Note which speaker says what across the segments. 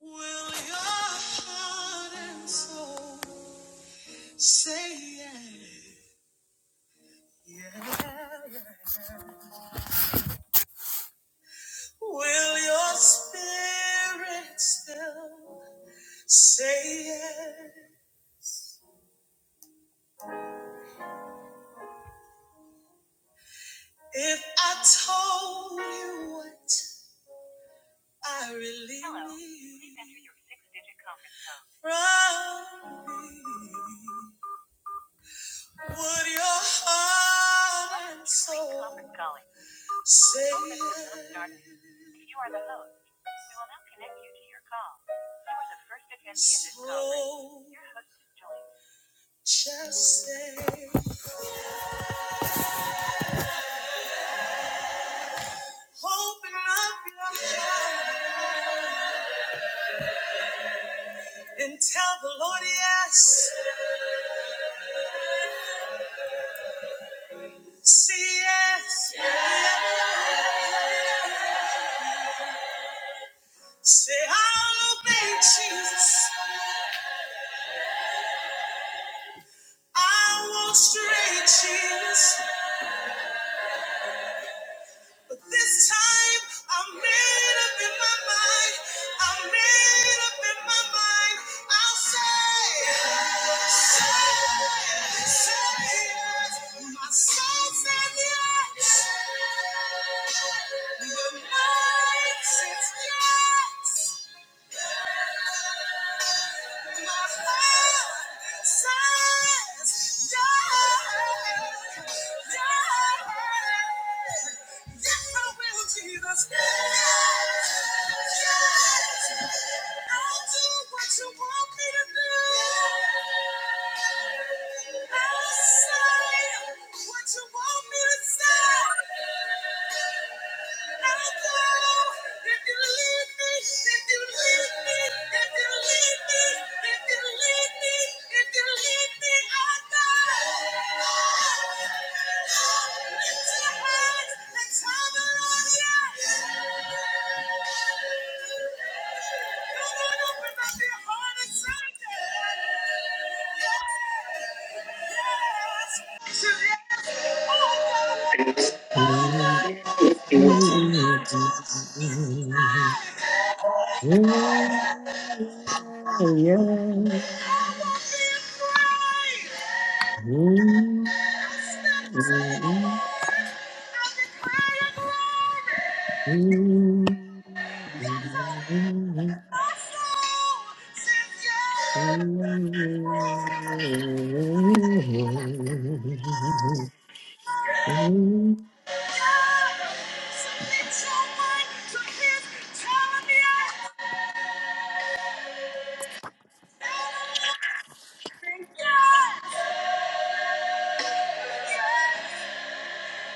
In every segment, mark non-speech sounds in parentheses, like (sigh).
Speaker 1: Will your heart and soul say yes? Will your spirit still say yes? If I told you what I really from me, would your heart say oh, just say, open up your heart? and tell the Lord yes. Say yes. yes. Say I'll obey Jesus. I won't stray Jesus. But this time I'm made up in my mind. I'm made up in my mind. I'll say, say, say yes. My soul says yes. The mind says yes. What you want me to say? Yes.
Speaker 2: Hallelujah.
Speaker 1: I won't be afraid. Yeah!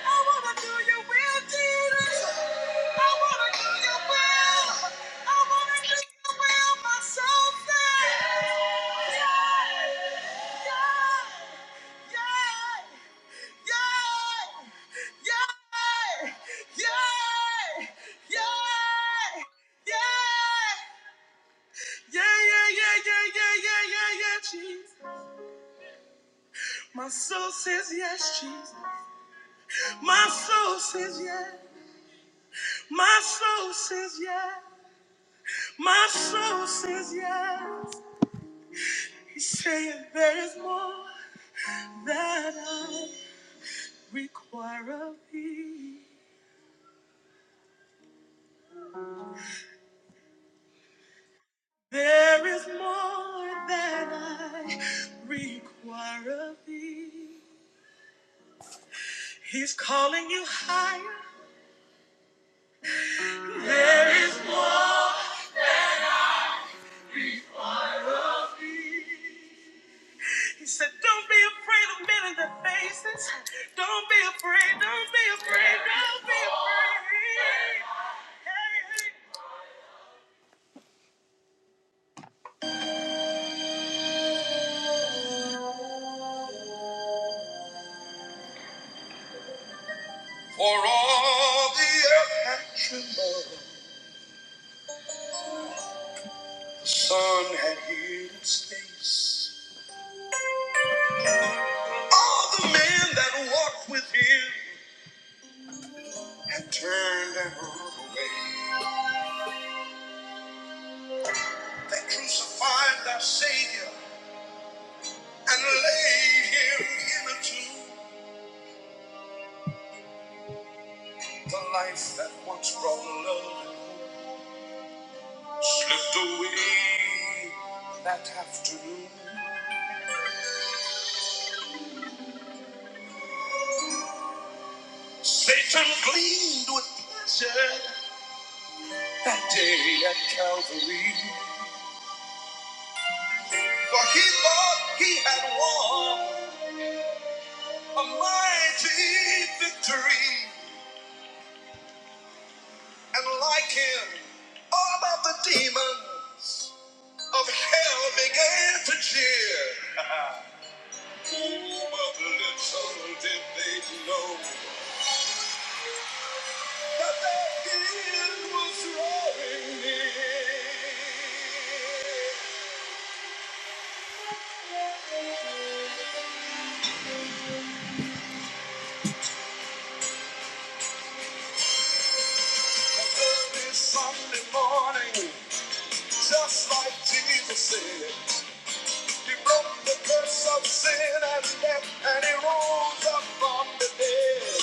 Speaker 1: I wanna do your will, Jesus. I wanna do your will. I wanna do your will, my soul says. Yeah, yeah, yeah, yeah, yeah, yeah, yeah, yeah, yeah, yeah, yeah, yeah, yeah, yeah, Jesus. My soul says yes, Jesus. My soul says yes. My soul says yes. My soul says yes. He's saying there is more that I require of thee. There is more that I require of thee. He's calling you higher. There is more. He said, Don't be afraid of men in their faces. Don't be afraid. Don't be afraid. Don't be afraid. Hey, hey, hey. The Sun had hid its face. All the men that walked with him had turned and run away. They crucified our Savior and laid him in a tomb. The life that once brought love and hope slipped away that afternoon. Satan gleamed with that day at Calvary. For he thought he had won. A mighty victory, and like him, all of the demons of hell began to cheer. Who but little did they know that their king was drawing near? And Early Sunday morning, just like Jesus said, He broke the curse of sin and death, and He rose up from the dead.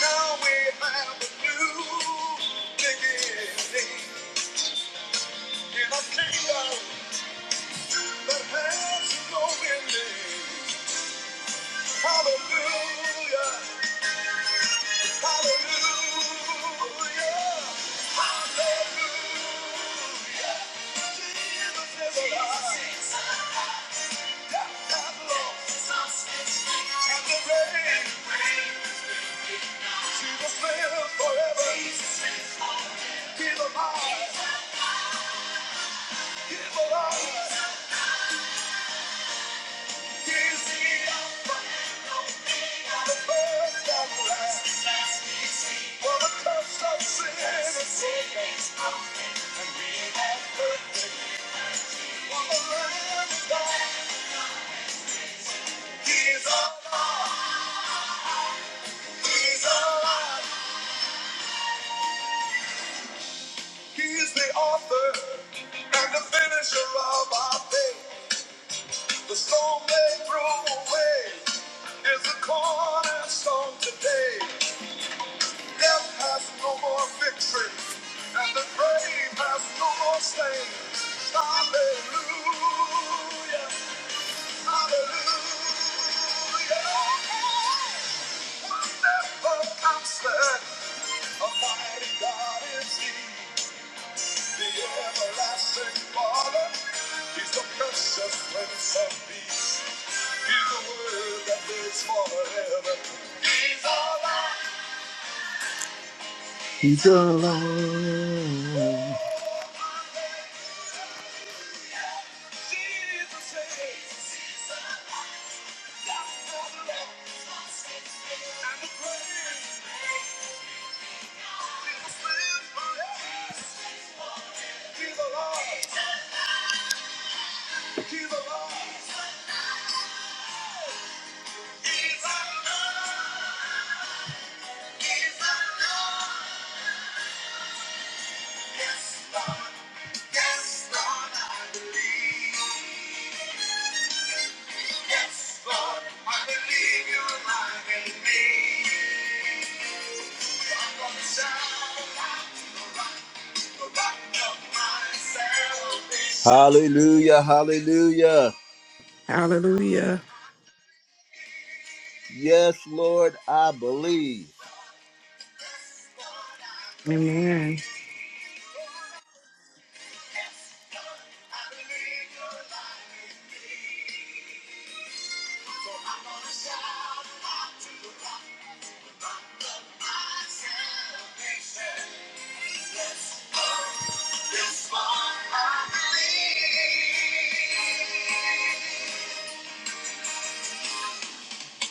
Speaker 1: Now we have a new beginning in a kingdom that has no ending. Hallelujah, hallelujah, hallelujah. Jesus is alive, death has lost, and the reign, Jesus lives forever. He's alive, he's alive, he's the Alpha and Omega, the first and last. He's alive. He's alive. He's the author and the finisher of our faith. The stone they threw away is the cornerstone today. Death has no more victory, and the grave has no more stain. Hallelujah. Hallelujah. Wonderful counselor, Almighty God is he, the everlasting Father. He's the precious Prince of Peace. He's the Word that lives forever. Jesus is. Jesus forever. Jesus lives forever. He's alive. He's alive. He's alive. Yes, Lord. Yes, Lord, I believe. Lord, I believe you're alive in me. Shout out of myself. Hallelujah, hallelujah.
Speaker 3: Hallelujah.
Speaker 1: Yes, Lord, I believe.
Speaker 3: Amen.
Speaker 1: My salvation. Yes, Lord, I believe.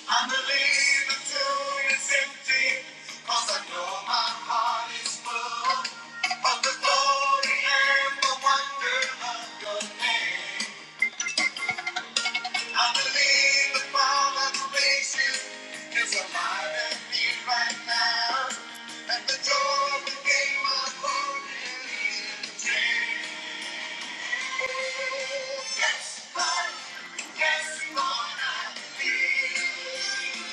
Speaker 1: I believe the tomb is empty, 'cause I know my heart is full of the glory and the wonder of your name. I believe the Father who raised you is alive and here right now, and the door of the game of glory is the same. Yes, Lord, yes, Lord, I believe.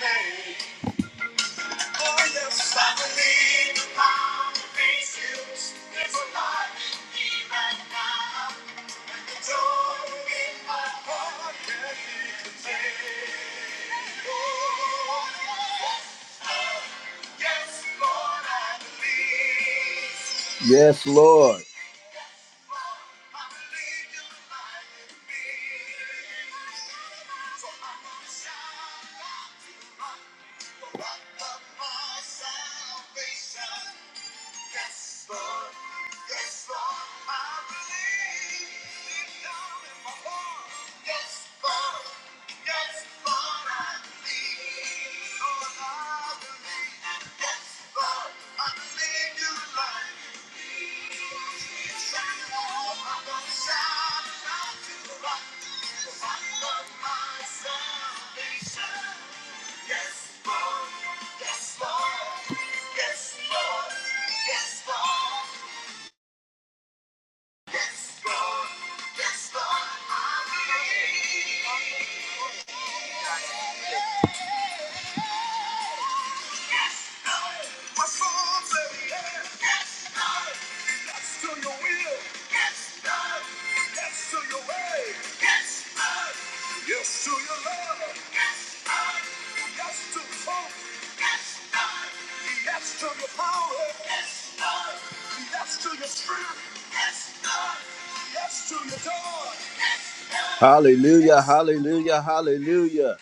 Speaker 1: Name. Oh, yes, right Oh, yes, Lord, I believe. Yes, Lord. I believe Yes, Lord. Yes, Lord. I believe deep down in my heart. Yes, Lord. Yes, Lord. I believe. Lord, I believe. Yes, Lord. I believe you like me. yes. Yes, Yes Yes, Yes Yes, Yes to your love. Yes, Lord. Yes to the hope. Yes, Lord. Yes to your power. Yes, Lord. Yes to your spirit. Yes, Lord. Yes to your joy. Yes, Lord. Hallelujah, hallelujah, hallelujah.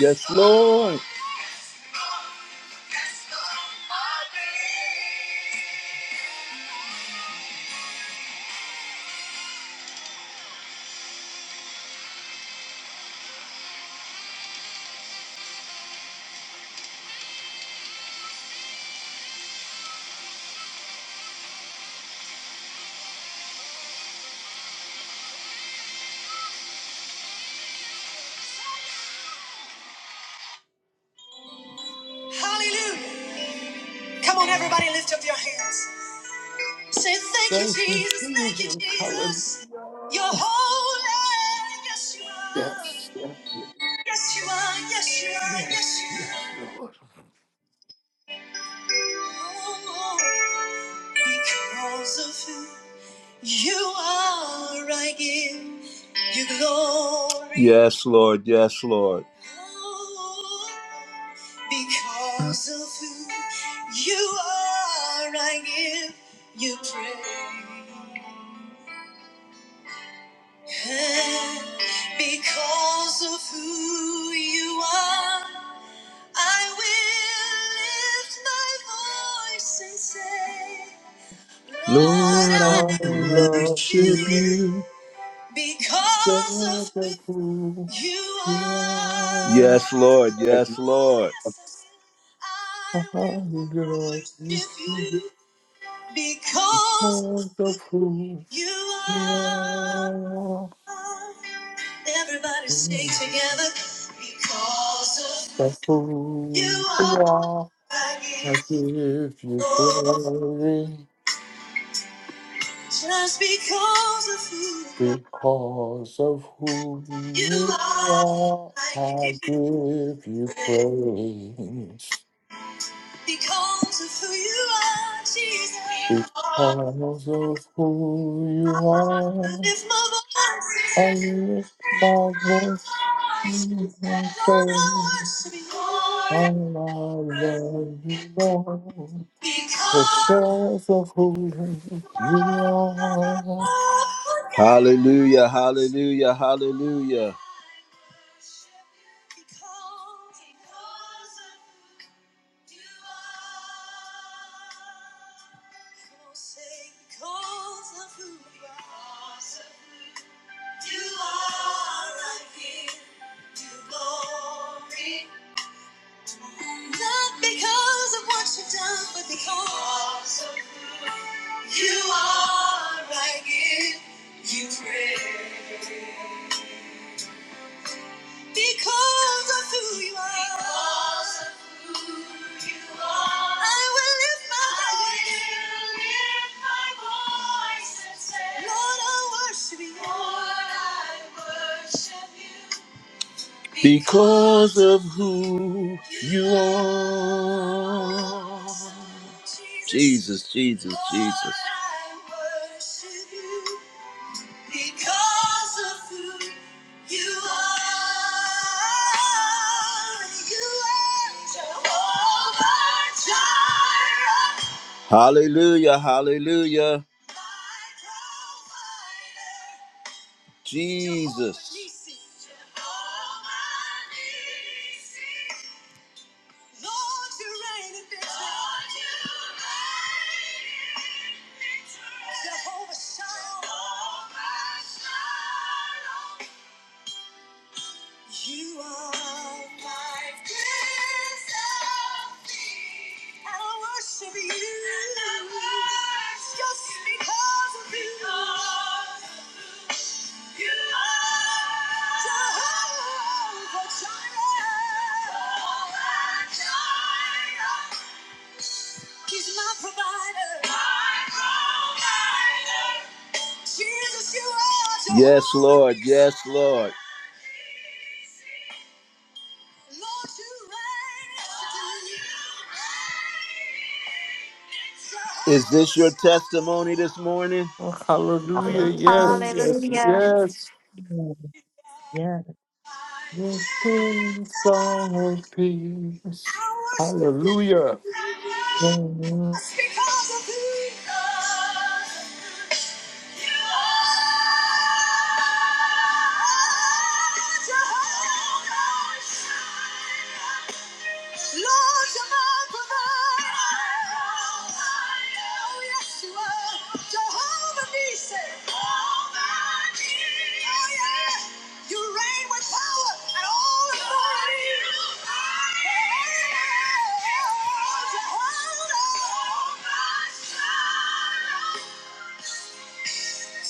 Speaker 1: Yes, Lord. Hallelujah. Come on, everybody, lift up your hands. Say, Thank you,
Speaker 4: Thank you,
Speaker 1: Jesus. Thank you,
Speaker 4: Jesus. Hallelujah.
Speaker 1: Jesus. You're holy. Yes, you are.
Speaker 4: Yes, yes,
Speaker 1: Yes, you are. Yes, you are. Yes,
Speaker 4: yes,
Speaker 1: you
Speaker 4: yes,
Speaker 1: are.
Speaker 4: Lord.
Speaker 1: Oh, because of who you are, I give you glory. Yes, Lord. Yes, Lord. Oh, Because of who you are, I give you praise. Because of who you are, I will lift my voice and say, Lord, I
Speaker 4: I
Speaker 1: worship
Speaker 4: love
Speaker 1: you
Speaker 4: you, Lord.
Speaker 1: because of
Speaker 4: Thank
Speaker 1: who
Speaker 4: you,
Speaker 1: you are.
Speaker 4: Yes.
Speaker 1: Yes, Lord.
Speaker 4: Thank you.
Speaker 1: Yes, Lord. Yes, I
Speaker 4: Hallelujah. You,
Speaker 1: will worship
Speaker 4: Jesus.
Speaker 1: you because
Speaker 4: Wonderful.
Speaker 1: you
Speaker 4: Yeah.
Speaker 1: are. Everybody sing together because of who
Speaker 4: Wonderful.
Speaker 1: you
Speaker 4: You
Speaker 1: are.
Speaker 4: are.
Speaker 1: I
Speaker 4: I
Speaker 1: give
Speaker 4: give you
Speaker 1: glory.
Speaker 4: glory.
Speaker 1: Just because of who
Speaker 4: Because of who
Speaker 1: you
Speaker 4: you
Speaker 1: are,
Speaker 4: are,
Speaker 1: I
Speaker 4: I
Speaker 1: give
Speaker 4: give you
Speaker 1: praise.
Speaker 4: praise.
Speaker 1: Because of who you are, Jesus. I
Speaker 4: Because of who you are,
Speaker 1: lift my voice.
Speaker 4: I lift my voice and
Speaker 1: Lord, I
Speaker 4: say,
Speaker 1: worship you. Lord, I
Speaker 4: I
Speaker 1: worship you.
Speaker 4: love you, Lord.
Speaker 1: Because
Speaker 4: Because of who you are.
Speaker 1: Hallelujah, hallelujah, hallelujah. Not because of what you've done, but because of you are my gift. you praise. Because of who you are. Because of who you are. I will lift my I will voice. lift my voice and say, Lord, I worship you. Lord, I worship you. Because of who you are. are. Jesus, Jesus, Jesus. Lord, I worship you. Because of who you are, you are Jehovah Jireh. Hallelujah, hallelujah. My provider. Jesus. Jehovah Nissi. Lord, you reign in victory. Lord, you are my Prince I worship you. Just because of you. you are Jehovah Jireh. Jehovah Jireh. He's my provider. My provider. Jesus, you are Yes, Lord. Yes, Lord. Is this your testimony this morning?
Speaker 4: Hallelujah. Yes,
Speaker 3: Hallelujah.
Speaker 4: yes,
Speaker 5: Hallelujah.
Speaker 4: yes.
Speaker 6: Yes, yes.
Speaker 4: Your peace, our peace. Hallelujah. Hallelujah.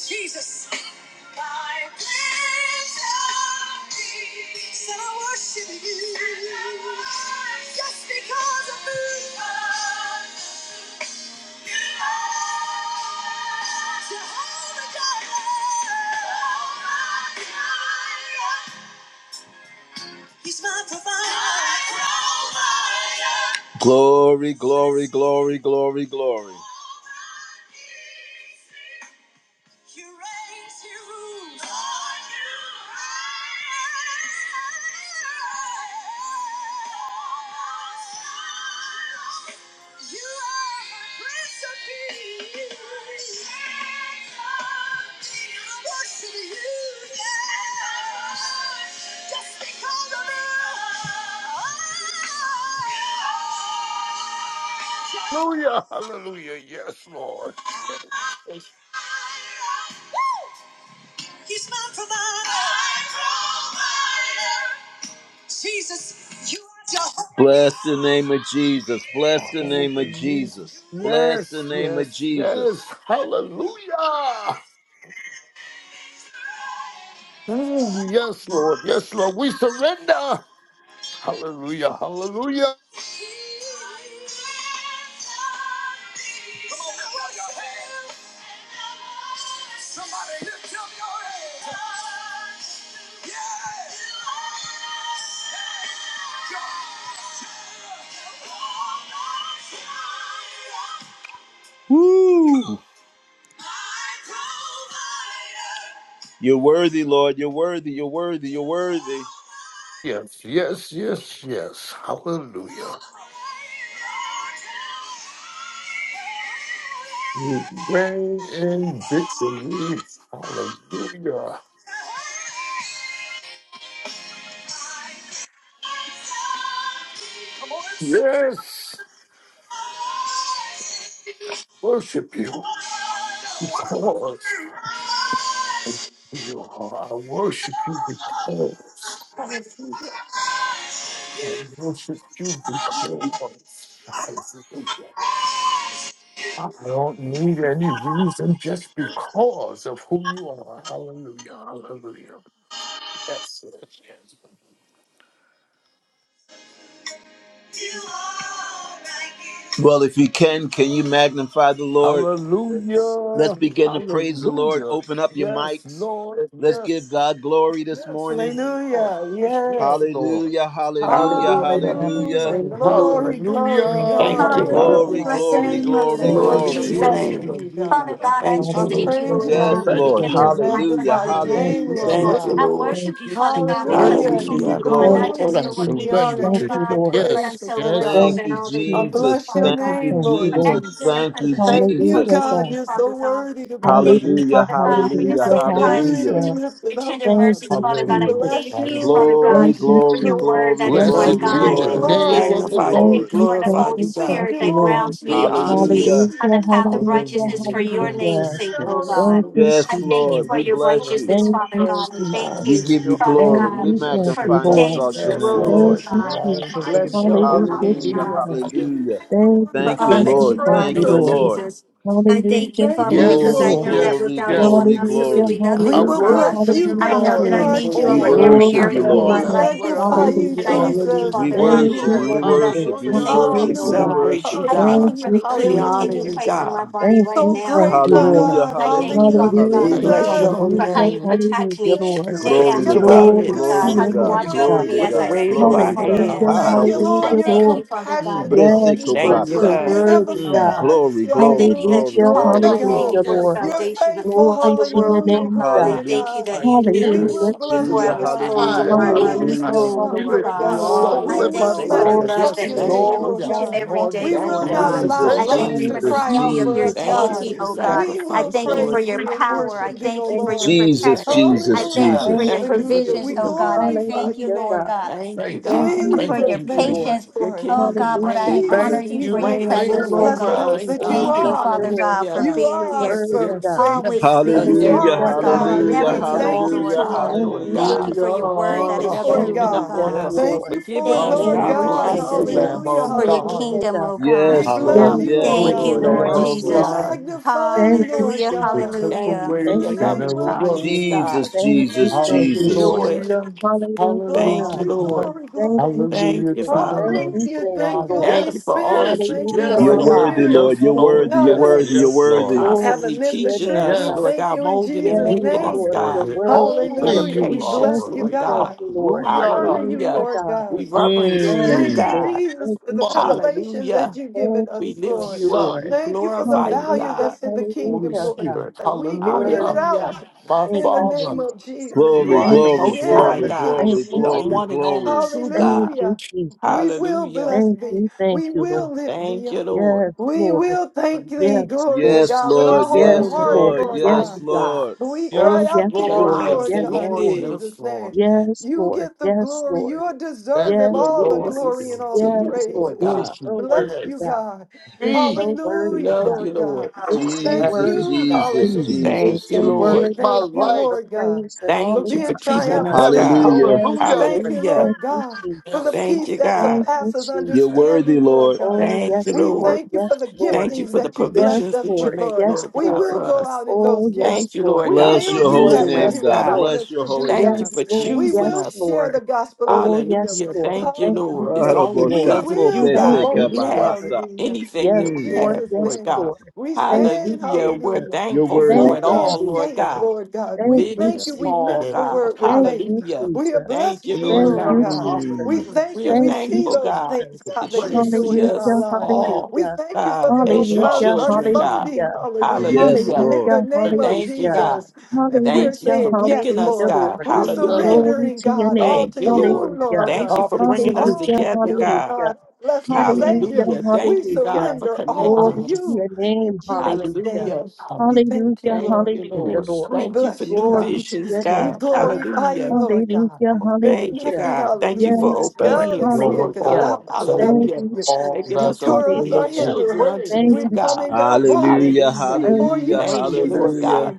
Speaker 1: Jesus. Glory, glory, glory, glory, glory. You reign, you rule. Lord, you reign. You are my Prince of Peace. I worship you, yeah. Just because of
Speaker 4: Hallelujah. Yes, Lord. Yes. It's
Speaker 1: you. Woo! He's my provider. Bless the name of Jesus. Bless the name
Speaker 4: over
Speaker 1: of
Speaker 4: me.
Speaker 1: Jesus. Bless the
Speaker 4: Yes,
Speaker 1: name of
Speaker 4: yes,
Speaker 1: Jesus.
Speaker 4: yes. Hallelujah. Ooh, yes, Lord. Yes, Lord. We surrender. Hallelujah. Hallelujah.
Speaker 1: Woo! You're worthy, Lord. You're worthy. You're worthy. You're worthy.
Speaker 4: Yes, yes, yes, yes. Hallelujah. We reign in victory. Hallelujah. Yes. worship you because you are. I worship you because. Hallelujah. I worship you because. Hallelujah. I don't need any reason just because of who you are. Hallelujah. Hallelujah. Yes. yes, yes.
Speaker 1: Well, if you can, can you magnify the Lord? Let's
Speaker 4: Hallelujah.
Speaker 1: begin to praise the Lord.
Speaker 4: Hallelujah.
Speaker 1: Open up your
Speaker 4: Yes,
Speaker 1: mics.
Speaker 4: Lord.
Speaker 1: Let's
Speaker 4: Yes.
Speaker 1: give God glory this
Speaker 4: Yes,
Speaker 1: morning.
Speaker 4: Lord. Yes, yes,
Speaker 2: Yes.
Speaker 4: Lord.
Speaker 1: Hallelujah, hallelujah,
Speaker 6: In the name
Speaker 3: Hallelujah.
Speaker 6: of
Speaker 1: hallelujah.
Speaker 2: Hallelujah.
Speaker 3: Thank
Speaker 6: Jesus.
Speaker 3: you, Lord.
Speaker 2: Glory, glory,
Speaker 6: Thank
Speaker 4: Hallelujah,
Speaker 6: you,
Speaker 3: Thank you,
Speaker 2: glory.
Speaker 5: Hallelujah.
Speaker 6: Jesus.
Speaker 3: God.
Speaker 4: hallelujah,
Speaker 1: Glory,
Speaker 5: Bless the
Speaker 1: glory,
Speaker 2: Thank
Speaker 5: name
Speaker 4: hallelujah,
Speaker 2: you,
Speaker 5: of
Speaker 1: glory,
Speaker 5: the
Speaker 6: Thank
Speaker 5: Lord
Speaker 6: you,
Speaker 2: Lord.
Speaker 3: Glory
Speaker 2: I
Speaker 3: to
Speaker 1: glory.
Speaker 3: your
Speaker 6: Jesus.
Speaker 5: Jesus.
Speaker 2: worship
Speaker 3: name.
Speaker 2: you,
Speaker 5: Father
Speaker 2: God.
Speaker 4: hallelujah.
Speaker 5: God, I
Speaker 3: Thank you,
Speaker 2: I
Speaker 5: just thank
Speaker 3: Lord.
Speaker 5: you,
Speaker 6: Hallelujah.
Speaker 2: praise
Speaker 5: Lord
Speaker 2: you,
Speaker 1: Yes,
Speaker 5: God, for the
Speaker 2: Jesus.
Speaker 4: Thank
Speaker 1: Lord.
Speaker 6: Hallelujah,
Speaker 5: gift
Speaker 4: you,
Speaker 2: I
Speaker 5: of
Speaker 6: Lord.
Speaker 4: thank
Speaker 5: life
Speaker 4: you,
Speaker 1: Hallelujah,
Speaker 2: magnify
Speaker 5: another
Speaker 2: your
Speaker 4: thank
Speaker 5: day.
Speaker 4: you.
Speaker 6: Thank
Speaker 2: name,
Speaker 6: you,
Speaker 1: hallelujah.
Speaker 2: Lord
Speaker 6: Jesus.
Speaker 4: Surrender
Speaker 3: Thank you,
Speaker 2: God.
Speaker 5: I
Speaker 3: Lord.
Speaker 6: Thank
Speaker 5: worship you,
Speaker 6: you,
Speaker 5: Father God,
Speaker 6: Jesus.
Speaker 1: Oh,
Speaker 5: because of
Speaker 1: we
Speaker 2: Hallelujah. You
Speaker 1: give
Speaker 5: who
Speaker 1: you
Speaker 3: Hallelujah.
Speaker 2: get
Speaker 4: to
Speaker 5: you
Speaker 2: the
Speaker 5: are,
Speaker 4: you,
Speaker 5: not
Speaker 6: Thank
Speaker 1: glory.
Speaker 6: you,
Speaker 4: Lord.
Speaker 2: glory,
Speaker 5: just
Speaker 4: I
Speaker 2: you
Speaker 5: for what
Speaker 2: get the
Speaker 5: you
Speaker 6: Jesus.
Speaker 5: do,
Speaker 4: surrender
Speaker 2: honor,
Speaker 5: oh
Speaker 6: Thank
Speaker 2: you
Speaker 4: to
Speaker 6: you,
Speaker 2: get the
Speaker 4: you.
Speaker 5: God,
Speaker 6: Lord.
Speaker 5: but
Speaker 4: Yes,
Speaker 5: I'm
Speaker 2: praises,
Speaker 5: so
Speaker 2: Lord
Speaker 4: yes.
Speaker 5: grateful
Speaker 2: God.
Speaker 1: Thank
Speaker 6: Thank
Speaker 5: that
Speaker 6: you,
Speaker 1: you,
Speaker 5: all that
Speaker 2: I
Speaker 5: you
Speaker 6: Jesus.
Speaker 5: do,
Speaker 2: bless
Speaker 1: Jesus.
Speaker 2: your
Speaker 5: Father
Speaker 6: Thank
Speaker 1: Thank
Speaker 6: you,
Speaker 5: God,
Speaker 1: you,
Speaker 2: name,
Speaker 6: thank you,
Speaker 5: for
Speaker 2: Lord
Speaker 6: Lord.
Speaker 5: every
Speaker 1: Jesus.
Speaker 2: Jesus.
Speaker 5: good and
Speaker 1: Thank
Speaker 2: I
Speaker 1: you,
Speaker 5: perfect gift
Speaker 2: Thank
Speaker 5: that
Speaker 2: you,
Speaker 1: Jesus.
Speaker 5: comes
Speaker 6: Hallelujah,
Speaker 5: from
Speaker 2: God.
Speaker 6: God.
Speaker 5: you,
Speaker 2: You're so
Speaker 5: Father God.
Speaker 2: worthy to be
Speaker 5: I thank
Speaker 2: praised.
Speaker 5: you,
Speaker 1: Hallelujah,
Speaker 6: Hallelujah,
Speaker 5: Father God, for
Speaker 2: You're
Speaker 5: your
Speaker 1: hallelujah,
Speaker 6: hallelujah,
Speaker 5: loving
Speaker 2: so worthy
Speaker 5: kindness
Speaker 2: to
Speaker 5: and
Speaker 1: hallelujah.
Speaker 2: be
Speaker 6: hallelujah.
Speaker 2: lifted
Speaker 5: your
Speaker 2: up,
Speaker 5: tender
Speaker 6: Thank
Speaker 2: God.
Speaker 5: mercies,
Speaker 6: you,
Speaker 5: Father
Speaker 2: We
Speaker 5: God. I
Speaker 6: Jesus.
Speaker 4: Hallelujah,
Speaker 2: bless
Speaker 5: thank you,
Speaker 2: you.
Speaker 4: hallelujah.
Speaker 2: We
Speaker 5: Father God,
Speaker 1: Glory,
Speaker 6: Thank
Speaker 2: bless
Speaker 6: you,
Speaker 2: you,
Speaker 5: for
Speaker 1: glory,
Speaker 5: your
Speaker 2: Lord.
Speaker 6: Jesus.
Speaker 5: word
Speaker 1: glory,
Speaker 5: that is
Speaker 6: Thank
Speaker 5: my
Speaker 6: you,
Speaker 3: Love
Speaker 4: Blessed
Speaker 1: glory,
Speaker 3: you,
Speaker 4: be
Speaker 5: guide,
Speaker 2: Thank
Speaker 4: the
Speaker 2: you,
Speaker 3: Lord.
Speaker 6: Jesus.
Speaker 1: glory,
Speaker 5: Lord
Speaker 3: We
Speaker 2: Lord.
Speaker 4: name
Speaker 5: Jesus.
Speaker 4: of
Speaker 1: glory,
Speaker 4: the
Speaker 3: magnify
Speaker 5: I
Speaker 3: you.
Speaker 4: Lord.
Speaker 6: Thank
Speaker 3: We
Speaker 1: glory.
Speaker 5: thank you
Speaker 6: you,
Speaker 5: for the
Speaker 6: thank
Speaker 3: glorify
Speaker 5: Holy
Speaker 3: you,
Speaker 6: you,
Speaker 3: God.
Speaker 2: Thank
Speaker 6: thank
Speaker 5: Spirit
Speaker 2: you,
Speaker 6: you,
Speaker 5: that
Speaker 6: Lord.
Speaker 2: Lord.
Speaker 5: grounds me
Speaker 3: We
Speaker 2: Thank
Speaker 5: and
Speaker 2: you.
Speaker 3: honor
Speaker 5: keeps
Speaker 2: Lord.
Speaker 5: me
Speaker 3: you.
Speaker 1: Hallelujah.
Speaker 6: Hallelujah,
Speaker 2: Thank
Speaker 5: on the
Speaker 2: you,
Speaker 5: path of
Speaker 2: Lord.
Speaker 6: hallelujah,
Speaker 5: righteousness
Speaker 4: Hallelujah,
Speaker 5: for
Speaker 2: Hallelujah,
Speaker 5: your
Speaker 4: praise
Speaker 5: name's
Speaker 6: hallelujah.
Speaker 4: and
Speaker 5: sake, oh
Speaker 3: Thank
Speaker 4: peace.
Speaker 3: you,
Speaker 5: God.
Speaker 6: Thank
Speaker 2: hallelujah,
Speaker 3: Lord.
Speaker 6: you,
Speaker 1: Yes,
Speaker 5: I thank you
Speaker 6: Jesus.
Speaker 1: Lord.
Speaker 5: for
Speaker 1: We
Speaker 2: hallelujah,
Speaker 5: your
Speaker 4: Hallelujah,
Speaker 1: bless
Speaker 2: glory,
Speaker 1: you.
Speaker 5: righteousness,
Speaker 6: Thank
Speaker 2: glory.
Speaker 5: Father
Speaker 6: you,
Speaker 5: God.
Speaker 3: Thank
Speaker 5: I
Speaker 3: you,
Speaker 5: thank
Speaker 3: God.
Speaker 6: Jesus.
Speaker 5: you,
Speaker 1: We give you
Speaker 5: Father
Speaker 6: Thank
Speaker 1: glory. We
Speaker 5: God,
Speaker 6: you,
Speaker 4: hallelujah.
Speaker 6: thank
Speaker 2: We
Speaker 5: for
Speaker 6: you,
Speaker 1: magnify and
Speaker 4: Shalom,
Speaker 2: bless
Speaker 6: Lord.
Speaker 2: you,
Speaker 5: daily
Speaker 1: exalt your
Speaker 3: Yes,
Speaker 1: name,
Speaker 5: growth, oh
Speaker 4: shalom,
Speaker 6: Thank
Speaker 1: Lord.
Speaker 3: Lord.
Speaker 6: you,
Speaker 5: God.
Speaker 4: shalom,
Speaker 2: magnify
Speaker 6: Jesus.
Speaker 4: shalom.
Speaker 2: you,
Speaker 3: Bless your
Speaker 2: Lord
Speaker 3: holy
Speaker 2: God.
Speaker 5: Father
Speaker 6: Hallelujah,
Speaker 3: name.
Speaker 1: Hallelujah,
Speaker 5: God,
Speaker 4: Hallelujah,
Speaker 2: We
Speaker 6: Jesus.
Speaker 2: give you
Speaker 4: hallelujah.
Speaker 1: hallelujah.
Speaker 2: that
Speaker 6: Thank you,
Speaker 2: glory
Speaker 5: for
Speaker 2: and
Speaker 1: Thank
Speaker 2: all
Speaker 1: you,
Speaker 5: all
Speaker 6: thank
Speaker 4: Thank
Speaker 5: that
Speaker 6: you,
Speaker 2: that
Speaker 5: you
Speaker 1: Lord.
Speaker 6: thank
Speaker 5: are,
Speaker 2: praise,
Speaker 6: you,
Speaker 1: Thank you,
Speaker 2: oh
Speaker 5: Lord
Speaker 6: Lord.
Speaker 4: you.
Speaker 1: Lord.
Speaker 2: God.
Speaker 5: Jesus. I
Speaker 6: Hallelujah,
Speaker 2: We
Speaker 5: thank you,
Speaker 2: thank
Speaker 5: Father,
Speaker 6: thank
Speaker 2: you,
Speaker 6: you,
Speaker 5: because
Speaker 4: Yes,
Speaker 5: I
Speaker 1: Glory,
Speaker 6: Lord.
Speaker 5: know
Speaker 2: Lord.
Speaker 5: that
Speaker 4: yes,
Speaker 1: glory,
Speaker 5: without you,
Speaker 4: yes.
Speaker 5: I'm
Speaker 1: glory,
Speaker 6: Hallelujah,
Speaker 5: absolutely
Speaker 1: glory.
Speaker 2: We
Speaker 5: nothing,
Speaker 4: I
Speaker 5: oh
Speaker 2: will
Speaker 6: hallelujah,
Speaker 5: God.
Speaker 2: bless
Speaker 4: worship
Speaker 2: you,
Speaker 4: you,
Speaker 5: I
Speaker 6: hallelujah,
Speaker 5: know
Speaker 2: God.
Speaker 5: that
Speaker 4: Lord,
Speaker 2: You
Speaker 5: I
Speaker 6: Lord.
Speaker 2: are
Speaker 5: need
Speaker 3: Thank
Speaker 5: you
Speaker 1: We
Speaker 3: you,
Speaker 5: over
Speaker 4: because
Speaker 2: King.
Speaker 4: of
Speaker 3: God.
Speaker 5: every
Speaker 6: Glory
Speaker 1: worship
Speaker 4: who
Speaker 6: to
Speaker 1: you,
Speaker 5: area
Speaker 4: you
Speaker 5: of
Speaker 1: Lord.
Speaker 6: your
Speaker 4: are.
Speaker 5: my
Speaker 2: We
Speaker 3: Hallelujah.
Speaker 4: That's
Speaker 5: life,
Speaker 6: name.
Speaker 5: oh
Speaker 4: what I'm
Speaker 5: God.
Speaker 2: magnify
Speaker 4: getting
Speaker 2: you,
Speaker 5: And
Speaker 3: Hallelujah.
Speaker 5: I
Speaker 6: Hallelujah.
Speaker 5: thank
Speaker 4: selfish.
Speaker 5: you,
Speaker 4: It's
Speaker 2: Jesus.
Speaker 1: We
Speaker 3: Hallelujah.
Speaker 5: Father
Speaker 2: Thank
Speaker 5: God,
Speaker 4: me,
Speaker 6: Thank
Speaker 5: that
Speaker 1: worship
Speaker 5: you
Speaker 6: you,
Speaker 5: have
Speaker 2: you.
Speaker 1: you,
Speaker 4: Lord.
Speaker 1: we
Speaker 5: never left me
Speaker 6: Jesus.
Speaker 5: or
Speaker 1: worship you, we
Speaker 5: forsaken
Speaker 4: Hallelujah.
Speaker 5: me,
Speaker 3: We
Speaker 1: worship
Speaker 5: oh
Speaker 1: you, we
Speaker 6: Hallelujah.
Speaker 5: God.
Speaker 2: Hallelujah,
Speaker 3: celebrate
Speaker 1: worship
Speaker 3: you,
Speaker 5: I
Speaker 1: you.
Speaker 5: thank
Speaker 6: Thank
Speaker 5: you
Speaker 3: God.
Speaker 5: for
Speaker 2: hallelujah,
Speaker 6: you,
Speaker 5: the
Speaker 4: Thank
Speaker 3: We
Speaker 5: healing
Speaker 4: you,
Speaker 3: honor
Speaker 6: Jesus.
Speaker 5: taking
Speaker 2: hallelujah.
Speaker 3: you,
Speaker 4: thank
Speaker 5: place
Speaker 4: you,
Speaker 5: in
Speaker 3: God.
Speaker 5: my
Speaker 4: thank
Speaker 5: body
Speaker 6: Thank
Speaker 4: you.
Speaker 5: right
Speaker 2: So
Speaker 6: you,
Speaker 5: now,
Speaker 6: thank
Speaker 5: oh
Speaker 6: you,
Speaker 2: grateful,
Speaker 5: God.
Speaker 6: Lord.
Speaker 1: Hallelujah,
Speaker 2: God.
Speaker 5: I
Speaker 4: Thank
Speaker 5: thank you,
Speaker 1: hallelujah,
Speaker 4: you,
Speaker 5: Father
Speaker 2: Hallelujah,
Speaker 6: Hallelujah,
Speaker 3: We
Speaker 5: God
Speaker 4: thank
Speaker 1: hallelujah.
Speaker 3: bless
Speaker 2: Jesus.
Speaker 4: you,
Speaker 3: your holy
Speaker 5: for
Speaker 4: thank you.
Speaker 5: how
Speaker 6: hallelujah,
Speaker 5: you
Speaker 3: name
Speaker 5: protect
Speaker 6: hallelujah,
Speaker 5: me
Speaker 2: Thank
Speaker 6: Lord.
Speaker 2: you,
Speaker 3: with
Speaker 5: day
Speaker 3: the
Speaker 2: Lord
Speaker 1: Glory
Speaker 3: fruit
Speaker 1: to
Speaker 5: after
Speaker 3: of
Speaker 2: God,
Speaker 3: our
Speaker 2: for
Speaker 5: day,
Speaker 1: God,
Speaker 2: your
Speaker 6: Glory to
Speaker 5: Lord God,
Speaker 1: glory
Speaker 3: lips,
Speaker 1: to
Speaker 5: how
Speaker 2: goodness
Speaker 6: your
Speaker 5: you
Speaker 2: and your
Speaker 1: God,
Speaker 4: Hallelujah.
Speaker 6: name,
Speaker 5: watch over
Speaker 6: God.
Speaker 1: glory
Speaker 2: mercy
Speaker 5: me
Speaker 1: to
Speaker 2: and
Speaker 3: with
Speaker 2: your
Speaker 5: as
Speaker 3: the
Speaker 5: I
Speaker 1: God,
Speaker 2: kindness.
Speaker 3: wave
Speaker 5: sleep
Speaker 3: of
Speaker 5: and
Speaker 1: glory
Speaker 3: our
Speaker 1: to
Speaker 5: slumber,
Speaker 1: God.
Speaker 6: Hallelujah,
Speaker 5: Lord
Speaker 4: Hallelujah.
Speaker 3: hands.
Speaker 1: Ha
Speaker 2: Thank
Speaker 5: God.
Speaker 2: you,
Speaker 5: I
Speaker 2: Lord,
Speaker 6: hallelujah,
Speaker 2: your
Speaker 1: Roboshaka.
Speaker 5: thank
Speaker 6: Lord.
Speaker 5: you, Father
Speaker 1: Mm,
Speaker 5: God,
Speaker 2: compassion.
Speaker 5: that you
Speaker 6: Yes,
Speaker 1: Breseko
Speaker 5: keep
Speaker 2: Hallelujah.
Speaker 5: my
Speaker 6: Lord,
Speaker 3: Thank you,
Speaker 4: Hallelujah.
Speaker 5: foot
Speaker 6: the
Speaker 1: Brasa.
Speaker 5: from
Speaker 2: You
Speaker 3: God.
Speaker 6: word
Speaker 2: never
Speaker 6: of
Speaker 5: slipping, oh
Speaker 1: Mm,
Speaker 2: fail
Speaker 6: God.
Speaker 5: God.
Speaker 2: us.
Speaker 1: glory,
Speaker 5: I thank
Speaker 1: glory,
Speaker 5: you
Speaker 2: Hallelujah.
Speaker 5: that you
Speaker 1: glory,
Speaker 6: Hallelujah,
Speaker 5: called
Speaker 2: Glory,
Speaker 1: glory,
Speaker 5: my name
Speaker 4: Yes,
Speaker 2: God.
Speaker 6: hallelujah,
Speaker 1: glory.
Speaker 5: before the
Speaker 4: yes,
Speaker 6: Lord.
Speaker 2: You're
Speaker 4: Lord.
Speaker 5: foundation
Speaker 2: faithful.
Speaker 5: of
Speaker 6: Glory
Speaker 5: the
Speaker 6: to your
Speaker 5: world,
Speaker 2: Hallelujah.
Speaker 5: oh
Speaker 6: name,
Speaker 5: God.
Speaker 2: Glory
Speaker 6: God.
Speaker 5: I
Speaker 2: to
Speaker 1: Hallelujah.
Speaker 5: thank you
Speaker 2: God.
Speaker 5: that
Speaker 4: my
Speaker 5: you
Speaker 6: Hallelujah,
Speaker 5: knew
Speaker 2: We
Speaker 4: ears,
Speaker 2: will
Speaker 5: me
Speaker 2: bless
Speaker 4: open
Speaker 5: before I
Speaker 1: Hallelujah,
Speaker 2: you,
Speaker 4: my
Speaker 5: was
Speaker 6: Jesus.
Speaker 2: God.
Speaker 5: formed in
Speaker 4: eyes,
Speaker 1: hallelujah,
Speaker 5: my
Speaker 2: We will
Speaker 4: open
Speaker 5: mother's
Speaker 4: my
Speaker 6: Hallelujah,
Speaker 2: lift
Speaker 1: hallelujah.
Speaker 2: you
Speaker 5: womb,
Speaker 2: up,
Speaker 5: Lord
Speaker 4: spirit,
Speaker 2: Lord
Speaker 4: my
Speaker 6: hallelujah,
Speaker 3: You
Speaker 5: God.
Speaker 2: God.
Speaker 6: Lord.
Speaker 3: are
Speaker 4: soul,
Speaker 5: I
Speaker 2: We
Speaker 3: Lord
Speaker 4: and
Speaker 3: and
Speaker 4: my
Speaker 5: thank
Speaker 2: will
Speaker 5: you for the
Speaker 4: body.
Speaker 3: Savior.
Speaker 6: Glory
Speaker 5: love
Speaker 2: magnify
Speaker 6: to
Speaker 4: Yes,
Speaker 5: that
Speaker 2: your
Speaker 6: your
Speaker 5: you
Speaker 3: Thank
Speaker 2: name,
Speaker 5: show
Speaker 6: name,
Speaker 3: you.
Speaker 4: Lord,
Speaker 2: Lord
Speaker 4: yes,
Speaker 5: each and
Speaker 2: God.
Speaker 6: God.
Speaker 5: every
Speaker 4: Lord,
Speaker 5: day,
Speaker 2: We
Speaker 4: yes,
Speaker 5: Lord
Speaker 2: will
Speaker 3: Thank
Speaker 4: Lord.
Speaker 3: you
Speaker 6: Hallelujah.
Speaker 4: We
Speaker 3: for
Speaker 2: not
Speaker 5: God.
Speaker 3: your
Speaker 2: allow
Speaker 3: son,
Speaker 5: I
Speaker 1: Jesus,
Speaker 4: surrender.
Speaker 5: thank
Speaker 2: rocks
Speaker 5: you
Speaker 6: Thank
Speaker 5: for
Speaker 2: to
Speaker 5: the
Speaker 1: Jesus,
Speaker 6: you,
Speaker 3: Jesus.
Speaker 2: cry out
Speaker 5: beauty of
Speaker 2: for
Speaker 6: Jesus.
Speaker 5: your
Speaker 2: us,
Speaker 1: Jesus,
Speaker 3: Thank you for
Speaker 2: God.
Speaker 5: deity,
Speaker 3: the
Speaker 5: oh
Speaker 4: Hallelujah.
Speaker 5: God.
Speaker 6: Hallelujah.
Speaker 2: We
Speaker 5: I
Speaker 2: will
Speaker 3: sacrifice,
Speaker 5: thank you for
Speaker 6: Thank
Speaker 3: Lord.
Speaker 2: praise
Speaker 5: your
Speaker 2: thee
Speaker 6: you,
Speaker 2: and
Speaker 5: power. I
Speaker 2: worship
Speaker 6: Jesus.
Speaker 2: thee, O
Speaker 5: thank you
Speaker 6: Thank
Speaker 5: for your
Speaker 6: you,
Speaker 2: Lord.
Speaker 3: Thank
Speaker 1: Jesus,
Speaker 6: Jesus.
Speaker 5: protection.
Speaker 3: you,
Speaker 5: I
Speaker 1: Jesus,
Speaker 3: Lord
Speaker 5: thank
Speaker 2: Hallelujah.
Speaker 5: you
Speaker 3: God.
Speaker 5: for
Speaker 6: Thank
Speaker 5: your
Speaker 1: Jesus.
Speaker 3: Thank
Speaker 6: you,
Speaker 3: you for the
Speaker 2: Hallelujah.
Speaker 5: provisions,
Speaker 2: We
Speaker 5: oh
Speaker 6: Jesus.
Speaker 5: God.
Speaker 3: kingdom.
Speaker 5: I
Speaker 2: glorify
Speaker 5: thank
Speaker 2: your
Speaker 5: you,
Speaker 6: Hallelujah,
Speaker 5: Lord
Speaker 2: name.
Speaker 6: God.
Speaker 5: God,
Speaker 3: Thank you,
Speaker 4: Thank you,
Speaker 6: Thank
Speaker 3: God.
Speaker 6: you,
Speaker 5: for
Speaker 4: thank
Speaker 5: your
Speaker 2: Jesus,
Speaker 6: thank
Speaker 4: you,
Speaker 6: you,
Speaker 2: thank
Speaker 4: thank you.
Speaker 2: you
Speaker 6: Lord.
Speaker 5: patience,
Speaker 3: Your
Speaker 2: for it.
Speaker 5: oh
Speaker 3: kingdom
Speaker 5: God.
Speaker 6: Hallelujah,
Speaker 5: But I honor
Speaker 3: reigns.
Speaker 2: Jesus,
Speaker 4: Thank
Speaker 5: you
Speaker 2: we
Speaker 3: You
Speaker 5: for
Speaker 6: hallelujah,
Speaker 5: your
Speaker 4: you,
Speaker 2: thank
Speaker 3: reign
Speaker 6: thank
Speaker 2: you
Speaker 3: and
Speaker 2: for
Speaker 6: you,
Speaker 4: thank
Speaker 2: the
Speaker 5: presence,
Speaker 3: rule
Speaker 6: Lord.
Speaker 5: oh
Speaker 3: over
Speaker 2: blessed
Speaker 4: you,
Speaker 5: God.
Speaker 2: hope
Speaker 3: us,
Speaker 2: that
Speaker 4: thank
Speaker 2: you
Speaker 4: you.
Speaker 6: Oh,
Speaker 3: God.
Speaker 5: Thank you,
Speaker 4: Jesus.
Speaker 6: bless
Speaker 2: are.
Speaker 6: your
Speaker 5: Father
Speaker 6: name,
Speaker 5: God,
Speaker 3: Hallelujah.
Speaker 5: for
Speaker 2: You
Speaker 6: God.
Speaker 5: being
Speaker 6: Your
Speaker 2: are our
Speaker 5: here,
Speaker 6: word,
Speaker 2: stor-
Speaker 4: Yes, yes,
Speaker 6: God.
Speaker 2: Savior.
Speaker 5: always
Speaker 4: yes,
Speaker 5: being
Speaker 4: yes.
Speaker 2: You
Speaker 5: here,
Speaker 3: Thank
Speaker 2: are
Speaker 1: Hallelujah,
Speaker 3: you
Speaker 2: our
Speaker 6: Hallelujah,
Speaker 5: Lord
Speaker 3: for
Speaker 5: God,
Speaker 2: God,
Speaker 3: being
Speaker 2: and
Speaker 1: hallelujah,
Speaker 5: never
Speaker 2: we
Speaker 6: hallelujah,
Speaker 3: present
Speaker 6: God.
Speaker 5: leaving,
Speaker 3: all
Speaker 2: thank you
Speaker 3: the
Speaker 5: Lord
Speaker 1: hallelujah,
Speaker 2: for
Speaker 5: God.
Speaker 2: it.
Speaker 3: time,
Speaker 6: Thank
Speaker 3: Lord
Speaker 6: you,
Speaker 5: Thank
Speaker 1: hallelujah.
Speaker 3: God,
Speaker 5: you for
Speaker 4: Hallelujah,
Speaker 5: your
Speaker 6: Jesus.
Speaker 5: word
Speaker 2: Thank
Speaker 5: that
Speaker 3: for
Speaker 2: you
Speaker 5: is
Speaker 3: never
Speaker 2: for
Speaker 6: Thank
Speaker 2: it,
Speaker 5: true,
Speaker 3: giving
Speaker 6: you,
Speaker 5: oh
Speaker 3: up
Speaker 2: God.
Speaker 3: on
Speaker 6: thank
Speaker 5: God.
Speaker 4: hallelujah,
Speaker 6: you,
Speaker 3: us, for
Speaker 2: Thank
Speaker 6: Lord.
Speaker 2: you for
Speaker 3: forgiving
Speaker 2: it,
Speaker 5: Thank
Speaker 3: us,
Speaker 5: you,
Speaker 2: Lord
Speaker 6: Thank
Speaker 3: God,
Speaker 6: you,
Speaker 5: Lord
Speaker 4: hallelujah
Speaker 3: for
Speaker 2: God.
Speaker 3: our
Speaker 4: to
Speaker 6: thank
Speaker 4: the
Speaker 6: you,
Speaker 5: Jesus,
Speaker 6: Lord.
Speaker 4: Lamb
Speaker 2: Hallelujah,
Speaker 4: of
Speaker 3: sins.
Speaker 5: for your
Speaker 4: God.
Speaker 6: Hallelujah,
Speaker 2: hallelujah.
Speaker 5: kingdom, oh
Speaker 6: God.
Speaker 2: We
Speaker 5: God.
Speaker 1: Yes,
Speaker 3: Thank you,
Speaker 6: Yes,
Speaker 2: bless
Speaker 1: Lord,
Speaker 3: God, for
Speaker 2: you,
Speaker 4: Hallelujah
Speaker 3: your
Speaker 2: oh
Speaker 1: yes,
Speaker 4: to
Speaker 6: Lord.
Speaker 5: Thank
Speaker 4: the
Speaker 3: grace
Speaker 5: you,
Speaker 3: and
Speaker 1: Lord,
Speaker 2: God.
Speaker 3: your
Speaker 6: Thank
Speaker 5: Lord
Speaker 4: Lamb
Speaker 6: you,
Speaker 1: yes,
Speaker 4: of
Speaker 3: mercy,
Speaker 2: We
Speaker 1: Lord.
Speaker 5: Jesus.
Speaker 6: Jesus.
Speaker 3: God.
Speaker 4: God
Speaker 2: magnify you,
Speaker 6: Thank you,
Speaker 2: Lord
Speaker 5: Hallelujah,
Speaker 4: who
Speaker 2: God.
Speaker 6: Jesus.
Speaker 4: took
Speaker 3: Thank
Speaker 5: hallelujah.
Speaker 3: you
Speaker 2: In
Speaker 4: away
Speaker 3: for
Speaker 4: the
Speaker 2: the
Speaker 3: your
Speaker 6: Thank
Speaker 4: sin
Speaker 6: you,
Speaker 4: of the
Speaker 2: name
Speaker 3: loving
Speaker 2: of
Speaker 6: Jesus.
Speaker 3: kindness,
Speaker 4: world.
Speaker 3: God,
Speaker 1: Jesus,
Speaker 2: Jesus, in the
Speaker 6: Thank you,
Speaker 1: Jesus,
Speaker 2: name
Speaker 3: for
Speaker 6: thank
Speaker 2: of
Speaker 3: your
Speaker 6: you,
Speaker 1: Jesus.
Speaker 6: Lord.
Speaker 3: joy.
Speaker 2: Jesus.
Speaker 4: Hallelujah,
Speaker 6: Hallelujah,
Speaker 3: Thank
Speaker 6: God.
Speaker 3: you,
Speaker 2: Glory,
Speaker 4: hallelujah,
Speaker 3: Lord.
Speaker 2: glory,
Speaker 6: Thank
Speaker 2: glory.
Speaker 6: you,
Speaker 3: Thank
Speaker 4: hallelujah
Speaker 3: you,
Speaker 6: Jesus.
Speaker 4: to the
Speaker 6: Thank
Speaker 3: Father.
Speaker 4: Lamb
Speaker 6: you,
Speaker 4: of
Speaker 2: Hallelujah.
Speaker 6: thank
Speaker 2: Thank
Speaker 6: you,
Speaker 4: God.
Speaker 2: you,
Speaker 6: Lord.
Speaker 2: Holy
Speaker 3: Thank you for
Speaker 4: Yes,
Speaker 3: all
Speaker 4: yes,
Speaker 2: Spirit.
Speaker 3: that you
Speaker 2: Thank
Speaker 3: do,
Speaker 2: you,
Speaker 6: Hallelujah,
Speaker 4: yes,
Speaker 3: Lord
Speaker 1: You're
Speaker 2: Holy
Speaker 4: Lord.
Speaker 3: God,
Speaker 1: worthy,
Speaker 2: Spirit.
Speaker 6: hallelujah,
Speaker 4: Yes,
Speaker 1: Lord. You're
Speaker 4: Lord.
Speaker 1: worthy, you're
Speaker 2: God
Speaker 6: hallelujah,
Speaker 4: Yes,
Speaker 2: help.
Speaker 6: Lord.
Speaker 1: worthy, you're
Speaker 4: yes,
Speaker 3: for
Speaker 1: worthy.
Speaker 4: Lord.
Speaker 6: Glory
Speaker 2: Haven't
Speaker 3: constantly
Speaker 6: to
Speaker 2: missed a
Speaker 6: your
Speaker 3: teaching
Speaker 2: trick.
Speaker 6: name,
Speaker 3: us,
Speaker 2: We
Speaker 6: God.
Speaker 4: Yes,
Speaker 3: Lord
Speaker 2: thank
Speaker 3: God,
Speaker 2: you in
Speaker 3: molding and
Speaker 2: Jesus'
Speaker 6: Yes,
Speaker 4: you
Speaker 3: making
Speaker 4: are
Speaker 3: us,
Speaker 2: name.
Speaker 6: Lord,
Speaker 3: God.
Speaker 6: you're
Speaker 4: worthy.
Speaker 6: worthy,
Speaker 3: for
Speaker 4: Only
Speaker 6: God.
Speaker 3: your
Speaker 2: Hallelujah.
Speaker 4: you
Speaker 2: We
Speaker 4: are
Speaker 6: Thank
Speaker 3: patience,
Speaker 2: bless you,
Speaker 6: you,
Speaker 3: Lord
Speaker 4: worthy.
Speaker 6: thank
Speaker 3: God.
Speaker 2: God.
Speaker 6: you, Lord.
Speaker 2: We honor
Speaker 4: Hallelujah.
Speaker 6: Hallelujah,
Speaker 2: you,
Speaker 3: Hallelujah.
Speaker 2: Lord
Speaker 6: God.
Speaker 2: God.
Speaker 3: We
Speaker 4: Our
Speaker 3: reverence
Speaker 6: Yes,
Speaker 3: you,
Speaker 2: Thank
Speaker 1: Mm.
Speaker 2: you,
Speaker 6: Lord.
Speaker 3: God.
Speaker 2: Jesus,
Speaker 6: Thank
Speaker 2: for
Speaker 6: you,
Speaker 2: the
Speaker 4: Father,
Speaker 6: Jesus.
Speaker 2: revelation that
Speaker 3: Hallelujah.
Speaker 2: you've given
Speaker 6: Thank
Speaker 3: We
Speaker 6: you,
Speaker 2: us,
Speaker 4: the
Speaker 3: lift
Speaker 6: thank
Speaker 2: Lord.
Speaker 6: you,
Speaker 3: you up.
Speaker 6: Lord.
Speaker 3: We
Speaker 4: Son,
Speaker 2: Thank you for the
Speaker 3: glorify you,
Speaker 2: value
Speaker 6: Hallelujah,
Speaker 3: God.
Speaker 2: that's in the
Speaker 6: hallelujah,
Speaker 2: kingdom,
Speaker 4: Holy
Speaker 2: Lord
Speaker 6: God.
Speaker 2: God,
Speaker 4: Spirit.
Speaker 2: that we can give it
Speaker 4: Hallelujah,
Speaker 6: Worthy
Speaker 3: Hallelujah.
Speaker 2: out
Speaker 6: God.
Speaker 4: my
Speaker 6: Thank
Speaker 2: in the
Speaker 6: you,
Speaker 2: name
Speaker 4: Father.
Speaker 2: of
Speaker 6: Jesus.
Speaker 2: Jesus.
Speaker 3: You
Speaker 1: Glory,
Speaker 2: We
Speaker 3: are
Speaker 6: Thank
Speaker 2: can
Speaker 3: the
Speaker 1: glory,
Speaker 6: you,
Speaker 3: most
Speaker 2: share
Speaker 3: high
Speaker 2: the
Speaker 1: glory,
Speaker 6: Jesus.
Speaker 3: God,
Speaker 6: Thank
Speaker 1: glory,
Speaker 2: kingdom,
Speaker 6: you,
Speaker 3: the
Speaker 2: Lord.
Speaker 1: glory,
Speaker 3: one and
Speaker 6: Jesus.
Speaker 3: only
Speaker 1: glory.
Speaker 3: true
Speaker 6: Thank
Speaker 3: God.
Speaker 6: you,
Speaker 2: Hallelujah. We
Speaker 6: Jesus.
Speaker 2: will
Speaker 3: Hallelujah.
Speaker 2: bless
Speaker 6: Thank
Speaker 2: thee.
Speaker 6: you, thank
Speaker 2: We
Speaker 6: you,
Speaker 2: will
Speaker 6: Lord.
Speaker 2: lift thee
Speaker 3: Thank you,
Speaker 2: up.
Speaker 3: Lord.
Speaker 6: Yes,
Speaker 2: We
Speaker 6: Lord.
Speaker 2: will thank thee,
Speaker 6: Yes,
Speaker 2: glory to
Speaker 6: Lord.
Speaker 1: Yes,
Speaker 2: God, with
Speaker 3: We
Speaker 2: our
Speaker 1: Lord,
Speaker 6: Yes,
Speaker 2: whole
Speaker 3: serve
Speaker 1: yes,
Speaker 3: and
Speaker 2: heart,
Speaker 6: Lord.
Speaker 1: Lord,
Speaker 2: Lord
Speaker 3: magnify
Speaker 6: Yes,
Speaker 2: God.
Speaker 1: yes,
Speaker 3: you,
Speaker 6: Lord.
Speaker 3: God.
Speaker 1: Lord.
Speaker 2: But We
Speaker 4: Yes,
Speaker 2: cry
Speaker 6: Oh, yes,
Speaker 2: out to
Speaker 3: With the
Speaker 4: Lord,
Speaker 2: you,
Speaker 6: Lord.
Speaker 3: lives
Speaker 4: yes,
Speaker 2: Lord
Speaker 6: Yes,
Speaker 3: that we
Speaker 2: God, in
Speaker 4: Lord,
Speaker 6: Lord.
Speaker 4: yes,
Speaker 3: live,
Speaker 2: Jesus' name.
Speaker 4: Lord.
Speaker 6: Yes,
Speaker 2: You
Speaker 6: Lord.
Speaker 2: get the
Speaker 6: Yes,
Speaker 2: glory.
Speaker 6: Lord.
Speaker 2: You are
Speaker 4: That
Speaker 2: deserving of
Speaker 3: we're
Speaker 6: Yes,
Speaker 4: the
Speaker 2: all the
Speaker 4: Lord
Speaker 6: Lord.
Speaker 4: is
Speaker 2: glory
Speaker 3: witnesses
Speaker 2: and all
Speaker 3: to
Speaker 2: the
Speaker 3: you,
Speaker 6: Yes, Lord.
Speaker 3: Lord
Speaker 2: praises.
Speaker 4: who
Speaker 3: God.
Speaker 6: Just
Speaker 4: she
Speaker 6: so
Speaker 2: Bless
Speaker 6: worthy,
Speaker 2: you,
Speaker 4: is.
Speaker 6: God.
Speaker 2: God.
Speaker 6: You're
Speaker 4: Be
Speaker 6: so
Speaker 3: We
Speaker 6: worthy,
Speaker 2: Hallelujah,
Speaker 3: love
Speaker 6: God.
Speaker 3: you,
Speaker 2: Lord
Speaker 3: Lord.
Speaker 2: God.
Speaker 6: You're
Speaker 4: now
Speaker 6: so
Speaker 2: Thank
Speaker 4: and
Speaker 1: Jesus,
Speaker 4: be
Speaker 6: worthy,
Speaker 2: you.
Speaker 6: God.
Speaker 1: Jesus,
Speaker 4: seen.
Speaker 2: Hallelujah.
Speaker 6: You're
Speaker 3: Thank
Speaker 1: Jesus,
Speaker 3: you,
Speaker 6: so
Speaker 3: Lord.
Speaker 1: Jesus.
Speaker 4: In my
Speaker 6: worthy
Speaker 2: Thank
Speaker 6: of
Speaker 2: you,
Speaker 6: all
Speaker 4: life
Speaker 6: the
Speaker 2: Lord God,
Speaker 6: praise and all
Speaker 2: for
Speaker 6: the
Speaker 3: Thank you for
Speaker 2: being
Speaker 6: honor,
Speaker 4: is
Speaker 3: keeping
Speaker 6: God.
Speaker 4: in
Speaker 3: us,
Speaker 2: triumphant
Speaker 4: heaven.
Speaker 2: this
Speaker 3: God.
Speaker 1: Hallelujah.
Speaker 2: day.
Speaker 6: Yes,
Speaker 4: Hallelujah.
Speaker 2: Thank
Speaker 6: Lord.
Speaker 2: you,
Speaker 3: Hallelujah.
Speaker 6: Thank
Speaker 2: Lord
Speaker 6: you,
Speaker 2: God, for the
Speaker 4: Yes,
Speaker 6: Jesus.
Speaker 3: Thank
Speaker 4: Lord.
Speaker 2: peace
Speaker 3: you,
Speaker 2: that
Speaker 3: God.
Speaker 6: Thank you,
Speaker 2: surpasses
Speaker 1: You're
Speaker 6: Jesus.
Speaker 1: worthy,
Speaker 2: understanding, Lord
Speaker 1: Lord.
Speaker 2: God.
Speaker 6: Oh,
Speaker 3: Thank you,
Speaker 6: yes,
Speaker 2: We
Speaker 6: Lord,
Speaker 3: Lord.
Speaker 2: thank you for
Speaker 6: yes,
Speaker 2: the
Speaker 3: Thank
Speaker 6: Lord.
Speaker 3: you
Speaker 2: giftings
Speaker 3: for the
Speaker 2: that you
Speaker 6: Yes,
Speaker 2: blessed
Speaker 3: provisions
Speaker 2: us
Speaker 3: that you
Speaker 2: with,
Speaker 6: Lord,
Speaker 3: make,
Speaker 2: Lord.
Speaker 6: yes,
Speaker 3: Lord
Speaker 2: We
Speaker 3: God,
Speaker 6: Lord.
Speaker 2: will
Speaker 3: for
Speaker 2: go
Speaker 3: us.
Speaker 2: out in those
Speaker 6: Oh, yes,
Speaker 3: Thank
Speaker 2: gifts.
Speaker 3: you,
Speaker 6: Lord,
Speaker 3: Lord
Speaker 2: We
Speaker 3: God,
Speaker 6: yes,
Speaker 3: for
Speaker 1: Bless
Speaker 2: will
Speaker 1: your
Speaker 2: do
Speaker 6: Lord,
Speaker 1: holy
Speaker 2: that
Speaker 3: using
Speaker 2: which
Speaker 6: yes,
Speaker 1: name,
Speaker 3: us,
Speaker 2: you
Speaker 1: God.
Speaker 3: God.
Speaker 2: assign
Speaker 6: Lord.
Speaker 1: Bless
Speaker 2: us
Speaker 1: your
Speaker 2: to
Speaker 4: Oh,
Speaker 2: do,
Speaker 1: holy
Speaker 3: Thank you
Speaker 1: name.
Speaker 2: God.
Speaker 6: Yes,
Speaker 3: for
Speaker 6: Lord,
Speaker 4: Jesus.
Speaker 2: We
Speaker 3: choosing
Speaker 2: will
Speaker 6: yes,
Speaker 3: us.
Speaker 2: share
Speaker 6: Lord.
Speaker 2: the gospel of the
Speaker 6: Oh,
Speaker 2: kingdom.
Speaker 6: yes,
Speaker 3: Hallelujah.
Speaker 6: Lord.
Speaker 3: Thank you,
Speaker 6: Thank you,
Speaker 3: Lord.
Speaker 4: Oh,
Speaker 3: It's
Speaker 2: Hallelujah.
Speaker 6: thank you,
Speaker 3: only
Speaker 4: Thank
Speaker 2: We
Speaker 6: Lord.
Speaker 1: Parabosha,
Speaker 3: because of
Speaker 4: you.
Speaker 3: you,
Speaker 2: will go
Speaker 6: Thank
Speaker 1: kobese
Speaker 3: God, that
Speaker 6: you,
Speaker 3: we
Speaker 2: boldly,
Speaker 3: have
Speaker 6: Jesus.
Speaker 1: kababasa.
Speaker 2: hallelujah.
Speaker 3: anything that
Speaker 2: In
Speaker 6: Yes,
Speaker 3: we
Speaker 1: Mm,
Speaker 6: Lord,
Speaker 3: have,
Speaker 2: Jesus'
Speaker 6: yes,
Speaker 3: Lord
Speaker 2: name,
Speaker 3: God.
Speaker 6: Lord.
Speaker 2: we
Speaker 6: Thank
Speaker 2: stand,
Speaker 6: you,
Speaker 3: Hallelujah. We're
Speaker 2: hallelujah
Speaker 6: Jesus.
Speaker 1: You're
Speaker 3: thankful
Speaker 6: Thank
Speaker 3: for
Speaker 1: worthy,
Speaker 3: it
Speaker 6: you,
Speaker 2: Glory and
Speaker 1: God.
Speaker 4: Thank you.
Speaker 3: all, Lord
Speaker 2: faith,
Speaker 6: Jesus.
Speaker 3: God,
Speaker 2: Lord God.
Speaker 6: Thank
Speaker 2: We
Speaker 3: big
Speaker 6: you,
Speaker 3: and
Speaker 2: thank
Speaker 4: Lord,
Speaker 2: you. We
Speaker 4: for
Speaker 3: small,
Speaker 2: mix
Speaker 6: Jesus.
Speaker 2: the
Speaker 4: today.
Speaker 3: God.
Speaker 2: word with
Speaker 6: Thank
Speaker 2: faith.
Speaker 6: you,
Speaker 3: Hallelujah.
Speaker 2: We are
Speaker 6: Jesus.
Speaker 3: Thank you,
Speaker 2: blessing you,
Speaker 3: Lord
Speaker 6: Thank
Speaker 2: Lord
Speaker 3: God.
Speaker 6: you,
Speaker 4: Another
Speaker 2: God.
Speaker 6: Jesus.
Speaker 1: Mm,
Speaker 2: We thank
Speaker 3: We
Speaker 2: you.
Speaker 4: opportunity
Speaker 3: are
Speaker 2: We
Speaker 6: Thank you,
Speaker 2: see
Speaker 3: thankful,
Speaker 2: those
Speaker 3: God,
Speaker 6: Jesus.
Speaker 2: things,
Speaker 4: to
Speaker 2: God,
Speaker 3: that
Speaker 2: that
Speaker 3: you
Speaker 2: you're
Speaker 4: praise.
Speaker 3: see
Speaker 2: doing in our
Speaker 6: Hallelujah,
Speaker 3: us
Speaker 2: lives.
Speaker 3: all,
Speaker 2: We
Speaker 6: hallelujah.
Speaker 2: thank you for
Speaker 3: God,
Speaker 2: them
Speaker 3: as
Speaker 4: Another
Speaker 3: your
Speaker 2: unfo-
Speaker 6: Hallelujah,
Speaker 3: children,
Speaker 4: opportunity.
Speaker 3: God.
Speaker 2: unfolding.
Speaker 6: hallelujah.
Speaker 2: Hallelujah.
Speaker 1: Yes,
Speaker 3: Hallelujah.
Speaker 2: In
Speaker 6: Hallelujah,
Speaker 1: Lord.
Speaker 2: the name
Speaker 4: to
Speaker 2: of
Speaker 3: Thank you,
Speaker 6: hallelujah.
Speaker 3: God.
Speaker 2: Jesus. And we're
Speaker 3: Thank you
Speaker 6: Hallelujah,
Speaker 3: for
Speaker 2: saying,
Speaker 3: picking
Speaker 2: Yes,
Speaker 3: us,
Speaker 6: hallelujah,
Speaker 2: Lord.
Speaker 3: God.
Speaker 6: Lord.
Speaker 4: thank
Speaker 2: We're
Speaker 4: you.
Speaker 3: Hallelujah.
Speaker 6: Glory
Speaker 2: surrendering,
Speaker 6: to your
Speaker 2: God, all
Speaker 6: name.
Speaker 3: Thank
Speaker 2: to
Speaker 3: you,
Speaker 2: you,
Speaker 3: Lord.
Speaker 6: Hallelujah.
Speaker 2: Lord
Speaker 4: Another
Speaker 3: Thank you
Speaker 2: God.
Speaker 3: for bringing us
Speaker 2: All
Speaker 6: Hallelujah,
Speaker 4: opportunity
Speaker 2: to
Speaker 3: together,
Speaker 2: you,
Speaker 3: God.
Speaker 6: hallelujah.
Speaker 2: God.
Speaker 4: to
Speaker 2: Blessed
Speaker 4: do
Speaker 6: Hallelujah,
Speaker 2: Savior.
Speaker 3: Hallelujah. Thank
Speaker 2: We
Speaker 3: you,
Speaker 6: hallelujah.
Speaker 3: God, for
Speaker 2: surrender all to
Speaker 3: connecting
Speaker 6: Glory
Speaker 4: life.
Speaker 6: to
Speaker 3: us.
Speaker 6: your
Speaker 2: you in
Speaker 6: name.
Speaker 2: Jesus'
Speaker 6: Hallelujah.
Speaker 2: name.
Speaker 3: Hallelujah.
Speaker 2: We thank you,
Speaker 6: Hallelujah,
Speaker 3: Thank
Speaker 2: Lord.
Speaker 3: you,
Speaker 4: It
Speaker 6: hallelujah,
Speaker 3: Lord.
Speaker 6: Lord.
Speaker 4: is
Speaker 2: We
Speaker 3: Thank you for
Speaker 2: bless you,
Speaker 3: new
Speaker 6: Glory
Speaker 2: God.
Speaker 6: to
Speaker 3: visions,
Speaker 6: your
Speaker 2: We
Speaker 6: name,
Speaker 3: God.
Speaker 6: God.
Speaker 2: glorify
Speaker 3: Hallelujah.
Speaker 2: you, Lord God.
Speaker 6: Hallelujah,
Speaker 2: There's
Speaker 3: Thank you,
Speaker 6: hallelujah.
Speaker 2: nothing,
Speaker 3: God. Thank you
Speaker 2: hallelujah,
Speaker 3: for
Speaker 6: Yes,
Speaker 4: that's
Speaker 6: Lord.
Speaker 4: the
Speaker 3: obedience,
Speaker 2: hallelujah,
Speaker 4: Lord
Speaker 3: Lord
Speaker 2: can
Speaker 6: Hallelujah.
Speaker 3: God.
Speaker 2: stop
Speaker 4: or
Speaker 2: us,
Speaker 6: Thank
Speaker 4: so
Speaker 3: Hallelujah.
Speaker 6: you,
Speaker 2: hallelujah,
Speaker 4: all
Speaker 6: Jesus.
Speaker 3: Making us
Speaker 4: that's
Speaker 2: detour us
Speaker 4: within us
Speaker 2: or
Speaker 3: obedient
Speaker 4: we
Speaker 6: Hallelujah.
Speaker 2: hinder
Speaker 3: children
Speaker 2: us.
Speaker 3: unto
Speaker 4: praise.
Speaker 6: Thank
Speaker 3: you,
Speaker 2: We're
Speaker 6: you,
Speaker 3: God.
Speaker 2: coming, God,
Speaker 6: Jesus.
Speaker 2: boldly
Speaker 1: Hallelujah,
Speaker 3: Hallelujah.
Speaker 6: Thank
Speaker 2: before
Speaker 6: you,
Speaker 1: hallelujah,
Speaker 2: you in
Speaker 3: Thank you,
Speaker 6: Jesus.
Speaker 2: Jesus'
Speaker 3: Lord God.
Speaker 1: hallelujah.
Speaker 2: name.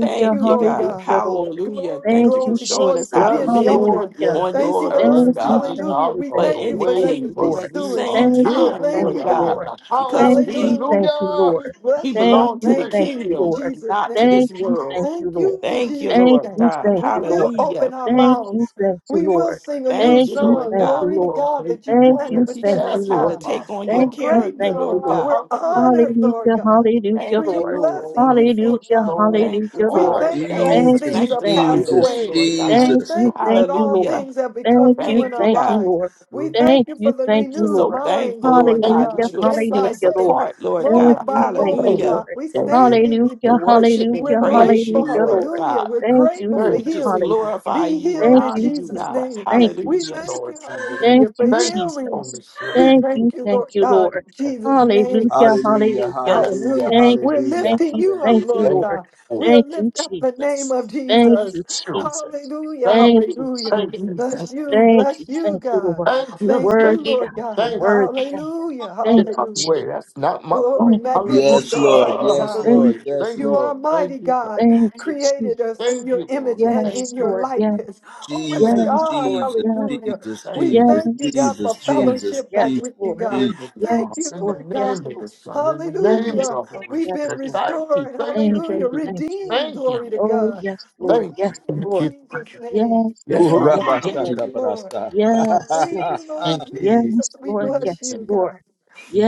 Speaker 2: Thank you,
Speaker 3: you,
Speaker 2: Lord
Speaker 3: God.
Speaker 2: God.
Speaker 6: hallelujah, Lord.
Speaker 3: Hallelujah.
Speaker 2: Glory,
Speaker 3: Thank
Speaker 6: Thank
Speaker 3: you for
Speaker 6: you,
Speaker 2: glory,
Speaker 3: showing
Speaker 2: glory
Speaker 3: us
Speaker 2: for
Speaker 6: Jesus.
Speaker 3: how to
Speaker 2: being
Speaker 4: Yes,
Speaker 2: the
Speaker 3: live
Speaker 2: owner.
Speaker 4: Lord,
Speaker 6: Hallelujah.
Speaker 4: yes,
Speaker 3: on
Speaker 2: Thank
Speaker 3: this
Speaker 2: you,
Speaker 4: Lord,
Speaker 2: the
Speaker 3: earth,
Speaker 6: Thank
Speaker 4: can
Speaker 2: earth.
Speaker 4: we
Speaker 6: you,
Speaker 3: God,
Speaker 4: get
Speaker 6: thank
Speaker 2: Hallelujah.
Speaker 6: you,
Speaker 4: out
Speaker 2: We
Speaker 4: of
Speaker 6: thank
Speaker 3: but
Speaker 4: the
Speaker 2: thank
Speaker 3: in
Speaker 2: you
Speaker 6: you,
Speaker 3: the
Speaker 2: for
Speaker 6: thank
Speaker 4: way
Speaker 2: letting us
Speaker 6: you,
Speaker 2: be
Speaker 3: kingdom
Speaker 4: because
Speaker 6: Lord.
Speaker 3: at the
Speaker 4: we
Speaker 2: stewards.
Speaker 4: are
Speaker 3: same
Speaker 6: Thank
Speaker 2: We
Speaker 4: here.
Speaker 6: you,
Speaker 3: time,
Speaker 6: thank
Speaker 2: thank
Speaker 3: Lord
Speaker 4: We
Speaker 2: you,
Speaker 6: you,
Speaker 4: are
Speaker 3: God,
Speaker 4: in
Speaker 2: God.
Speaker 6: Lord.
Speaker 4: the house.
Speaker 3: because
Speaker 6: Thank you,
Speaker 3: we
Speaker 2: Hallelujah.
Speaker 6: thank you,
Speaker 4: Hallelujah.
Speaker 2: We
Speaker 6: Lord.
Speaker 3: we
Speaker 2: bless you,
Speaker 6: Thank
Speaker 3: belong
Speaker 2: God.
Speaker 3: to
Speaker 6: you,
Speaker 3: the
Speaker 2: Thank
Speaker 6: thank
Speaker 4: Thank you.
Speaker 2: you
Speaker 6: you,
Speaker 2: in
Speaker 3: kingdom,
Speaker 6: Lord.
Speaker 2: Jesus'
Speaker 3: not to this
Speaker 2: name.
Speaker 6: Thank you,
Speaker 3: world.
Speaker 6: thank you,
Speaker 2: Thank you
Speaker 6: Lord.
Speaker 2: in
Speaker 3: Thank you,
Speaker 2: Jesus'
Speaker 6: Thank
Speaker 3: Lord
Speaker 2: name.
Speaker 6: you,
Speaker 3: God.
Speaker 6: thank
Speaker 2: We
Speaker 6: you,
Speaker 2: will
Speaker 6: Lord.
Speaker 2: open
Speaker 3: Hallelujah.
Speaker 2: our
Speaker 6: Thank you,
Speaker 2: mouths.
Speaker 6: thank you,
Speaker 2: We will
Speaker 6: Lord.
Speaker 2: sing a new
Speaker 3: Thank
Speaker 6: Thank
Speaker 3: you,
Speaker 6: you,
Speaker 4: You
Speaker 3: Lord
Speaker 2: song.
Speaker 6: thank
Speaker 3: God.
Speaker 4: don't
Speaker 6: you,
Speaker 2: Glory to
Speaker 6: Lord.
Speaker 4: know
Speaker 2: God that you
Speaker 4: Satan, you
Speaker 6: Thank
Speaker 3: for
Speaker 2: planted
Speaker 6: you,
Speaker 4: better
Speaker 6: thank
Speaker 2: within
Speaker 3: teaching us
Speaker 6: you,
Speaker 2: us,
Speaker 4: ask
Speaker 3: how
Speaker 6: Lord.
Speaker 3: to
Speaker 2: God.
Speaker 3: take
Speaker 4: somebody.
Speaker 3: on your
Speaker 2: We're
Speaker 6: Thank you,
Speaker 3: character,
Speaker 6: thank
Speaker 4: Hallelujah.
Speaker 6: you,
Speaker 2: grateful.
Speaker 3: Lord
Speaker 6: Lord.
Speaker 3: God.
Speaker 2: We're
Speaker 4: Hallelujah.
Speaker 2: honored, Lord
Speaker 6: Hallelujah,
Speaker 2: God.
Speaker 6: hallelujah,
Speaker 3: Thank
Speaker 2: We are
Speaker 3: you,
Speaker 6: Lord.
Speaker 3: Lord.
Speaker 2: blessing you
Speaker 4: So,
Speaker 2: for it,
Speaker 6: Hallelujah,
Speaker 2: God.
Speaker 4: so
Speaker 3: Thank you,
Speaker 6: hallelujah,
Speaker 2: We
Speaker 6: Lord.
Speaker 4: all
Speaker 3: Father.
Speaker 2: thank
Speaker 4: that
Speaker 2: you,
Speaker 3: Thank you
Speaker 2: all
Speaker 3: for
Speaker 6: Thank
Speaker 1: Jesus,
Speaker 6: you,
Speaker 2: things are
Speaker 6: thank you,
Speaker 2: passed
Speaker 3: sanctifying
Speaker 6: Lord.
Speaker 3: us,
Speaker 1: Jesus,
Speaker 2: away.
Speaker 4: please.
Speaker 3: Lord God.
Speaker 2: We
Speaker 6: Thank
Speaker 1: Jesus.
Speaker 6: you,
Speaker 4: Thank
Speaker 2: thank you
Speaker 6: thank
Speaker 2: that
Speaker 6: you,
Speaker 2: all
Speaker 6: Lord.
Speaker 3: Hallelujah.
Speaker 2: things have become
Speaker 6: Thank
Speaker 2: new
Speaker 6: you,
Speaker 2: in
Speaker 3: Thank
Speaker 2: our
Speaker 3: you,
Speaker 6: thank
Speaker 3: God.
Speaker 6: you,
Speaker 2: lives.
Speaker 6: Lord.
Speaker 2: We
Speaker 4: you.
Speaker 2: thank
Speaker 6: Thank
Speaker 2: you for
Speaker 6: you,
Speaker 2: the
Speaker 6: thank you,
Speaker 3: We're
Speaker 2: renewed
Speaker 3: so
Speaker 6: Lord.
Speaker 2: mind,
Speaker 3: thankful,
Speaker 2: glory
Speaker 3: Lord
Speaker 2: to
Speaker 4: Thank
Speaker 3: God,
Speaker 6: Hallelujah,
Speaker 3: that you
Speaker 2: God,
Speaker 3: have
Speaker 2: day
Speaker 3: set
Speaker 2: by
Speaker 3: us
Speaker 6: hallelujah,
Speaker 2: day,
Speaker 6: Lord.
Speaker 3: apart,
Speaker 4: you.
Speaker 3: Lord
Speaker 6: Thank
Speaker 2: moment
Speaker 3: God.
Speaker 6: you,
Speaker 2: by
Speaker 6: thank you,
Speaker 2: moment,
Speaker 3: Hallelujah.
Speaker 2: God.
Speaker 6: Lord.
Speaker 2: We
Speaker 4: Thank you.
Speaker 2: standing in
Speaker 3: To
Speaker 6: Hallelujah,
Speaker 2: you.
Speaker 3: worship and
Speaker 2: We're
Speaker 6: hallelujah,
Speaker 4: Thank
Speaker 3: praise
Speaker 4: you.
Speaker 2: grateful,
Speaker 3: you,
Speaker 6: hallelujah,
Speaker 3: Lord
Speaker 6: Lord.
Speaker 2: hallelujah.
Speaker 3: God.
Speaker 2: We're
Speaker 6: Thank you,
Speaker 2: grateful for
Speaker 3: We
Speaker 6: Lord.
Speaker 4: Thank
Speaker 3: just
Speaker 2: healing.
Speaker 6: Hallelujah.
Speaker 3: glorify
Speaker 2: Be
Speaker 3: you and
Speaker 2: healed
Speaker 6: Thank
Speaker 2: in
Speaker 3: honor
Speaker 6: you,
Speaker 3: you,
Speaker 2: Jesus'
Speaker 3: God.
Speaker 4: you,
Speaker 6: Jesus.
Speaker 2: name.
Speaker 6: Thank you,
Speaker 2: We
Speaker 3: Hallelujah.
Speaker 2: thank
Speaker 4: Lord
Speaker 2: you,
Speaker 6: Jesus.
Speaker 4: Jesus.
Speaker 6: Thank
Speaker 2: hallelujah, for
Speaker 6: you,
Speaker 4: Thank you,
Speaker 2: healing.
Speaker 4: Holy
Speaker 6: Jesus.
Speaker 4: Spirit.
Speaker 2: We
Speaker 6: Thank you,
Speaker 2: thank you,
Speaker 6: thank
Speaker 2: Lord
Speaker 6: you,
Speaker 2: God,
Speaker 6: Lord.
Speaker 2: in
Speaker 4: Thank you.
Speaker 2: Jesus' name.
Speaker 6: Hallelujah,
Speaker 1: Hallelujah,
Speaker 6: hallelujah.
Speaker 1: hallelujah,
Speaker 2: Hallelujah.
Speaker 6: Thank
Speaker 2: We're
Speaker 6: you,
Speaker 1: hallelujah,
Speaker 6: thank
Speaker 2: lifting
Speaker 6: you,
Speaker 2: you up,
Speaker 6: thank you,
Speaker 1: hallelujah.
Speaker 2: Lord
Speaker 4: Thank
Speaker 6: Lord.
Speaker 2: God.
Speaker 4: you.
Speaker 2: We'll
Speaker 6: Thank you,
Speaker 2: lift up the name
Speaker 6: Jesus.
Speaker 2: of
Speaker 6: Thank
Speaker 2: Jesus.
Speaker 6: you,
Speaker 4: Thank you.
Speaker 6: Jesus.
Speaker 2: Hallelujah.
Speaker 4: Thank
Speaker 6: Thank
Speaker 4: you.
Speaker 6: you,
Speaker 2: Hallelujah.
Speaker 4: Thank
Speaker 6: Jesus.
Speaker 4: you.
Speaker 2: Bless
Speaker 4: Thank you.
Speaker 2: you.
Speaker 6: Thank you.
Speaker 2: Bless you,
Speaker 6: Thank you,
Speaker 2: God.
Speaker 6: Lord.
Speaker 2: Thank
Speaker 6: Word,
Speaker 2: you,
Speaker 4: Thank you.
Speaker 6: God,
Speaker 2: Lord
Speaker 6: your
Speaker 2: God.
Speaker 4: thank you.
Speaker 6: word, God.
Speaker 2: Hallelujah.
Speaker 4: Get
Speaker 6: Thank you,
Speaker 4: out the way.
Speaker 2: Hallelujah.
Speaker 6: Jesus.
Speaker 4: That's not my
Speaker 2: Glory,
Speaker 4: fault.
Speaker 6: Thank you,
Speaker 4: Hallelujah.
Speaker 1: Yes,
Speaker 6: Jesus.
Speaker 2: magnificent,
Speaker 1: Lord.
Speaker 2: mighty God.
Speaker 1: Yes,
Speaker 6: Thank
Speaker 1: Lord.
Speaker 4: hallelujah.
Speaker 6: you,
Speaker 1: Yes,
Speaker 4: Thank
Speaker 2: You
Speaker 6: Jesus.
Speaker 4: you.
Speaker 2: are
Speaker 1: Lord.
Speaker 2: mighty
Speaker 4: Thank you.
Speaker 2: God,
Speaker 6: Thank you,
Speaker 2: created us
Speaker 6: Jesus.
Speaker 2: in
Speaker 4: Thank
Speaker 2: your
Speaker 4: you,
Speaker 2: image
Speaker 4: Lord.
Speaker 2: and
Speaker 4: Thank
Speaker 2: in
Speaker 6: Yes,
Speaker 2: your
Speaker 4: you.
Speaker 6: Lord. Yes,
Speaker 2: likeness. Oh, what a
Speaker 6: yes,
Speaker 4: Thank
Speaker 1: Jesus,
Speaker 4: you.
Speaker 2: God,
Speaker 6: Lord.
Speaker 1: Jesus,
Speaker 6: Yes,
Speaker 2: hallelujah.
Speaker 1: Jesus,
Speaker 4: Thank you.
Speaker 2: We
Speaker 6: yes,
Speaker 1: Jesus,
Speaker 2: thank you, God,
Speaker 6: yes,
Speaker 2: for
Speaker 1: Jesus,
Speaker 6: yes,
Speaker 1: Jesus,
Speaker 2: fellowship
Speaker 6: yes,
Speaker 2: back
Speaker 1: Jesus,
Speaker 2: with you,
Speaker 6: Lord.
Speaker 4: the
Speaker 2: God.
Speaker 1: Jesus.
Speaker 4: name of the
Speaker 2: Thank
Speaker 4: Father,
Speaker 2: you,
Speaker 6: Yes,
Speaker 4: in
Speaker 6: Lord.
Speaker 2: Lord
Speaker 4: the
Speaker 6: Yes,
Speaker 2: God,
Speaker 4: name of
Speaker 6: Lord.
Speaker 4: the Son, in the name
Speaker 6: Yes,
Speaker 2: hallelujah.
Speaker 4: of the
Speaker 6: Lord.
Speaker 4: Holy
Speaker 2: We've
Speaker 6: Yes,
Speaker 2: been
Speaker 4: Spirit.
Speaker 6: Lord.
Speaker 4: Thank you,
Speaker 2: restored,
Speaker 4: thank you,
Speaker 6: Thank
Speaker 2: hallelujah,
Speaker 6: you,
Speaker 4: thank you,
Speaker 6: thank you.
Speaker 2: redeemed,
Speaker 4: thank
Speaker 2: glory to
Speaker 4: you,
Speaker 6: Oh,
Speaker 2: God.
Speaker 6: yes,
Speaker 2: We
Speaker 6: Lord.
Speaker 4: thank
Speaker 2: thank
Speaker 4: you,
Speaker 6: Yes,
Speaker 2: you in
Speaker 4: thank
Speaker 6: Lord.
Speaker 4: you,
Speaker 2: Jesus'
Speaker 4: thank you.
Speaker 6: Yes,
Speaker 2: name.
Speaker 4: Yes,
Speaker 1: Ooh,
Speaker 6: Lord.
Speaker 4: we
Speaker 2: Glory,
Speaker 1: Rabba
Speaker 6: Yes,
Speaker 4: thank
Speaker 6: Lord.
Speaker 4: you,
Speaker 2: thank
Speaker 1: Shaka
Speaker 2: you, Lord.
Speaker 1: Barasa.
Speaker 6: Yes, Lord.
Speaker 2: Thank you, Lord
Speaker 1: (laughs)
Speaker 4: thank you, we
Speaker 6: Yes,
Speaker 2: Jesus. We
Speaker 6: Lord.
Speaker 4: thank you.
Speaker 2: bless
Speaker 6: Yes,
Speaker 2: you,
Speaker 4: thank you.
Speaker 2: God.
Speaker 6: Lord.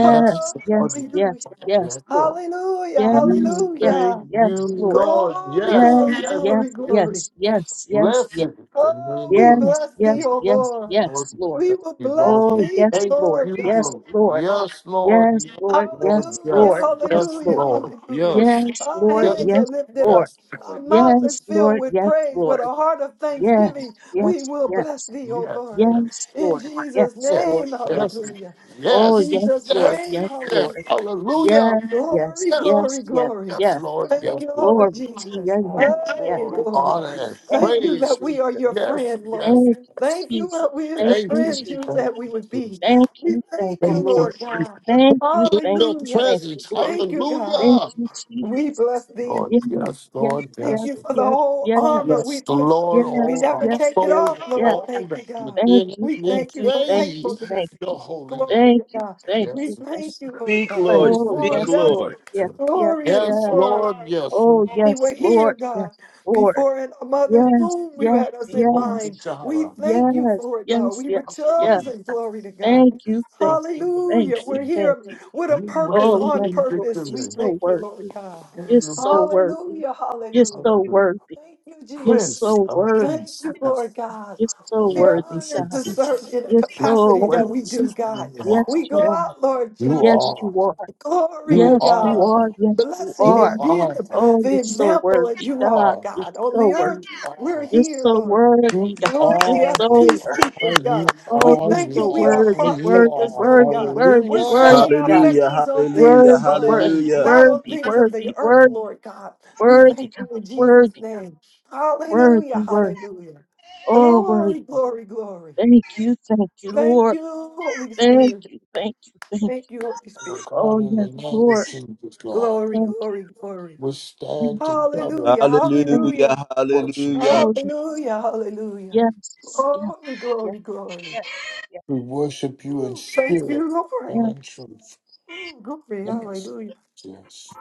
Speaker 4: Yes,
Speaker 2: Oh,
Speaker 4: Lord,
Speaker 6: yes, yes,
Speaker 2: hallelujah,
Speaker 6: yes,
Speaker 4: yes,
Speaker 6: Lord.
Speaker 4: Lord.
Speaker 2: hallelujah,
Speaker 4: We
Speaker 6: Yes, yes,
Speaker 2: hallelujah.
Speaker 4: thank you,
Speaker 6: yes, Lord.
Speaker 4: Lord.
Speaker 2: Glory,
Speaker 4: Yes,
Speaker 2: glory,
Speaker 6: Yes,
Speaker 4: yes.
Speaker 2: glory,
Speaker 6: yes,
Speaker 2: glory.
Speaker 6: yes, yes, yes,
Speaker 4: Blessed is
Speaker 6: yes,
Speaker 4: the
Speaker 2: Oh,
Speaker 4: name of
Speaker 2: we
Speaker 6: yes,
Speaker 2: bless thee,
Speaker 4: the
Speaker 6: yes,
Speaker 2: O
Speaker 6: yes,
Speaker 2: Lord.
Speaker 4: Lord.
Speaker 6: yes,
Speaker 4: We
Speaker 6: Lord.
Speaker 2: We
Speaker 4: thank
Speaker 2: will
Speaker 4: you,
Speaker 2: bless
Speaker 4: Lord. We
Speaker 6: Oh,
Speaker 2: thee,
Speaker 6: yes,
Speaker 4: Thank
Speaker 6: Lord.
Speaker 2: Lord
Speaker 4: you, Lord. We Thank you,
Speaker 6: Yes,
Speaker 2: God.
Speaker 4: Lord.
Speaker 6: Lord.
Speaker 4: Yes, Lord.
Speaker 6: Yes,
Speaker 4: Yes,
Speaker 6: Lord. Yes,
Speaker 4: Lord.
Speaker 2: Hallelujah,
Speaker 4: Yes.
Speaker 6: Lord. Yes,
Speaker 4: Yes,
Speaker 2: hallelujah,
Speaker 6: Lord.
Speaker 4: Lord.
Speaker 2: hallelujah.
Speaker 4: Yes.
Speaker 6: Yes,
Speaker 2: Our
Speaker 6: Lord.
Speaker 4: Yes.
Speaker 2: hands are
Speaker 6: Yes,
Speaker 2: lifted
Speaker 6: Lord.
Speaker 2: up.
Speaker 4: Yes, Lord.
Speaker 2: Our mouth
Speaker 4: Yes.
Speaker 2: is
Speaker 6: Yes,
Speaker 4: Lord.
Speaker 2: filled
Speaker 6: Lord.
Speaker 2: with
Speaker 6: Yes,
Speaker 2: praise, with
Speaker 4: Yes.
Speaker 6: Lord.
Speaker 2: a heart of
Speaker 4: Yes.
Speaker 6: Yes,
Speaker 4: Lord.
Speaker 2: thanksgiving.
Speaker 4: Yes.
Speaker 2: We
Speaker 6: yes,
Speaker 2: will bless
Speaker 6: yes.
Speaker 2: thee, O
Speaker 4: Yes. Yes.
Speaker 2: Lord.
Speaker 6: Yes,
Speaker 2: In
Speaker 6: Lord.
Speaker 2: Jesus'
Speaker 6: Yes, Lord.
Speaker 2: name,
Speaker 6: Yes.
Speaker 4: Yes.
Speaker 2: hallelujah. In
Speaker 6: Oh,
Speaker 4: Yes. Yes.
Speaker 6: yes,
Speaker 2: Jesus'
Speaker 6: Lord.
Speaker 4: Yes.
Speaker 2: name,
Speaker 6: Yes,
Speaker 4: Yes.
Speaker 2: hallelujah.
Speaker 6: Lord.
Speaker 4: Hallelujah.
Speaker 6: Yes, yes,
Speaker 2: Glory,
Speaker 4: Yes.
Speaker 6: yes,
Speaker 2: glory,
Speaker 6: yes,
Speaker 2: glory.
Speaker 4: Yes,
Speaker 6: yes.
Speaker 4: Lord.
Speaker 2: Thank
Speaker 4: Yes,
Speaker 2: you,
Speaker 4: Lord.
Speaker 2: Lord
Speaker 6: Glory to
Speaker 2: Jesus.
Speaker 6: your
Speaker 4: All
Speaker 6: name. Yes,
Speaker 2: Hey,
Speaker 4: glory,
Speaker 6: Lord.
Speaker 2: glory.
Speaker 4: honor, and
Speaker 6: Thank
Speaker 2: Thank
Speaker 6: you,
Speaker 2: you that
Speaker 4: praise.
Speaker 2: we are
Speaker 6: Jesus.
Speaker 2: your
Speaker 4: Yes.
Speaker 2: friend, Lord.
Speaker 4: Yes.
Speaker 6: Thank you,
Speaker 4: Yes.
Speaker 2: Thank you
Speaker 6: Jesus.
Speaker 2: that we are
Speaker 6: Thank
Speaker 2: the
Speaker 4: Thank
Speaker 6: you,
Speaker 4: you.
Speaker 2: friends
Speaker 6: Jesus.
Speaker 2: you
Speaker 4: Thank
Speaker 2: said we would
Speaker 4: you.
Speaker 2: be.
Speaker 6: Thank
Speaker 2: We
Speaker 6: you, thank
Speaker 2: thank
Speaker 6: you,
Speaker 2: you,
Speaker 4: thank you.
Speaker 2: Lord
Speaker 6: Lord.
Speaker 2: God.
Speaker 6: Thank you,
Speaker 4: In
Speaker 6: thank
Speaker 4: your
Speaker 6: you,
Speaker 2: Hallelujah.
Speaker 6: thank you,
Speaker 4: presence.
Speaker 6: Lord.
Speaker 2: Thank you, God.
Speaker 6: Thank
Speaker 4: Hallelujah.
Speaker 6: you,
Speaker 2: We bless
Speaker 6: Jesus.
Speaker 2: thee.
Speaker 4: Lord,
Speaker 6: Yes,
Speaker 4: yes,
Speaker 6: yes,
Speaker 4: Lord,
Speaker 6: yes,
Speaker 2: Thank
Speaker 4: yes.
Speaker 2: you for the
Speaker 4: Lord.
Speaker 6: yes,
Speaker 2: whole
Speaker 6: yes,
Speaker 2: armor we
Speaker 4: Yes, the
Speaker 2: put.
Speaker 4: Lord,
Speaker 6: yes,
Speaker 2: We
Speaker 4: all
Speaker 2: never
Speaker 4: our
Speaker 6: yes,
Speaker 2: take it
Speaker 6: yes,
Speaker 4: souls,
Speaker 2: off,
Speaker 6: yes.
Speaker 2: Lord.
Speaker 4: all
Speaker 2: Thank you,
Speaker 4: that's
Speaker 2: God.
Speaker 6: Thank
Speaker 4: within us,
Speaker 6: you,
Speaker 2: We
Speaker 4: we
Speaker 6: thank
Speaker 2: thank you
Speaker 6: you,
Speaker 2: for
Speaker 6: thank
Speaker 4: praise
Speaker 6: you, thank
Speaker 2: faithfulness.
Speaker 4: your
Speaker 6: you.
Speaker 4: holy name.
Speaker 2: Glory
Speaker 6: Thank
Speaker 2: to
Speaker 6: you,
Speaker 2: God.
Speaker 6: thank
Speaker 2: We
Speaker 6: you,
Speaker 4: Yes.
Speaker 6: thank
Speaker 2: thank
Speaker 4: yes.
Speaker 6: you.
Speaker 2: you, Lord
Speaker 1: Speak,
Speaker 2: God.
Speaker 4: Thank
Speaker 2: You
Speaker 1: Lord.
Speaker 6: Oh,
Speaker 4: you.
Speaker 1: Speak,
Speaker 4: Thank
Speaker 2: formed
Speaker 6: yes,
Speaker 4: you.
Speaker 2: us.
Speaker 1: Lord.
Speaker 6: Lord. Yes, yes,
Speaker 2: Glory and
Speaker 4: Yes,
Speaker 6: yeah.
Speaker 2: before
Speaker 4: Lord, yes.
Speaker 6: Oh,
Speaker 4: Lord,
Speaker 2: we were
Speaker 6: yes,
Speaker 4: yes.
Speaker 2: here,
Speaker 6: Lord.
Speaker 2: God,
Speaker 6: Yes, Lord.
Speaker 2: before in a mother's
Speaker 6: Yes,
Speaker 2: womb, you
Speaker 6: yes,
Speaker 2: had us in
Speaker 4: Jehovah
Speaker 2: mind.
Speaker 6: yes.
Speaker 2: We
Speaker 4: Jireh.
Speaker 2: thank you
Speaker 6: Yes,
Speaker 2: for it, though.
Speaker 6: yes,
Speaker 2: We were
Speaker 6: yes, yes.
Speaker 2: chosen, glory to God.
Speaker 6: Thank you, thank you, thank
Speaker 2: Hallelujah.
Speaker 6: you,
Speaker 2: We're
Speaker 6: thank
Speaker 2: here
Speaker 6: you.
Speaker 2: with a
Speaker 4: You
Speaker 2: purpose
Speaker 4: reign
Speaker 6: Oh,
Speaker 2: on
Speaker 6: yes,
Speaker 4: in
Speaker 6: Lord.
Speaker 2: purpose.
Speaker 6: You're
Speaker 2: We
Speaker 4: victory.
Speaker 6: so
Speaker 2: thank you, Lord
Speaker 6: worthy.
Speaker 2: God.
Speaker 6: You're so
Speaker 4: Hallelujah,
Speaker 6: worthy.
Speaker 2: Hallelujah.
Speaker 6: You're so
Speaker 2: Hallelujah.
Speaker 4: Hallelujah.
Speaker 6: worthy.
Speaker 2: Thank you,
Speaker 6: You're
Speaker 2: Jesus.
Speaker 4: Prince
Speaker 6: so
Speaker 4: of
Speaker 6: worthy.
Speaker 2: Thank
Speaker 4: Peace,
Speaker 2: you, Lord
Speaker 4: yes,
Speaker 2: God.
Speaker 6: You're so
Speaker 4: we
Speaker 2: We are
Speaker 6: worthy,
Speaker 4: worship
Speaker 6: God.
Speaker 2: honored to
Speaker 4: you.
Speaker 2: serve in the
Speaker 6: You're
Speaker 4: We
Speaker 6: so
Speaker 2: capacity that
Speaker 6: worthy.
Speaker 2: we do,
Speaker 4: worship you.
Speaker 2: God.
Speaker 4: Lord.
Speaker 6: Yes,
Speaker 2: We go
Speaker 6: you are.
Speaker 2: out, Lord
Speaker 4: You
Speaker 2: Jesus.
Speaker 6: Yes,
Speaker 4: are,
Speaker 6: you are.
Speaker 2: Glory
Speaker 4: you
Speaker 2: to
Speaker 6: Yes, you
Speaker 2: God.
Speaker 6: are.
Speaker 4: are,
Speaker 6: Yes, you
Speaker 2: Blessing
Speaker 4: you
Speaker 6: are.
Speaker 2: and being
Speaker 4: are, you
Speaker 2: the,
Speaker 6: Oh,
Speaker 2: the
Speaker 6: you're so
Speaker 2: example that
Speaker 6: worthy,
Speaker 2: you
Speaker 6: God.
Speaker 2: are,
Speaker 4: are,
Speaker 6: You're
Speaker 2: God. On
Speaker 6: so
Speaker 2: the earth,
Speaker 4: you
Speaker 6: worthy.
Speaker 2: we're
Speaker 4: are,
Speaker 6: You're
Speaker 2: here,
Speaker 6: so
Speaker 2: Lord.
Speaker 4: you
Speaker 6: worthy,
Speaker 4: are, you
Speaker 6: God. You're
Speaker 2: Glory
Speaker 4: are,
Speaker 2: us,
Speaker 6: so
Speaker 2: peace
Speaker 6: worthy.
Speaker 2: keepers,
Speaker 4: you
Speaker 2: God.
Speaker 6: Oh,
Speaker 2: We
Speaker 6: you're
Speaker 2: thank you.
Speaker 6: so
Speaker 2: We are
Speaker 4: are,
Speaker 6: worthy,
Speaker 4: you
Speaker 6: worthy,
Speaker 2: partakers,
Speaker 4: are,
Speaker 2: Lord
Speaker 6: worthy,
Speaker 2: God. We're
Speaker 6: worthy, worthy,
Speaker 4: hallelujah.
Speaker 2: setting our
Speaker 6: God.
Speaker 1: Hallelujah,
Speaker 2: affections on things
Speaker 1: hallelujah,
Speaker 6: Worthy,
Speaker 2: above,
Speaker 4: Thank
Speaker 6: worthy,
Speaker 1: hallelujah.
Speaker 2: not on
Speaker 4: you,
Speaker 6: worthy,
Speaker 2: things of the
Speaker 6: worthy,
Speaker 2: earth,
Speaker 6: worthy,
Speaker 2: Lord God. We
Speaker 6: worthy,
Speaker 2: thank you
Speaker 6: God.
Speaker 2: in Jesus'
Speaker 6: Worthy, God.
Speaker 2: name. Hallelujah,
Speaker 6: Worthy, worthy.
Speaker 2: hallelujah.
Speaker 6: Oh, worthy.
Speaker 2: Glory, glory, glory.
Speaker 6: Thank you, thank you,
Speaker 2: Thank
Speaker 6: Lord.
Speaker 2: you, Holy
Speaker 6: Thank
Speaker 2: Spirit.
Speaker 6: you, thank you, thank you.
Speaker 2: Thank you, Holy
Speaker 4: Father
Speaker 2: Spirit.
Speaker 6: Oh,
Speaker 4: God, in
Speaker 6: yes,
Speaker 4: the name of
Speaker 6: Lord.
Speaker 4: Jesus, Lord.
Speaker 2: Glory,
Speaker 6: Thank you.
Speaker 2: glory, glory.
Speaker 4: We
Speaker 6: Thank you.
Speaker 4: stand together,
Speaker 2: Hallelujah,
Speaker 4: we
Speaker 6: Thank you.
Speaker 1: Hallelujah,
Speaker 2: hallelujah,
Speaker 4: worship,
Speaker 1: hallelujah.
Speaker 6: Oh, yes,
Speaker 2: hallelujah, hallelujah.
Speaker 6: yes, yes,
Speaker 2: Glory,
Speaker 6: yes,
Speaker 2: glory, glory.
Speaker 6: yes, yes,
Speaker 4: we worship you in
Speaker 2: Ooh, thank you,
Speaker 4: spirit
Speaker 2: Lord.
Speaker 4: and in truth.
Speaker 2: Ooh, glory,
Speaker 4: Yes.
Speaker 2: hallelujah.
Speaker 4: Yes.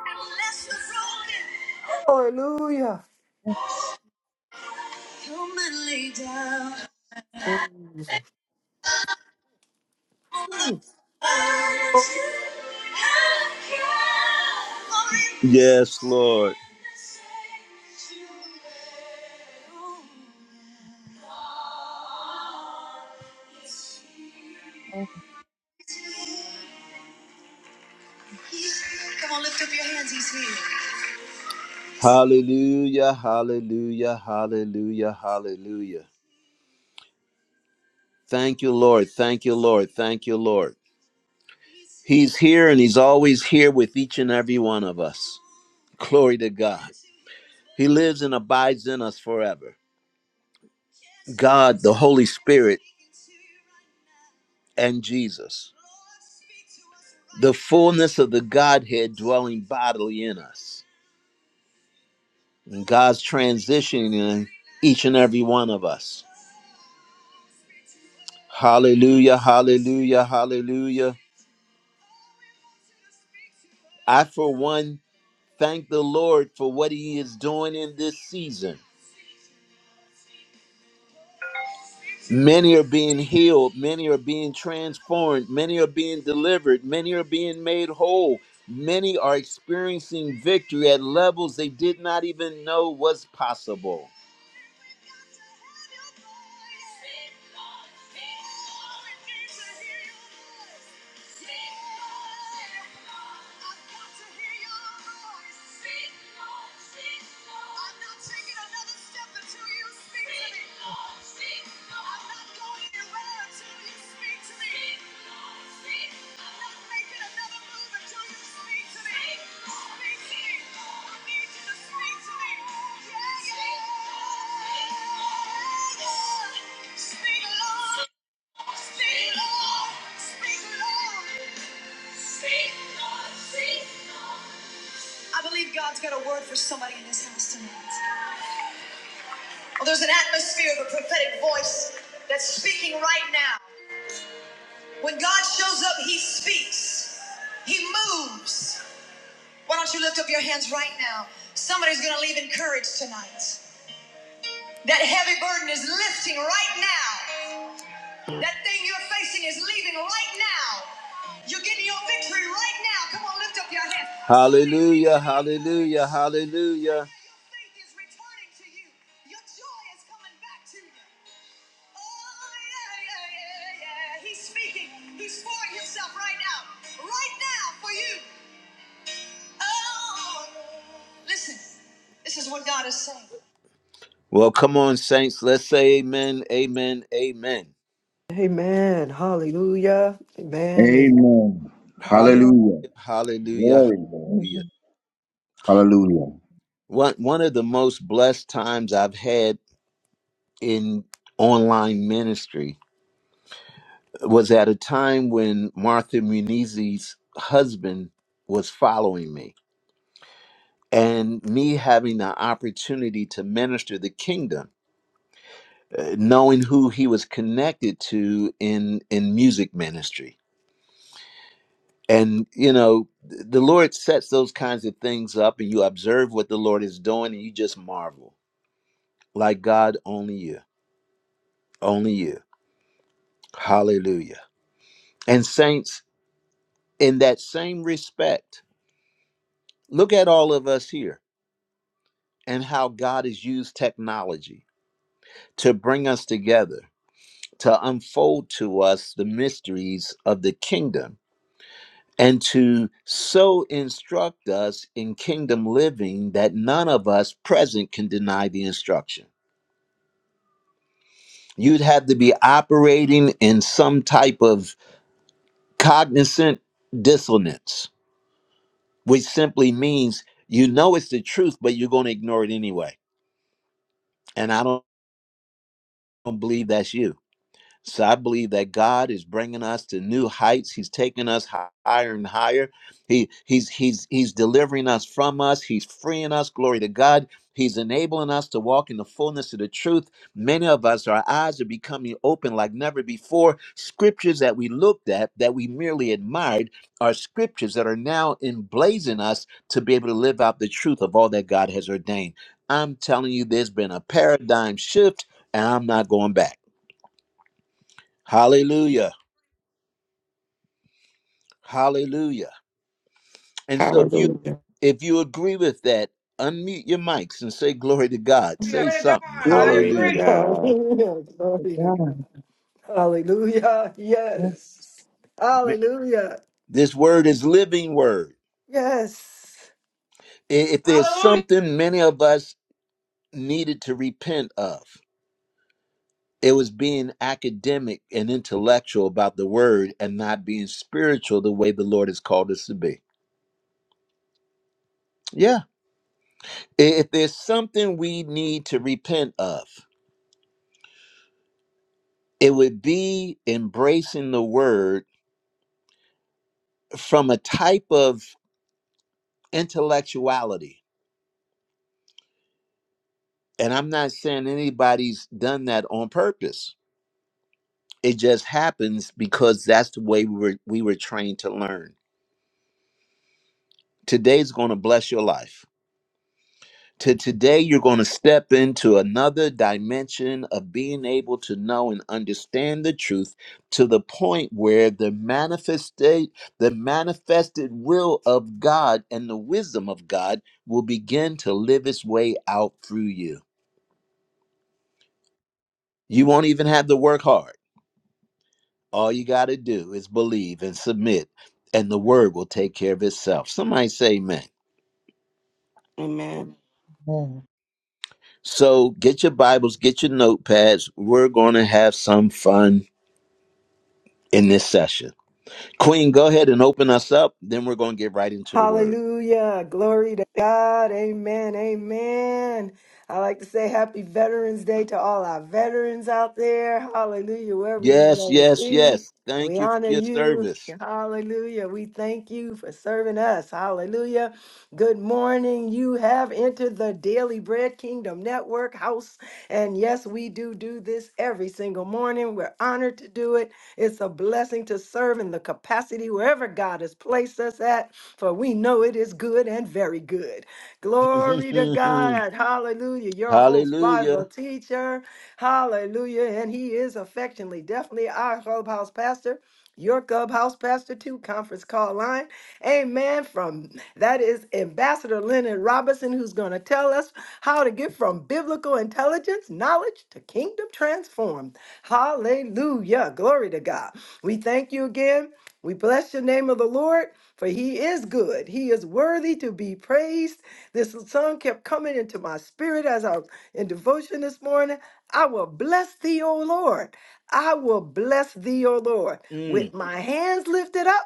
Speaker 2: Hallelujah.
Speaker 6: yes.
Speaker 1: Come and lay down.
Speaker 2: Mm. Ooh.
Speaker 1: Yes, Lord.
Speaker 6: yes.
Speaker 1: Come on, lift up your hands. He's here. Hallelujah, hallelujah, hallelujah, hallelujah. Thank you, Lord. Thank you, Lord. Thank you, Lord. He's here and He's always here with each and every one of us. Glory to God. He lives and abides in us forever. God, the Holy Spirit, and Jesus. The fullness of the Godhead dwelling bodily in us. And God's transitioning each and every one of us. Hallelujah, hallelujah, hallelujah. I, for one, thank the Lord for what He is doing in this season. Many are being healed, many are being transformed, many are being delivered, many are being made whole, many are experiencing victory at levels they did not even know was possible. I've got to hear Your voice. Speak, speak, Lord, Speak, Lord. I'm not taking another step until you speak to me. Lord. I believe God's got a word for somebody in this house tonight. Well, there's an atmosphere of a prophetic voice that's speaking right now. When God shows up, He speaks, He moves. Why don't you lift up your hands right now? Somebody's gonna leave encouraged tonight. That heavy burden is lifting right now. That thing you're facing is leaving right now. You're getting your victory right now. Come on, lift up your hands. Hallelujah, hallelujah, hallelujah. Your faith is returning to you. Your joy is coming back to you. He's speaking. He's pouring himself right now. Right now for you. Oh. Listen, this is what God is saying. Well, come on, saints. Let's say amen, amen, amen.
Speaker 2: Amen. Hallelujah. Amen. Amen.
Speaker 7: Amen.
Speaker 1: Hallelujah,
Speaker 6: Yes,
Speaker 7: Hallelujah.
Speaker 1: hallelujah,
Speaker 7: Glory, Lord.
Speaker 1: hallelujah.
Speaker 6: amen.
Speaker 7: Hallelujah.
Speaker 1: One, one of the most blessed times I've had in online ministry was at a time when Martha Munizzi's husband was following me and me having the opportunity to minister the kingdom uh, knowing who he was connected to in in music ministry and you know th- the lord sets those kinds of things up and you observe what the lord is doing and you just marvel like god only you only you hallelujah and saints in that same respect look at all of us here and how god has used technology to bring us together to unfold to us the mysteries of the kingdom and to so instruct us in kingdom living that none of us present can deny the instruction. You'd have to be operating in some type of cognizant dissonance, which simply means you know it's the truth, but you're going to ignore it anyway. And I don't believe that's you. So I believe that God is bringing us to new heights. He's taking us higher and higher. He he's he's he's delivering us from us. He's freeing us. Glory to God. He's enabling us to walk in the fullness of the truth. Many of us, our eyes are becoming open like never before. Scriptures that we looked at, that we merely admired, are scriptures that are now emblazing us to be able to live out the truth of all that God has ordained. I'm telling you, there's been a paradigm shift, and I'm not going back. Hallelujah. Hallelujah. And so if you
Speaker 3: Hallelujah.
Speaker 1: if you agree with that, unmute your mics and say glory to God. Say
Speaker 8: Glory to God.
Speaker 1: something.
Speaker 8: I
Speaker 3: Glory to
Speaker 8: agree.
Speaker 2: (laughs)
Speaker 1: Hallelujah.
Speaker 3: God.
Speaker 2: Hallelujah.
Speaker 6: to
Speaker 2: Glory to God.
Speaker 6: God.
Speaker 2: Hallelujah. Yes.
Speaker 1: Ma-
Speaker 2: Hallelujah.
Speaker 1: This word is living word.
Speaker 2: Yes.
Speaker 1: I- If there's
Speaker 8: Hallelujah.
Speaker 1: something many of us needed to repent of, it was being academic and intellectual about the word and not being spiritual the way the Lord has called us to be. Yeah. I- If there's something we need to repent of, it would be embracing the word from a type of intellectuality. And I'm not saying anybody's done that on purpose. It just happens because that's the way we were we were trained to learn. Today's going to bless your life. To today you're going to step into another dimension of being able to know and understand the truth to the point where the manifested the manifested will of God and the wisdom of God will begin to live its way out through you. You won't even have to work hard All you got to do is believe and submit, and the word will take care of itself. Somebody say amen.
Speaker 3: Amen.
Speaker 6: Amen.
Speaker 1: So get your Bibles, get your notepads. We're going to have some fun in this session. Queen, go ahead and open us up. Then we're going to get right into the word.
Speaker 2: Hallelujah. Glory to God. Amen. Amen. I like to say happy Veterans Day to all our veterans out there. Hallelujah. Wherever
Speaker 1: Yes,
Speaker 2: you
Speaker 1: yes,
Speaker 2: may be,
Speaker 1: yes.
Speaker 2: we
Speaker 1: Thank you for
Speaker 2: honor
Speaker 1: your
Speaker 2: you.
Speaker 1: service.
Speaker 2: Hallelujah. We thank you for serving us. Hallelujah. Good morning. You have entered the Daily Bread Kingdom Network house. And yes, we do do this every single morning. We're honored to do it. It's a blessing to serve in the capacity wherever God has placed us at for we know it is good and very good. Glory to
Speaker 1: (laughs)
Speaker 2: God. Hallelujah. Your host, Bible
Speaker 1: Hallelujah.
Speaker 2: teacher. Hallelujah. And he is affectionately, definitely our clubhouse pastor. Your clubhouse pastor too, conference call line. Amen. From that is Ambassador Leonard Robinson, who's going to tell us how to get from biblical intelligence, knowledge to kingdom transformed. Hallelujah. Glory to God. We thank you again. We bless your name of the Lord for he is good. He is worthy to be praised. This song kept coming into my spirit as I was in devotion this morning. I will bless thee, O Lord. I will bless thee, O Lord,
Speaker 1: Mm.
Speaker 2: with my hands lifted up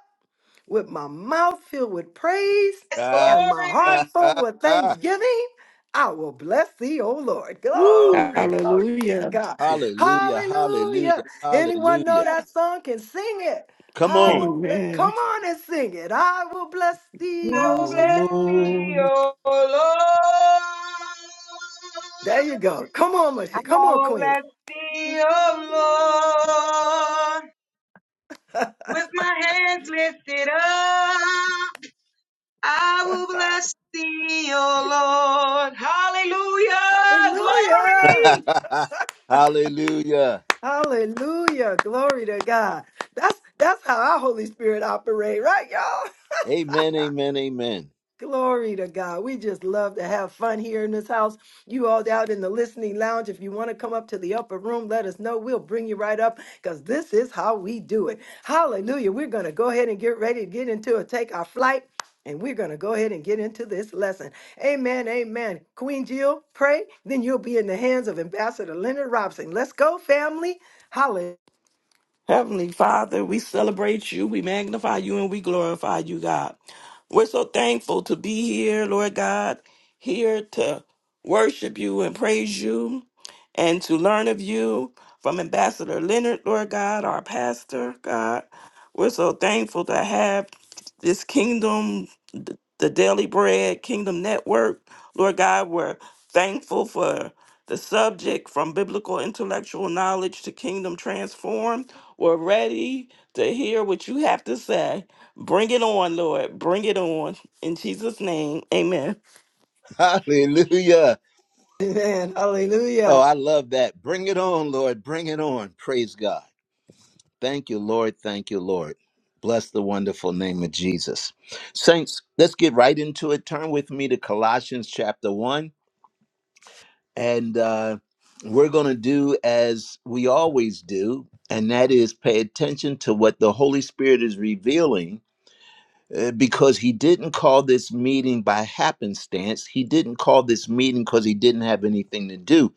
Speaker 2: with my mouth filled with praise
Speaker 8: Yes,
Speaker 1: Ah,
Speaker 2: and my heart
Speaker 1: ah,
Speaker 8: glory.
Speaker 2: full
Speaker 1: ah,
Speaker 2: with
Speaker 1: ah.
Speaker 2: thanksgiving, I will bless thee, O Lord. Glory,
Speaker 1: Woo.
Speaker 2: (laughs) glory to
Speaker 3: Hallelujah.
Speaker 2: God.
Speaker 1: Hallelujah,
Speaker 2: Hallelujah.
Speaker 1: hallelujah,
Speaker 2: Anyone know
Speaker 1: hallelujah.
Speaker 2: that song can sing it.
Speaker 1: Come
Speaker 2: I
Speaker 1: on.
Speaker 2: will bless,
Speaker 3: Amen.
Speaker 2: come on and sing it. I will bless thee,
Speaker 3: Lord,
Speaker 8: I will
Speaker 3: Lord,
Speaker 2: O
Speaker 8: bless
Speaker 2: Lord.
Speaker 8: thee,
Speaker 3: Lord,
Speaker 1: Oh, Lord.
Speaker 8: O Lord.
Speaker 2: There you go. Come on,
Speaker 8: I
Speaker 2: Michelle. Come on,
Speaker 8: will
Speaker 2: Queen.
Speaker 8: bless thee, O Lord. With my hands lifted up, I
Speaker 2: (laughs)
Speaker 8: will bless thee, O Lord. Hallelujah.
Speaker 1: (laughs)
Speaker 2: Hallelujah.
Speaker 8: Glory.
Speaker 1: Hallelujah.
Speaker 2: Hallelujah. Glory to God. That's that's how our Holy Spirit operate, right, y'all? (laughs)
Speaker 1: Amen, amen, amen.
Speaker 2: Glory to God. We just love to have fun here in this house. You all out in the listening lounge, if you want to come up to the upper room, let us know. We'll bring you right up because this is how we do it. Hallelujah. We're going to go ahead and get ready to get into it, take our flight, and we're going to go ahead and get into this lesson. Amen. Amen. Queen Jill, pray. Then you'll be in the hands of Ambassador Leonard Robson. Let's go, family. Hallelujah.
Speaker 3: Heavenly Father, we celebrate you, we magnify you, and we glorify you, God. We're so thankful to be here, Lord God, here to worship you and praise you and to learn of you from Ambassador Leonard, Lord God, our pastor, God. We're so thankful to have this kingdom, th- the Daily Bread Kingdom Network, Lord God. We're thankful for the subject from biblical intellectual knowledge to kingdom transform. We're ready to hear what you have to say. Bring it on, Lord. Bring it on. In Jesus' name, amen.
Speaker 1: (laughs) Hallelujah.
Speaker 2: (laughs) Amen.
Speaker 1: Oh,
Speaker 2: Hallelujah.
Speaker 1: I love that. Bring it on, Lord. Bring it on. Praise God. Thank you, Lord. Thank you, Lord. Bless the wonderful name of Jesus. Saints, let's get right into it. Turn with me to Colossians chapter 1. And uh, we're going to do as we always do, and that is pay attention to what the Holy Spirit is revealing uh, because he didn't call this meeting by happenstance. He didn't call this meeting because he didn't have anything to do.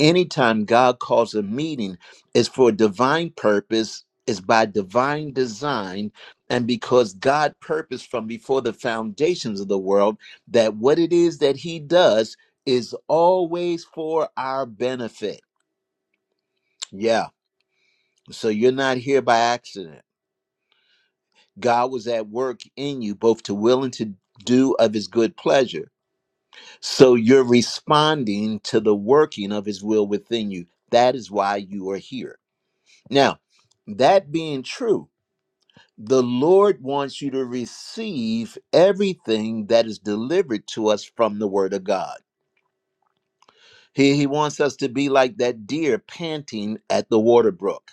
Speaker 1: Anytime God calls a meeting, it's for a divine purpose, it's by divine design, and because God purposed from before the foundations of the world that what it is that he does is always for our benefit. Yeah. So you're not here by accident. God was at work in you both to will and to do of his good pleasure. So you're responding to the working of his will within you. That is why you are here. Now, that being true, the Lord wants you to receive everything that is delivered to us from the Word of God. He, he wants us to be like that deer panting at the water brook.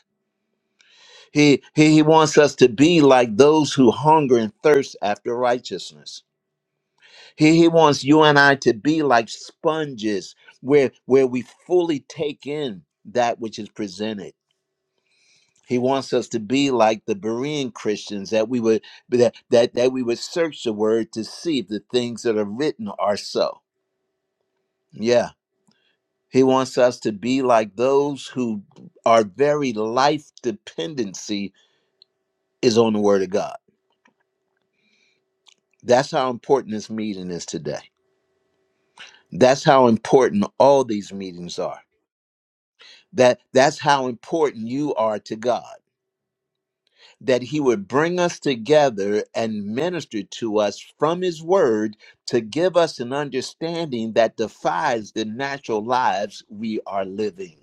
Speaker 1: He, he, he wants us to be like those who hunger and thirst after righteousness. He, he wants you and I to be like sponges where where we fully take in that which is presented. He wants us to be like the Berean Christians that we would that that, that we would search the word to see if the things that are written are so. Yeah. He wants us to be like those who our very life dependency is on the word of God. That's how important this meeting is today. That's how important all these meetings are that that's how important you are to God that he would bring us together and minister to us from his word to give us an understanding that defies the natural lives we are living.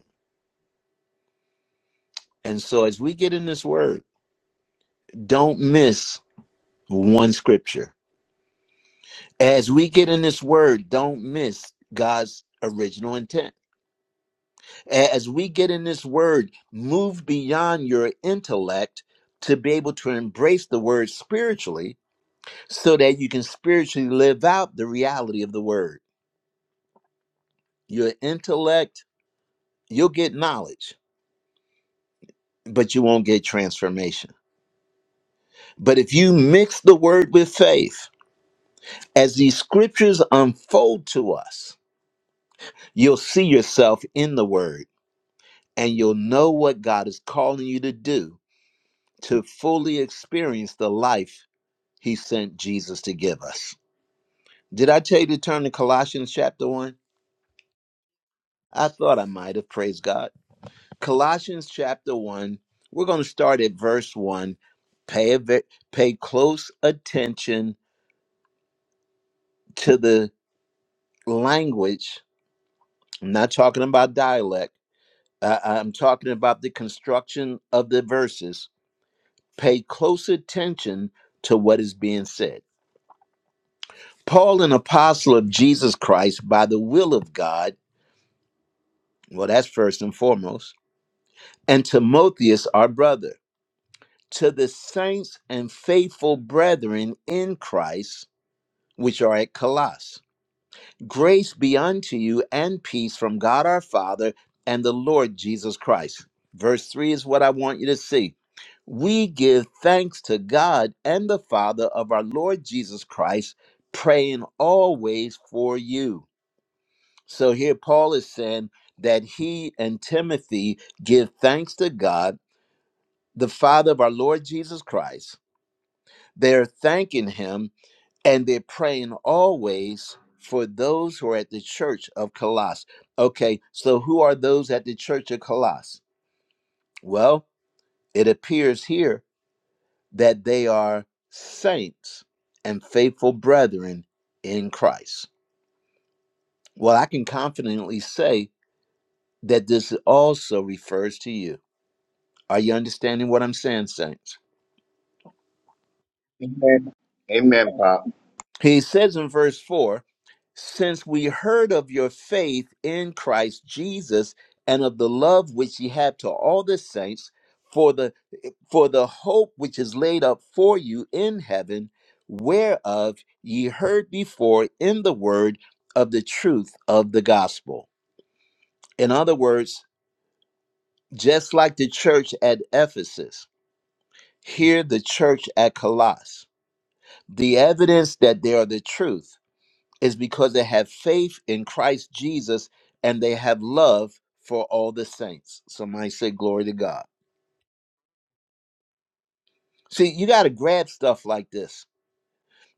Speaker 1: And so as we get in this word, don't miss one scripture. As we get in this word, don't miss God's original intent. A- As we get in this word, move beyond your intellect to be able to embrace the word spiritually so that you can spiritually live out the reality of the word. Your intellect, you'll get knowledge, but you won't get transformation. But if you mix the word with faith, as these scriptures unfold to us, you'll see yourself in the word and you'll know what God is calling you to do to fully experience the life he sent Jesus to give us. Did I tell you to turn to Colossians chapter 1? I thought I might have. Praise God. Colossians chapter 1. We're going to start at verse 1. Pay, a ve- pay close attention to the language. I'm not talking about dialect, I- I'm talking about the construction of the verses. Pay close attention to what is being said. Paul, an apostle of Jesus Christ by the will of God, well, that's first and foremost, and Timotheus, our brother, to the saints and faithful brethren in Christ which are at Colossus. Grace be unto you and peace from God our Father and the Lord Jesus Christ. Verse 3 is what I want you to see. We give thanks to God and the Father of our Lord Jesus Christ, praying always for you. So here Paul is saying that he and Timothy give thanks to God, the Father of our Lord Jesus Christ. They're thanking him and they're praying always for those who are at the church of Colossus. Okay, so who are those at the church of Colossus? Well, it appears here that they are saints and faithful brethren in Christ. Well, I can confidently say that this also refers to you. Are you understanding what I'm saying, saints?
Speaker 7: Amen. Amen, Pop.
Speaker 1: He says in verse 4 Since we heard of your faith in Christ Jesus and of the love which ye have to all the saints for the for the hope which is laid up for you in heaven, whereof ye heard before in the word of the truth of the gospel. In other words, just like the church at Ephesus, here the church at Colossus, the evidence that they are the truth is because they have faith in Christ Jesus and they have love for all the saints. Somebody say, Glory to God. See, you got to grab stuff like this.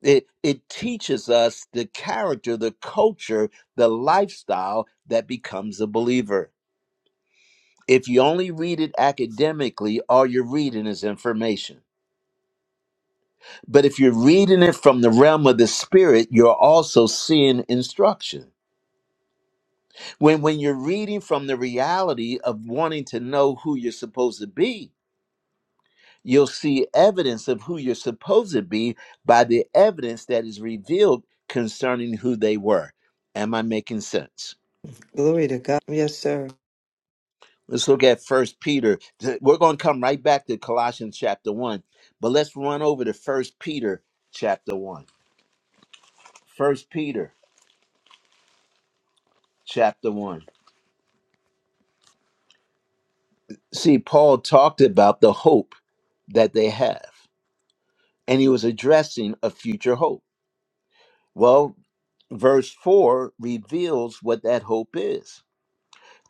Speaker 1: It, it teaches us the character, the culture, the lifestyle that becomes a believer. If you only read it academically, all you're reading is information. But if you're reading it from the realm of the spirit, you're also seeing instruction. When when you're reading from the reality of wanting to know who you're supposed to be, you'll see evidence of who you're supposed to be by the evidence that is revealed concerning who they were. Am I making sense?
Speaker 2: Glory to God. Yes, sir.
Speaker 1: Let's look at First Peter. Th- We're going to come right back to Colossians chapter one, but let's run over to First Peter chapter one. First Peter chapter one. See, Paul talked about the hope that they have, and he was addressing a future hope. Well, verse 4 reveals what that hope is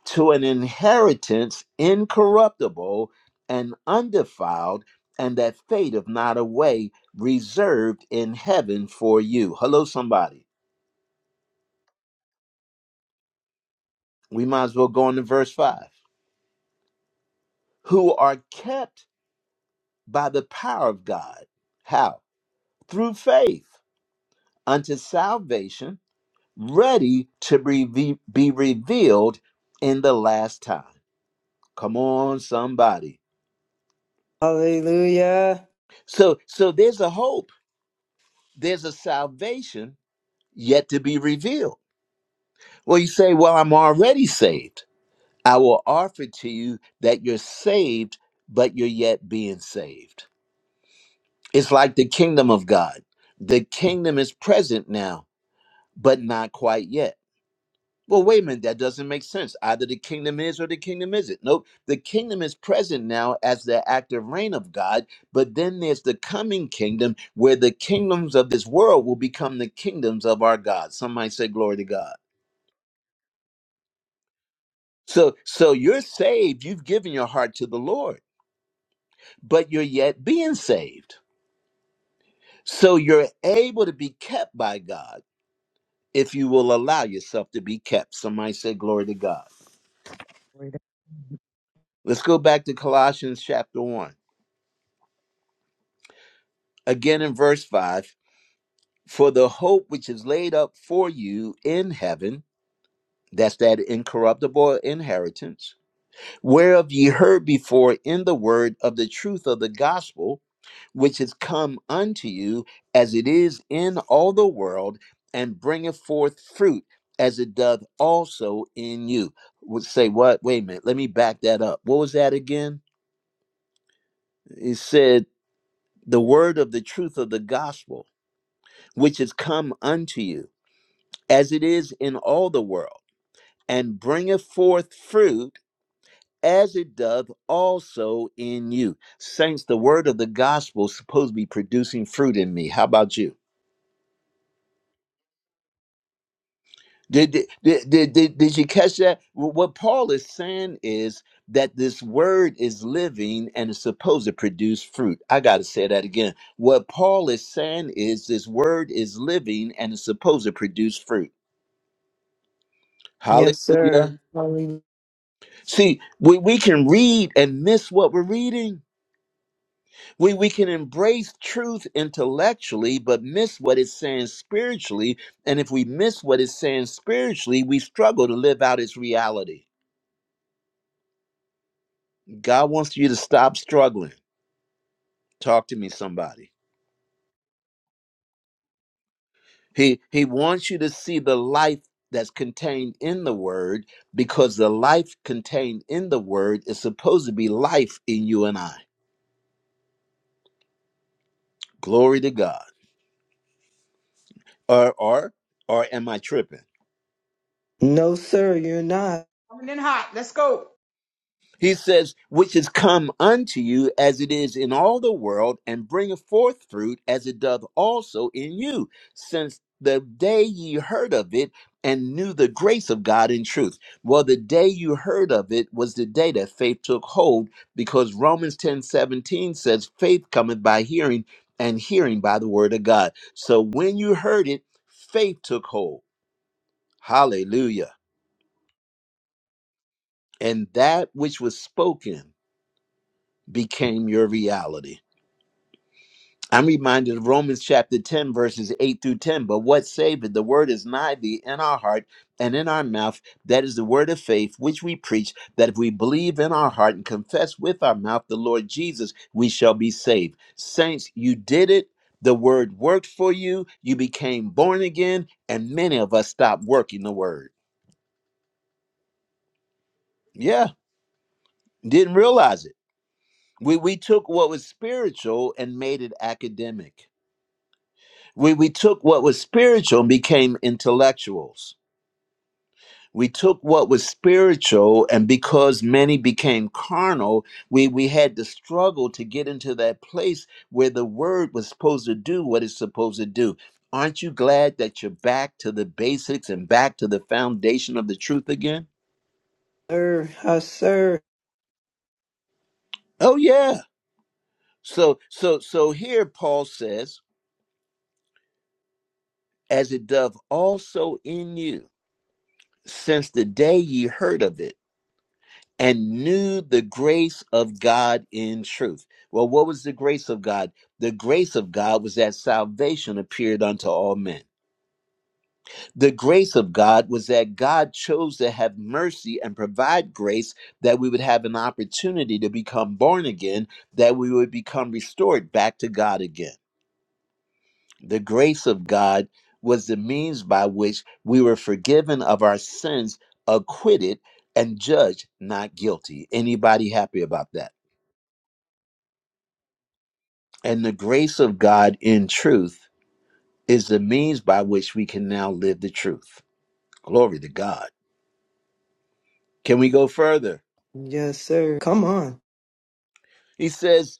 Speaker 1: to an inheritance incorruptible and undefiled, and that fadeth not away, reserved in heaven for you. Hello, somebody. We might as well go on to verse 5 who are kept by the power of God. How? Through faith unto salvation, ready to be, be revealed in the last time. Come on, somebody
Speaker 2: Hallelujah.
Speaker 1: So so there's a hope, there's a salvation yet to be revealed. Well, you say, "Well, I'm already saved." I will offer to you that you're saved, but you're yet being saved. It's like the kingdom of God. The kingdom is present now, but not quite yet. Well, wait a minute, that doesn't make sense. Either the kingdom is or the kingdom isn't. Nope. The kingdom is present now as the active reign of God, but then there's the coming kingdom where the kingdoms of this world will become the kingdoms of our God. Somebody say, Glory to God. So so you're saved, you've given your heart to the Lord, but you're yet being saved. So you're able to be kept by God if you will allow yourself to be kept. Somebody say, Glory to God.
Speaker 6: Glory to
Speaker 1: Let's go back to Colossians chapter 1. Again in verse 5 For the hope which is laid up for you in heaven, that's that incorruptible inheritance, whereof ye heard before in the word of the truth of the gospel, which is come unto you as it is in all the world, and bringeth forth fruit as it doth also in you. Would say, what? Wait a minute, let me back that up. What was that again? It said, the word of the truth of the gospel, which is come unto you as it is in all the world, and bringeth forth fruit as it doth also in you. Saints, the word of the gospel is supposed to be producing fruit in me. How about you? Did, did, did, did, did you catch that? What Paul is saying is that this word is living and is supposed to produce fruit. I got to say that again. What Paul is saying is this word is living and is supposed to produce fruit.
Speaker 2: Yes, sir.
Speaker 1: Hallelujah.
Speaker 2: Hallelujah.
Speaker 1: See, we, we can read and miss what we're reading. We, we can embrace truth intellectually, but miss what it's saying spiritually. And if we miss what it's saying spiritually, we struggle to live out its reality. God wants you to stop struggling. Talk to me, somebody. He, he wants you to see the life that's contained in the word because the life contained in the word is supposed to be life in you and I. Glory to God. Or, or, or am I tripping?
Speaker 2: No, sir, you're not.
Speaker 8: Coming in hot. Let's go.
Speaker 1: He says, which is come unto you as it is in all the world, and bringeth forth fruit as it doth also in you, since the day ye heard of it and knew the grace of God in truth. Well, the day you heard of it was the day that faith took hold, because Romans ten seventeen says, faith cometh by hearing, and hearing by the word of God. So when you heard it, faith took hold. Hallelujah. And that which was spoken became your reality. I'm reminded of Romans chapter 10, verses 8 through 10. But what saveth? The word is nigh thee in our heart and in our mouth. That is the word of faith which we preach, that if we believe in our heart and confess with our mouth the Lord Jesus, we shall be saved. Saints, you did it. The word worked for you. You became born again. And many of us stopped working the word. Yeah, didn't realize it. We, we took what was spiritual and made it academic. We, we took what was spiritual and became intellectuals. We took what was spiritual, and because many became carnal, we, we had to struggle to get into that place where the word was supposed to do what it's supposed to do. Aren't you glad that you're back to the basics and back to the foundation of the truth again?
Speaker 2: Sir, yes, sir.
Speaker 1: Oh yeah. So so so here Paul says, as it doth also in you, since the day ye heard of it. and knew the grace of God in truth. Well, what was the grace of God? The grace of God was that salvation appeared unto all men. The grace of God was that God chose to have mercy and provide grace that we would have an opportunity to become born again, that we would become restored back to God again. The grace of God was the means by which we were forgiven of our sins, acquitted, and judged not guilty. Anybody happy about that? And the grace of God in truth is the means by which we can now live the truth. Glory to God. Can we go further?
Speaker 2: Yes, sir. Come on.
Speaker 1: He says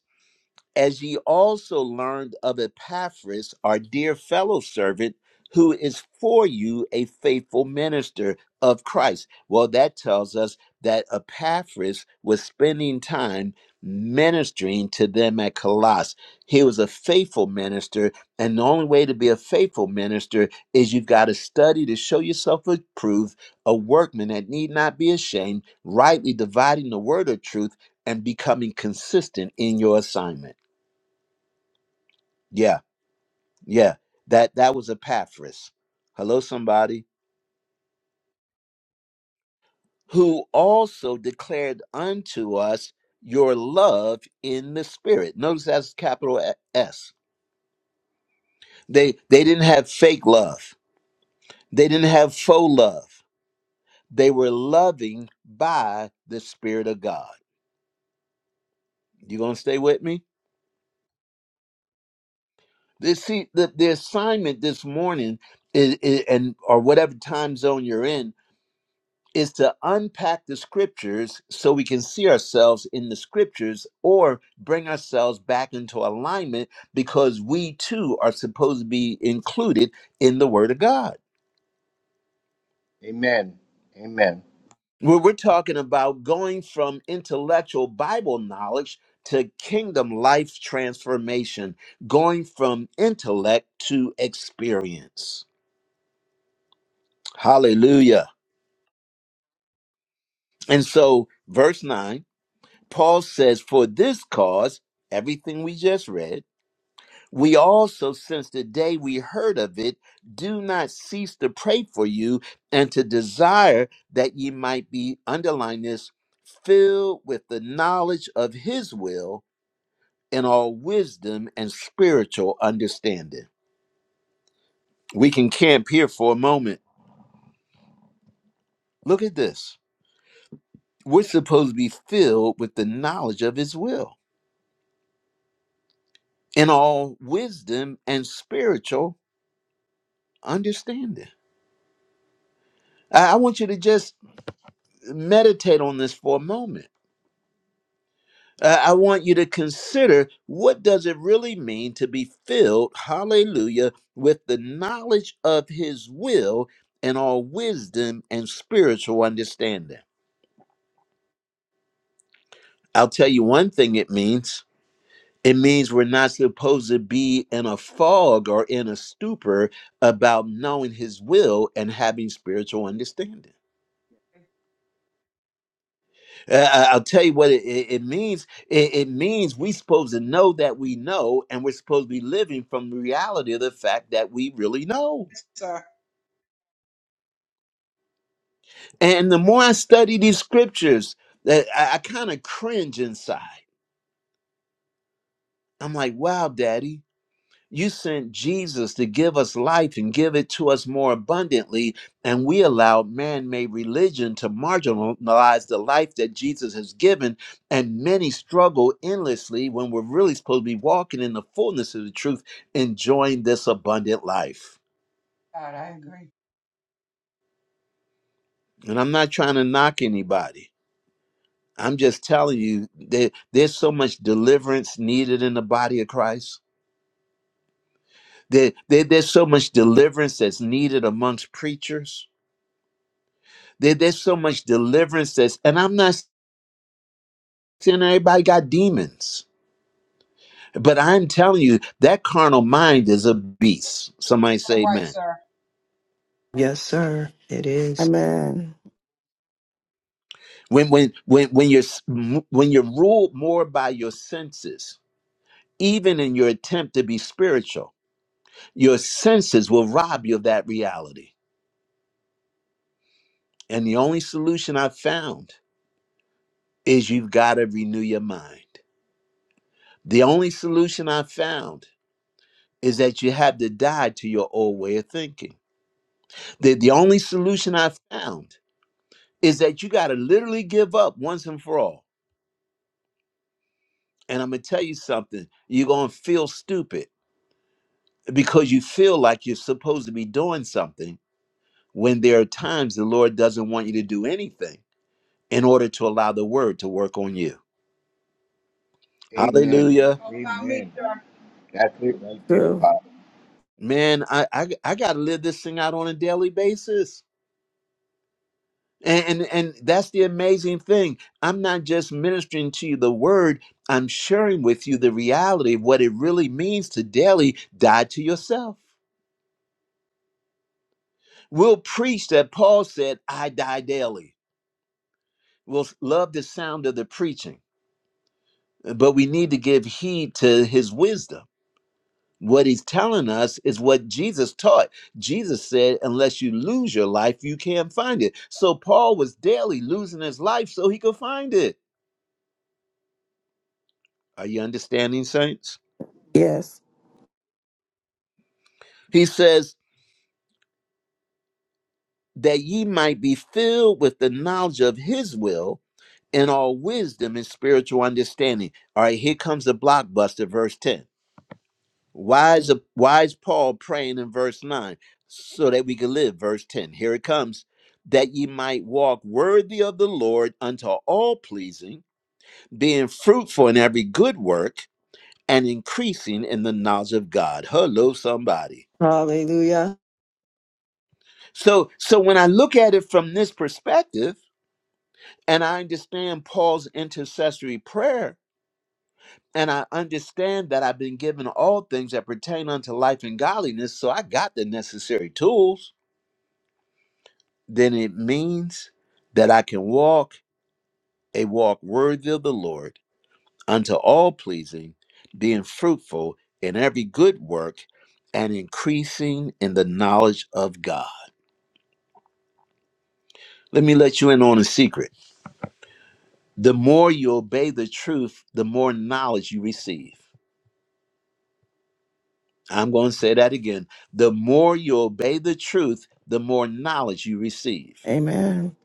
Speaker 1: as ye also learned of Epaphras, our dear fellow servant, who is for you a faithful minister of Christ. Well, that tells us that Epaphras was spending time ministering to them at Colossus. He was a faithful minister, and the only way to be a faithful minister is you've got to study to show yourself approved, a workman that need not be ashamed, rightly dividing the word of truth and becoming consistent in your assignment. Yeah, yeah. That that was Epaphras. Hello, somebody who also declared unto us your love in the spirit. Notice that's capital A- S. They they didn't have fake love. They didn't have faux love. They were loving by the spirit of God. You gonna stay with me? This see the, the assignment this morning is, is and or whatever time zone you're in is to unpack the scriptures so we can see ourselves in the scriptures or bring ourselves back into alignment because we too are supposed to be included in the Word of God.
Speaker 7: Amen. Amen.
Speaker 1: Where we're talking about going from intellectual Bible knowledge to kingdom life transformation, going from intellect to experience. Hallelujah. And so, verse 9, Paul says, For this cause, everything we just read, We also, since the day we heard of it, do not cease to pray for you and to desire that ye might be, underline this, filled with the knowledge of his will and all wisdom and spiritual understanding. We can camp here for a moment. Look at this. We're supposed to be filled with the knowledge of his will and all wisdom and spiritual understanding. I I want you to just meditate on this for a moment Uh, I want you to consider what does it really mean to be filled, hallelujah, with the knowledge of his will and all wisdom and spiritual understanding. I'll tell you one thing it means. It means we're not supposed to be in a fog or in a stupor about knowing his will and having spiritual understanding. Uh, I- I'll tell you what it, it, it means. It, it means we're supposed to know that we know, and we're supposed to be living from the reality of the fact that we really know.
Speaker 8: Yes, Sir.
Speaker 1: And the more I study these scriptures, that I, I kind of cringe inside. I'm like, wow, daddy, You sent Jesus to give us life and give it to us more abundantly, and we allowed man made religion to marginalize the life that Jesus has given. And many struggle endlessly when we're really supposed to be walking in the fullness of the truth, enjoying this abundant life.
Speaker 8: God, I agree.
Speaker 1: And I'm not trying to knock anybody, I'm just telling you that there's so much deliverance needed in the body of Christ, there, there- there's so much deliverance that's needed amongst preachers There- there's so much deliverance that's, and I'm not saying everybody got demons, but I'm telling you that carnal mind is a beast. Somebody say
Speaker 8: I'm right,
Speaker 1: amen.
Speaker 8: sir.
Speaker 2: Yes, sir. It is.
Speaker 3: Amen.
Speaker 1: When, when, when, when you're, s- m- when you're ruled more by your senses, even in your attempt to be spiritual, your senses will rob you of that reality. And the only solution I've found is you've got to renew your mind. The only solution I've found is that you have to die to your old way of thinking The, the only solution I found is that you got to literally give up once and for all. And I'm going to tell you something you're going to feel stupid because you feel like you're supposed to be doing something when there are times the Lord doesn't want you to do anything in order to allow the word to work on you.
Speaker 7: Amen.
Speaker 1: Hallelujah.
Speaker 8: Talking about me,
Speaker 7: Amen.
Speaker 8: sir.
Speaker 7: That's it right there,
Speaker 3: True.
Speaker 7: Pop.
Speaker 1: Man, I, I, I got to live this thing out on a daily basis. And, and and that's the amazing thing. I'm not just ministering to you the word, I'm sharing with you the reality of what it really means to daily die to yourself. We'll preach that Paul said, I die daily. We'll love the sound of the preaching, but we need to give heed to his wisdom. What he's telling us is what Jesus taught. Jesus said, unless you lose your life, you can't find it. So Paul was daily losing his life so he could find it. Are you understanding, saints?
Speaker 3: Yes.
Speaker 1: He says, that ye might be filled with the knowledge of his will and all wisdom and spiritual understanding. All right, here comes the blockbuster, verse 10. Why is, why is Paul praying in verse 9? So that we can live, verse 10. Here it comes. That ye might walk worthy of the Lord unto all pleasing, being fruitful in every good work and increasing in the knowledge of God. Hello, somebody.
Speaker 2: Hallelujah.
Speaker 1: So, so when I look at it from this perspective, And I understand Paul's intercessory prayer. And I understand that I've been given all things that pertain unto life and godliness. So I got the necessary tools. Then it means that I can walk a walk worthy of the Lord unto all pleasing, being fruitful in every good work and increasing in the knowledge of God. Let me let you in on a secret. The more you obey the truth, the more knowledge you receive. I'm going to say that again. The more you obey the truth, the more knowledge you receive.
Speaker 3: Amen.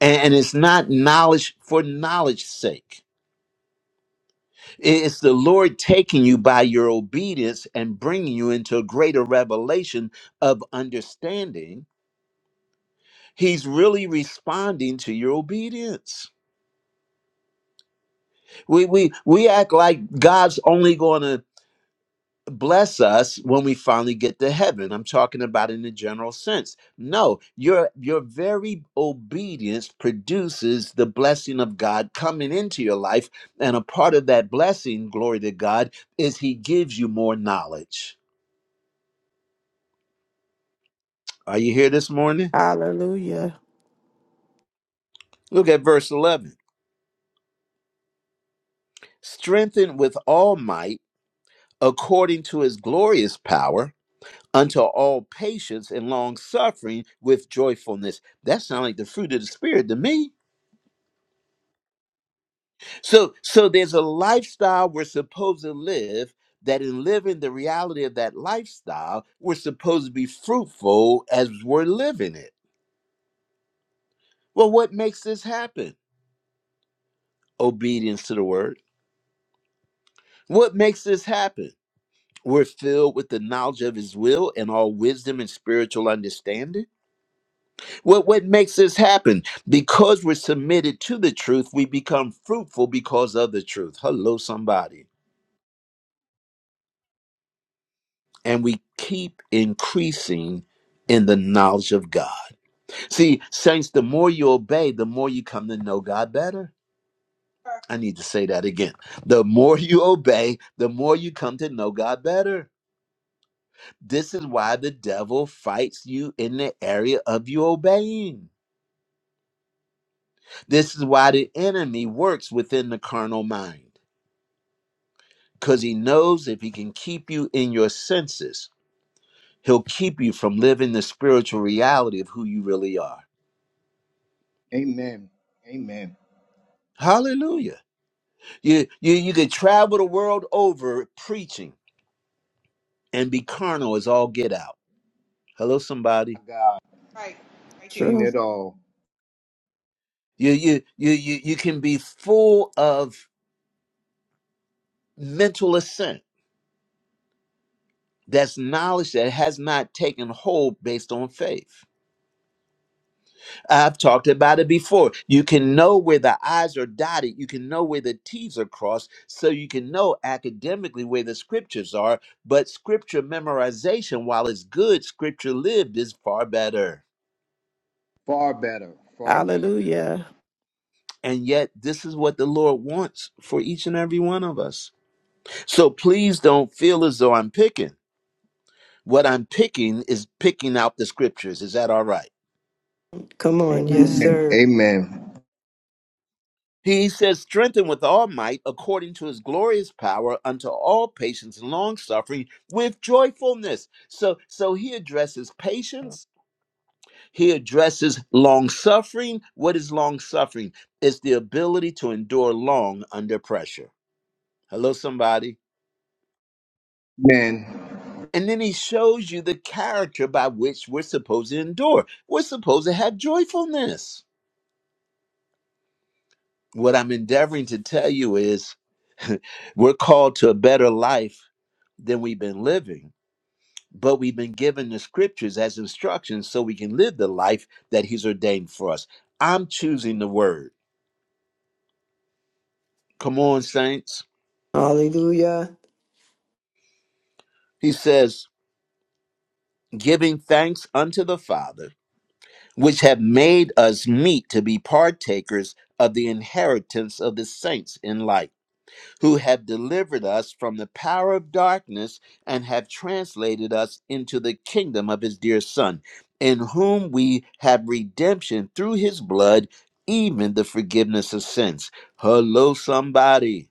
Speaker 1: And it's not knowledge for knowledge's sake. It's the Lord taking you by your obedience and bringing you into a greater revelation of understanding. He's really responding to your obedience. We we we act like God's only going to bless us when we finally get to heaven. I'm talking about in the general sense. No, your your very obedience produces the blessing of God coming into your life, and a part of that blessing, glory to God, is He gives you more knowledge. Are you here this morning?
Speaker 3: Hallelujah.
Speaker 1: Look at verse 11. Strengthened with all might, according to His glorious power. Unto all patience and long suffering with joyfulness. That sounds like the fruit of the Spirit to me. So so there's a lifestyle we're supposed to live that in living the reality of that lifestyle, we're supposed to be fruitful as we're living it. Well, what makes this happen? Obedience to the word. What makes this happen? We're filled with the knowledge of his will and all wisdom and spiritual understanding. What what makes this happen? Because we're submitted to the truth, we become fruitful because of the truth. Hello, somebody and we keep increasing in the knowledge of God. See, saints, the more you obey, the more you come to know God better. I need to say that again. The more you obey, the more you come to know God better. This is why the devil fights you in the area of you obeying. This is why the enemy works within the carnal mind, because he knows if he can keep you in your senses, he'll keep you from living the spiritual reality of who you really are.
Speaker 7: Amen. Amen.
Speaker 1: Hallelujah. You you you could travel the world over preaching and be carnal as all get out. Hello,
Speaker 7: My
Speaker 1: somebody.
Speaker 7: God,
Speaker 8: Right, right there.
Speaker 7: seen
Speaker 3: True.
Speaker 7: it all.
Speaker 1: You you you you you can be full of mental assent. That's knowledge that has not taken hold based on faith. I've talked about it before. You can know where the I's are dotted. You can know where the T's are crossed. So you can know academically where the scriptures are. But scripture memorization, while it's good, scripture lived is far better.
Speaker 7: Far better. Far better.
Speaker 3: Hallelujah.
Speaker 1: And yet, this is what the Lord wants for each and every one of us. So please don't feel as though I'm picking. What I'm picking is picking out the scriptures. Is that all right?
Speaker 2: Come on. Yes,
Speaker 7: Amen.
Speaker 3: Amen.
Speaker 2: sir.
Speaker 7: Amen.
Speaker 1: He says, strengthen with all might according to his glorious power unto all patience and long suffering with joyfulness. So so he addresses patience, he addresses long suffering. What is long suffering? It's the ability to endure long under pressure. Hello, somebody.
Speaker 7: Amen.
Speaker 1: And then he shows you the character by which we're supposed to endure. We're supposed to have joyfulness. What I'm endeavoring to tell you is (laughs) we're called to a better life than we've been living, but we've been given the scriptures as instructions so we can live the life that he's ordained for us. I'm choosing the word. Come on, saints.
Speaker 2: Hallelujah.
Speaker 1: He says, giving thanks unto the Father, which have made us meet to be partakers of the inheritance of the saints in light who have delivered us from the power of darkness and have translated us into the kingdom of his dear Son, in whom we have redemption through his blood, even the forgiveness of sins. Hello, somebody.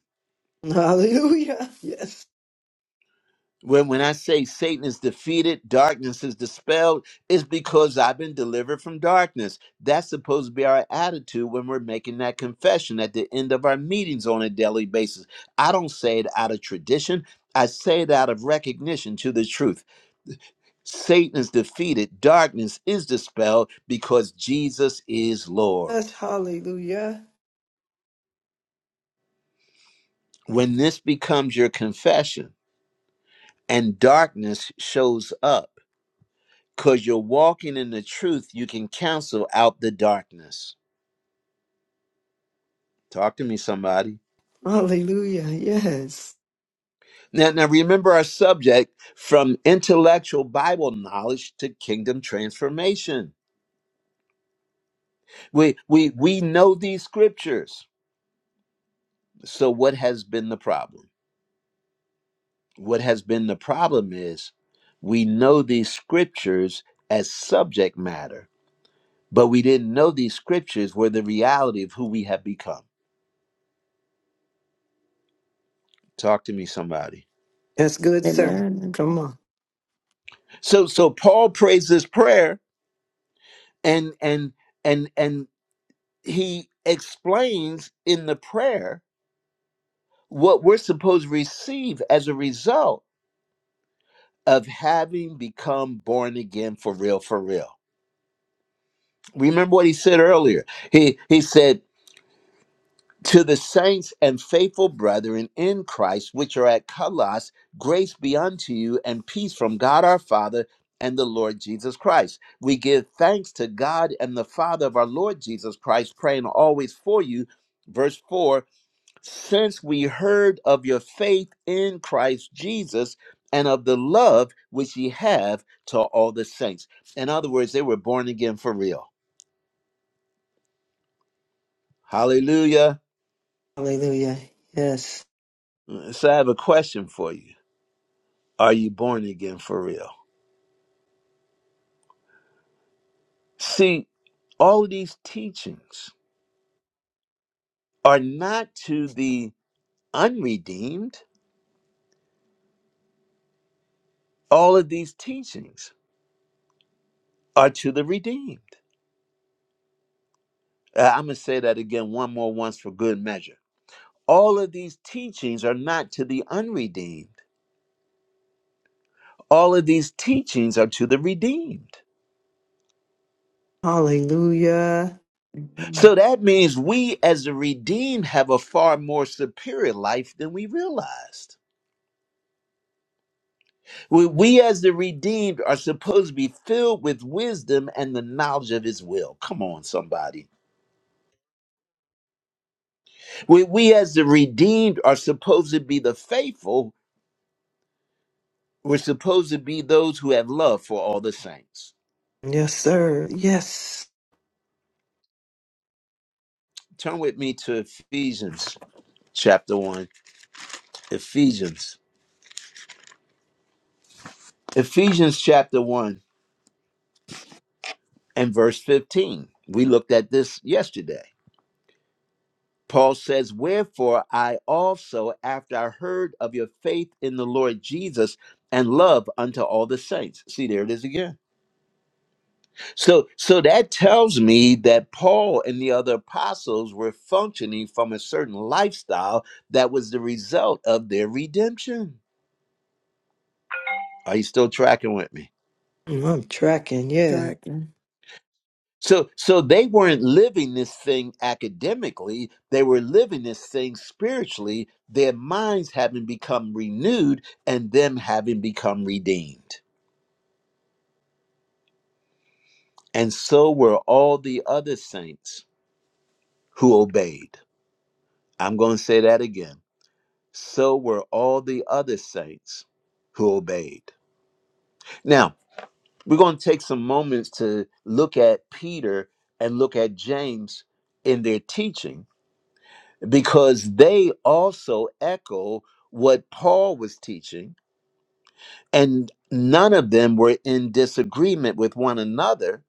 Speaker 2: (laughs) Hallelujah. Yes.
Speaker 1: When, when I say Satan is defeated, darkness is dispelled, it's because I've been delivered from darkness. That's supposed to be our attitude when we're making that confession at the end of our meetings on a daily basis. I don't say it out of tradition, I say it out of recognition to the truth. Satan is defeated, darkness is dispelled because Jesus is
Speaker 2: Yes.
Speaker 1: Lord.
Speaker 2: Hallelujah.
Speaker 1: When this becomes your confession and darkness shows up, Because you're walking in the truth, you can cancel out the darkness. Talk to me, somebody.
Speaker 2: Hallelujah. Yes.
Speaker 1: Now, now remember our subject from intellectual Bible knowledge to kingdom transformation. We, we, we know these scriptures. So, what has been the problem? What has been the problem is we know these scriptures as subject matter, but we didn't know these scriptures were the reality of who we have become. Talk to me, somebody.
Speaker 2: That's good, sir.
Speaker 3: Amen.
Speaker 2: Come on.
Speaker 1: So, so Paul prays this prayer and and and and he explains in the prayer what we're supposed to receive as a result of having become born again for real for real remember what he said earlier he he said to the saints and faithful brethren in Christ which are at Colossus grace be unto you and peace from God our father and the Lord Jesus Christ we give thanks to God and the Father of our Lord Jesus Christ praying always for you verse 4 since we heard of your faith in Christ Jesus and of the love which ye have to all the saints. In other words, they were born again for real. Hallelujah.
Speaker 2: Hallelujah. Yes.
Speaker 1: Mm, So I have a question for you. Are you born again for real? See, all of these teachings are not to the unredeemed. All of these teachings are to the redeemed. Uh, I'm going to say that again one more once for good measure. All of these teachings are not to the unredeemed. All of these teachings are to the redeemed.
Speaker 2: Hallelujah.
Speaker 3: Amen.
Speaker 1: So that means we, as the redeemed, have a far more superior life than we realized. We, we, as the redeemed, are supposed to be filled with wisdom and the knowledge of His will. Come on, somebody. We, we, as the redeemed, are supposed to be the faithful. We're supposed to be those who have love for all the saints.
Speaker 2: Yes, sir. Yes.
Speaker 1: Turn with me to Ephesians chapter 1. Ephesians Ephesians chapter 1 and verse 15. We looked at this yesterday. Paul says, Wherefore I also, after I heard of your faith in the Lord Jesus and love unto all the saints. See, there it is again. So, so that tells me that Paul and the other apostles were functioning from a certain lifestyle that was the result of their redemption. Are you still tracking with me?
Speaker 2: I'm tracking. Yeah.
Speaker 3: Tracking.
Speaker 1: So so they weren't living this thing academically, they were living this thing spiritually, their minds having become renewed and them having become redeemed. And so were all the other saints who obeyed. I'm going to say that again. So were all the other saints who obeyed. Now, we're going to take some moments to look at Peter and look at James in their teaching because they also echo what Paul was teaching, and none of them were in disagreement with one another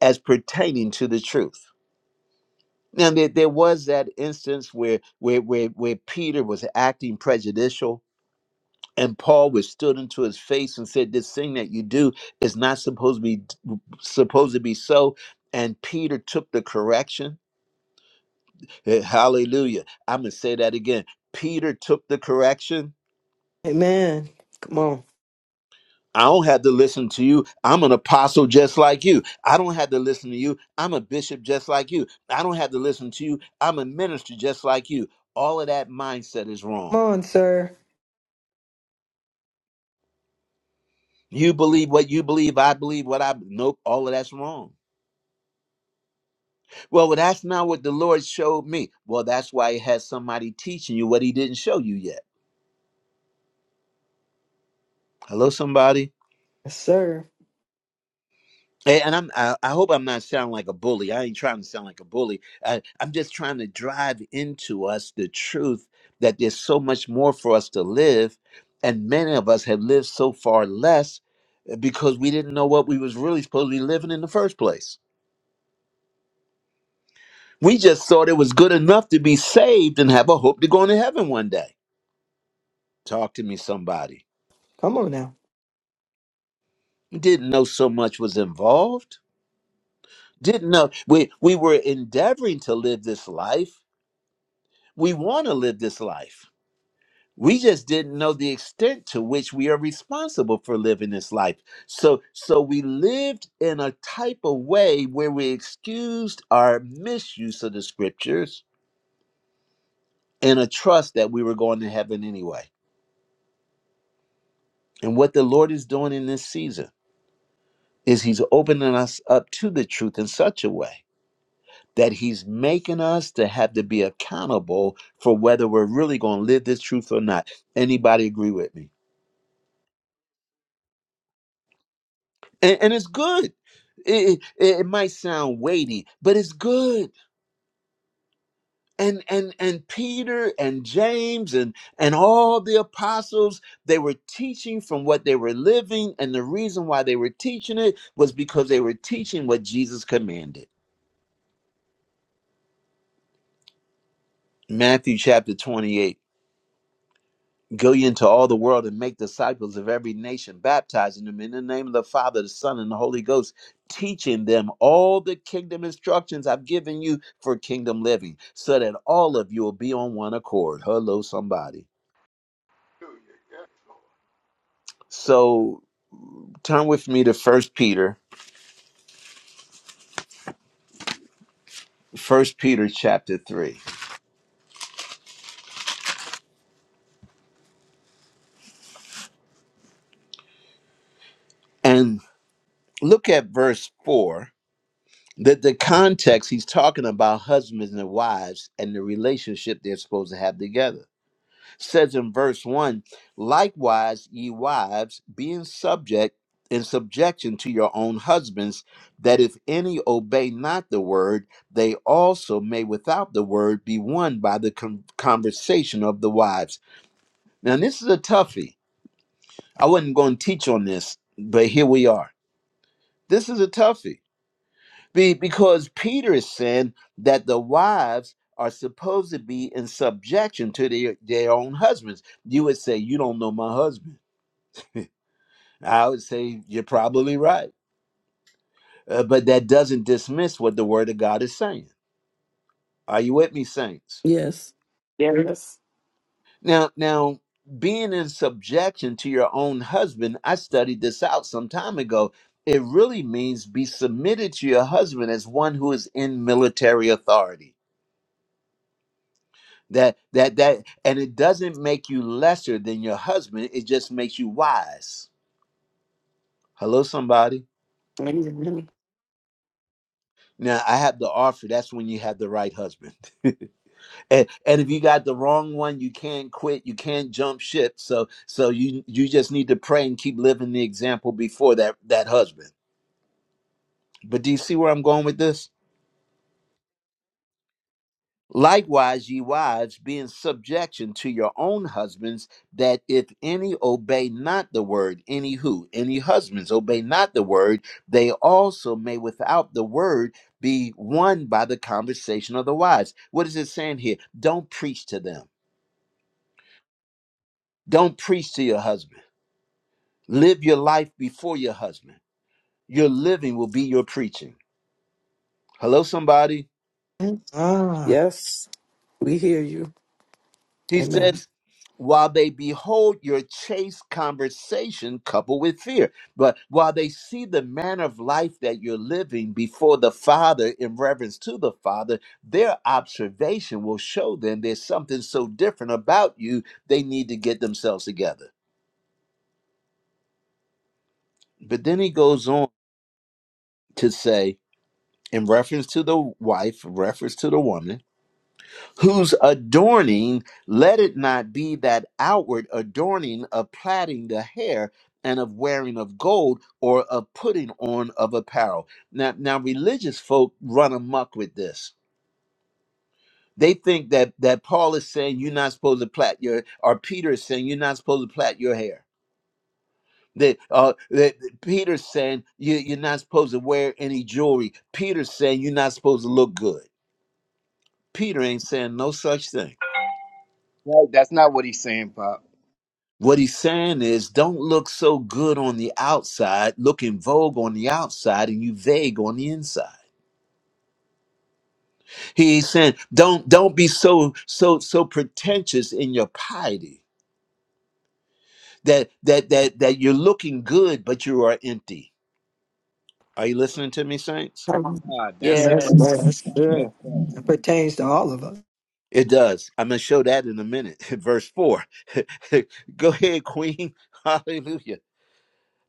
Speaker 1: as pertaining to the truth. Now there, there was that instance where, where where where Peter was acting prejudicial and Paul was stood into his face and said, This thing that you do is not supposed to be supposed to be so. And Peter took the correction. Eh, Hallelujah. I'm gonna say that again. Peter took the correction
Speaker 2: Amen. Come on.
Speaker 1: I don't have to listen to you. I'm an apostle just like you. I don't have to listen to you. I'm a bishop just like you. I don't have to listen to you. I'm a minister just like you. All of that mindset is wrong.
Speaker 2: Come on, sir.
Speaker 1: You believe what you believe. I believe what I. Nope. All of that's wrong. Well, well, that's not what the Lord showed me. Well, that's why He has somebody teaching you what He didn't show you yet. Hello, somebody.
Speaker 2: Yes, sir.
Speaker 1: Eh, And I'm, I, I hope I'm not sounding like a bully. I ain't trying to sound like a bully. I, I'm just trying to drive into us the truth that there's so much more for us to live, and many of us have lived so far less eh, because we didn't know what we was really supposed to be living in the first place. We just thought it was good enough to be saved and have a hope to go into heaven one day. Talk to me, somebody.
Speaker 2: Come on now.
Speaker 1: Didn't know so much was involved. Didn't know we we were endeavoring to live this life. We want to live this life we just didn't know the extent to which we are responsible for living this life so so we lived in a type of way where we excused our misuse of the scriptures and a trust that we were going to heaven anyway and what the lord is doing in this season is he's opening us up to the truth in such a way that he's making us to have to be accountable for whether we're really going to live this truth or not anybody agree with me and, and it's good it, it, it might sound weighty but it's good and and and peter and james and and all the apostles they were teaching from what they were living and the reason why they were teaching it was because they were teaching what jesus commanded matthew chapter 28 Go ye into all the world and make disciples of every nation, baptizing them in the name of the Father, the Son, and the Holy Ghost, teaching them all the kingdom instructions I've given you for kingdom living, so that all of you will be on one accord. Hello, somebody.
Speaker 4: Hallelujah. Yes, Lord.
Speaker 1: So turn with me to First Peter, First Peter chapter 3. And look at verse 4. That the context he's talking about husbands and wives and the relationship they're supposed to have together says in verse 1 likewise ye wives being subject in subjection to your own husbands that if any obey not the word they also may without the word be won by the con- conversation of the wives now this is a toughie i wasn't going to teach on this but here we are this is a toughie Be- because peter is saying that the wives are supposed to be in subjection to their, their own husbands you would say you don't know my husband I would say you're probably right. Uh, but that doesn't dismiss what the word of God is saying. Are you with me, saints?
Speaker 3: Yes. Yes.
Speaker 1: Now, now being in subjection to your own husband, I studied this out some time ago. It really means be submitted to your husband as one who is in military authority. That that that and it doesn't make you lesser than your husband, it just makes you wise. Hello, somebody.
Speaker 3: Amen.
Speaker 1: Now I have to offer that's when you have the right husband. (laughs) and, and if you got the wrong one you can't quit you can't jump ship so so you you just need to pray and keep living the example before that that husband but do you see where i'm going with this likewise ye wives be in subjection to your own husbands that if any obey not the word any who any husbands obey not the word they also may without the word be won by the conversation of the wives what is it saying here don't preach to them don't preach to your husband Live your life before your husband. Your living will be your preaching. Hello, somebody.
Speaker 2: Ah,
Speaker 3: Yes. We hear you.
Speaker 1: He
Speaker 3: Amen.
Speaker 1: says, while they behold your chaste conversation coupled with fear, but while they see the manner of life that you're living before the Father in reverence to the Father, their observation will show them there's something so different about you, they need to get themselves together. But then he goes on to say, in reference to the wife, reference to the woman, whose adorning let it not be that outward adorning of plaiting the hair and of wearing of gold or of putting on of apparel. Now, now religious folk run amok with this. They think that that Paul is saying you're not supposed to plait your, or Peter is saying you're not supposed to plait your hair. That, uh, that Peter's saying you, you're not supposed to wear any jewelry. Peter's saying you're not supposed to look good. Peter ain't saying no such thing.
Speaker 7: Right, that's not what he's saying, Pop.
Speaker 1: What he's saying is don't look so good on the outside, look in vogue on the outside and you vague on the inside. He's saying don't don't be so so so pretentious in your piety that that that that you're looking good but you are empty. Are you listening to me, saints?
Speaker 3: Hallelujah.
Speaker 7: God, that's it right
Speaker 2: that's well, that's
Speaker 3: Yes.
Speaker 7: there. Yes,
Speaker 2: good.
Speaker 7: sir.
Speaker 2: It pertains to all of us.
Speaker 1: It does. I'm gonna show that in a minute. (laughs) Verse four. (laughs) Go ahead, Queen. (laughs) Hallelujah.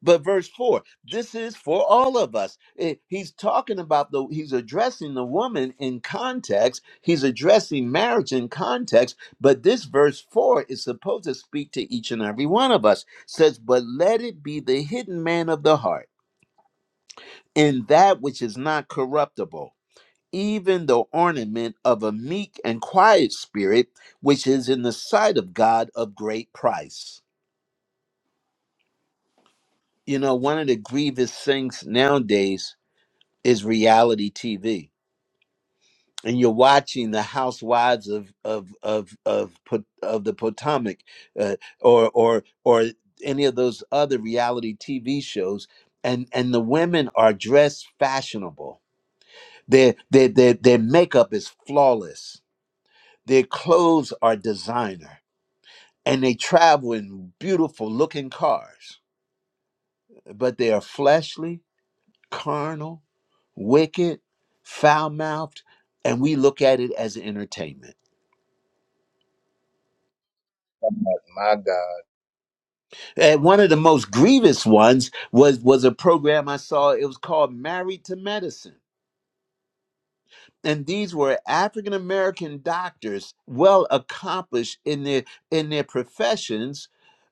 Speaker 1: But verse 4, this is for all of us. It- he's talking about the, he's addressing the woman in context. He's addressing marriage in context. But this verse 4 is supposed to speak to each and every one of us. says, But let it be the hidden man of the heart, in that which is not corruptible, even the ornament of a meek and quiet spirit, which is in the sight of God of great price. You know, one of the grievous things nowadays is reality TV, and you're watching the housewives of of of of Pot- of the Potomac, uh, or or or any of those other reality TV shows, and and the women are dressed fashionable. Their their their their makeup is flawless. Their clothes are designer, and they travel in beautiful looking cars. But they are fleshly, carnal, wicked, foul mouthed, and we look at it as an entertainment.
Speaker 7: God, My God. That's
Speaker 1: And one of the most grievous ones was was a program I saw. It was called Married to Medicine. And these were African American doctors, well accomplished in their in their professions,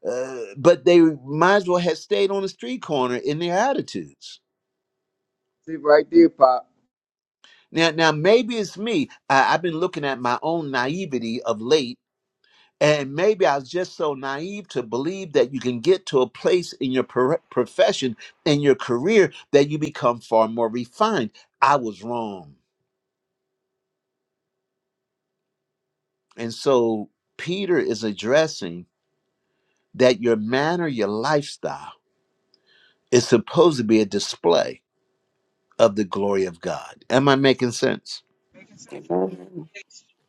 Speaker 1: uh, but they might as well have stayed on the street corner in their attitudes.
Speaker 7: it right there, Pop.
Speaker 1: Now, now maybe it's me. I, I've been looking at my own naivety of late And maybe I was just so naive to believe that you can get to a place in your pro- profession, in your career, that you become far more refined. I was wrong. And so Peter is addressing that your manner, your lifestyle is supposed to be a display of the glory of God. Am I making sense?
Speaker 8: Making sense.
Speaker 3: Amen.
Speaker 8: Yes,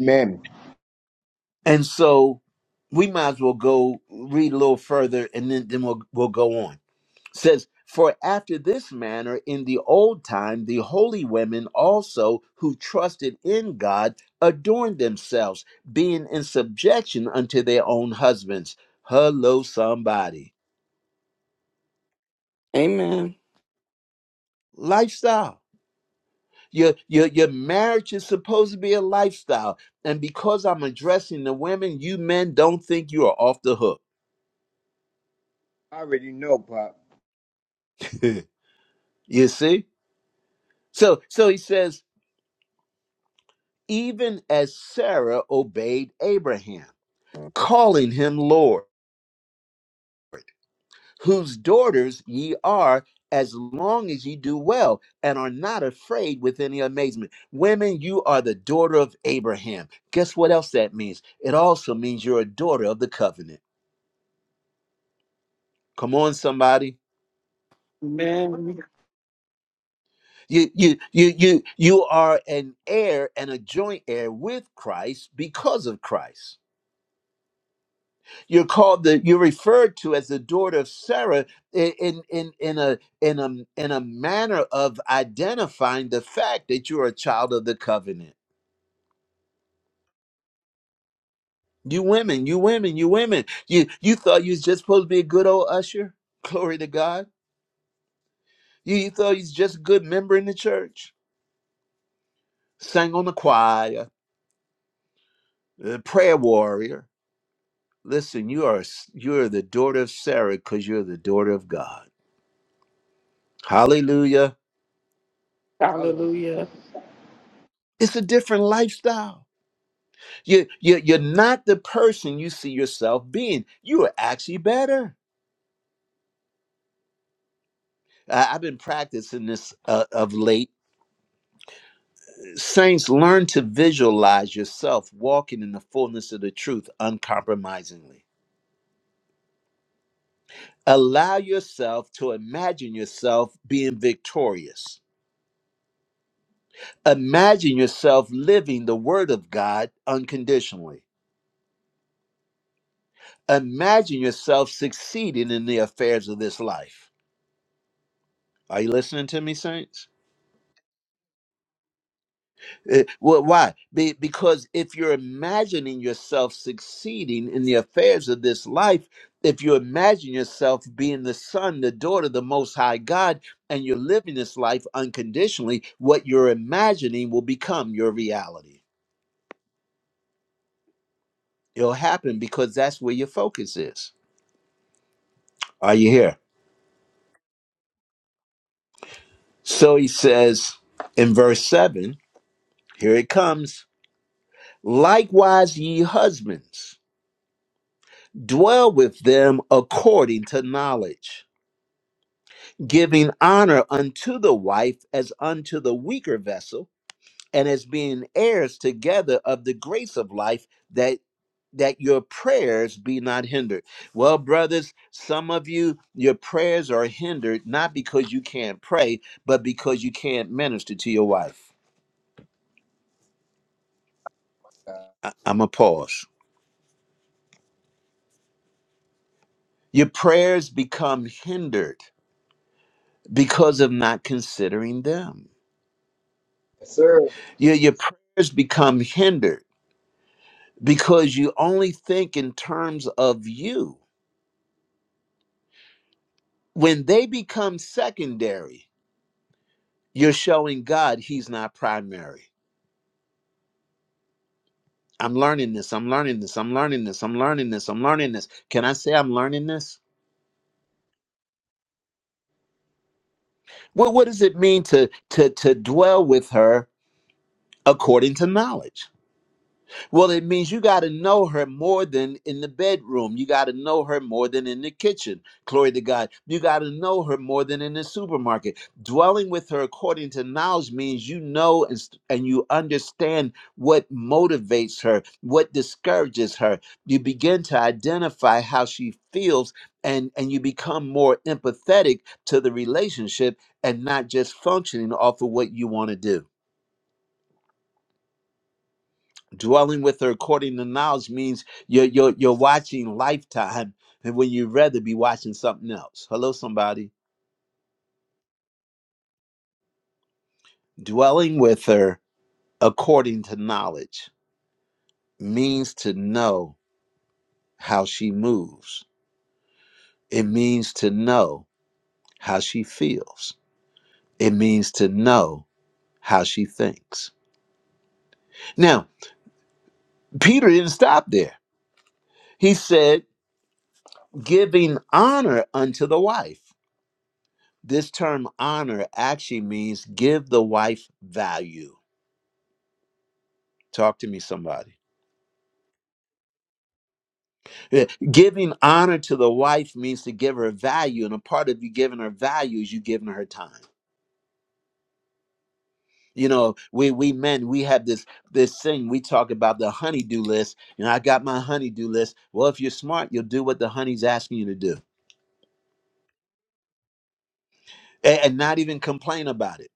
Speaker 7: Amen.
Speaker 1: And so we might as well go read a little further and then, then we'll, we'll go on. says, For after this manner in the old time, the holy women also who trusted in God adorned themselves, being in subjection unto their own husbands. Hello, somebody.
Speaker 3: Amen.
Speaker 1: Lifestyle. Your, your, your marriage is supposed to be a lifestyle. And because I'm addressing the women, you men don't think you are off the hook.
Speaker 7: I already know, Pop.
Speaker 1: (laughs) you see? So, so he says, even as Sarah obeyed Abraham, calling him Lord. whose daughters ye are as long as ye do well and are not afraid with any amazement. Women, you are the daughter of Abraham. Guess what else that means? It also means you're a daughter of the covenant. Come on, somebody.
Speaker 3: Amen.
Speaker 1: You you you you you are an heir and a joint heir with Christ because of Christ. You're called the you're referred to as the daughter of Sarah i- in in in a in a in a manner of identifying the fact that you're a child of the covenant. You women, you women, you women. You you thought you was just supposed to be a good old usher? Glory to God. You, you thought you was just a good member in the church, sang on the choir, a prayer warrior. Listen, you are s- you are the daughter of Sarah because you're the daughter of God. Hallelujah.
Speaker 3: Hallelujah.
Speaker 7: Hallelujah.
Speaker 1: It's a different lifestyle. You, you, you're not the person you see yourself being. You are actually better. I- I've been practicing this uh, of late. Saints, learn to visualize yourself walking in the fullness of the truth uncompromisingly. Allow yourself to imagine yourself being victorious. Imagine yourself living the word of God unconditionally. Imagine yourself succeeding in the affairs of this life. Are you listening to me, Saints? Eh, Well, why? Be- because if you're imagining yourself succeeding in the affairs of this life, if you imagine yourself being the son, the daughter of the Most High God, and you're living this life unconditionally, what you're imagining will become your reality. It'll happen because that's where your focus is. Are you here? So he says in verse 7, here it comes. Likewise, ye husbands, dwell with them according to knowledge giving honor unto the wife as unto the weaker vessel and as being heirs together of the grace of life that that your prayers be not hindered well brothers some of you your prayers are hindered not because you can't pray but because you can't minister to your wife
Speaker 7: Yes,
Speaker 1: I, i'm a pause your prayers become hindered because of not considering them
Speaker 7: sir.
Speaker 1: your, your prayers become hindered because you only think in terms of you. When they become secondary, you're showing God he's not primary. I'm learning this, I'm learning this, I'm learning this, I'm learning this, I'm learning this. Can I say I'm learning this? Well, what does it mean to to to dwell with her according to knowledge? Well, it means you got to know her more than in the bedroom. You got to know her more than in the kitchen. Glory to God. You got to know her more than in the supermarket. Dwelling with her according to knowledge means you know and, s- and you understand what motivates her, what discourages her. You begin to identify how she feels and, and you become more empathetic to the relationship and not just functioning off of what you want to do. dwelling with her according to knowledge means you're you're, you're watching lifetime and when you'd rather be watching something else hello somebody dwelling with her according to knowledge means to know how she moves it means to know how she feels it means to know how she thinks now peter didn't stop there he said giving honor unto the wife this term honor actually means give the wife value Talk to me, somebody. Yeah, Giving honor to the wife means to give her value, and a part of you giving her value is you giving her time. You know, we we men we have this this thing we talk about the honeydew list. You know, I got my honeydew list. Well, if you're smart, you'll do what the honey's asking you to do, and, and not even complain about it.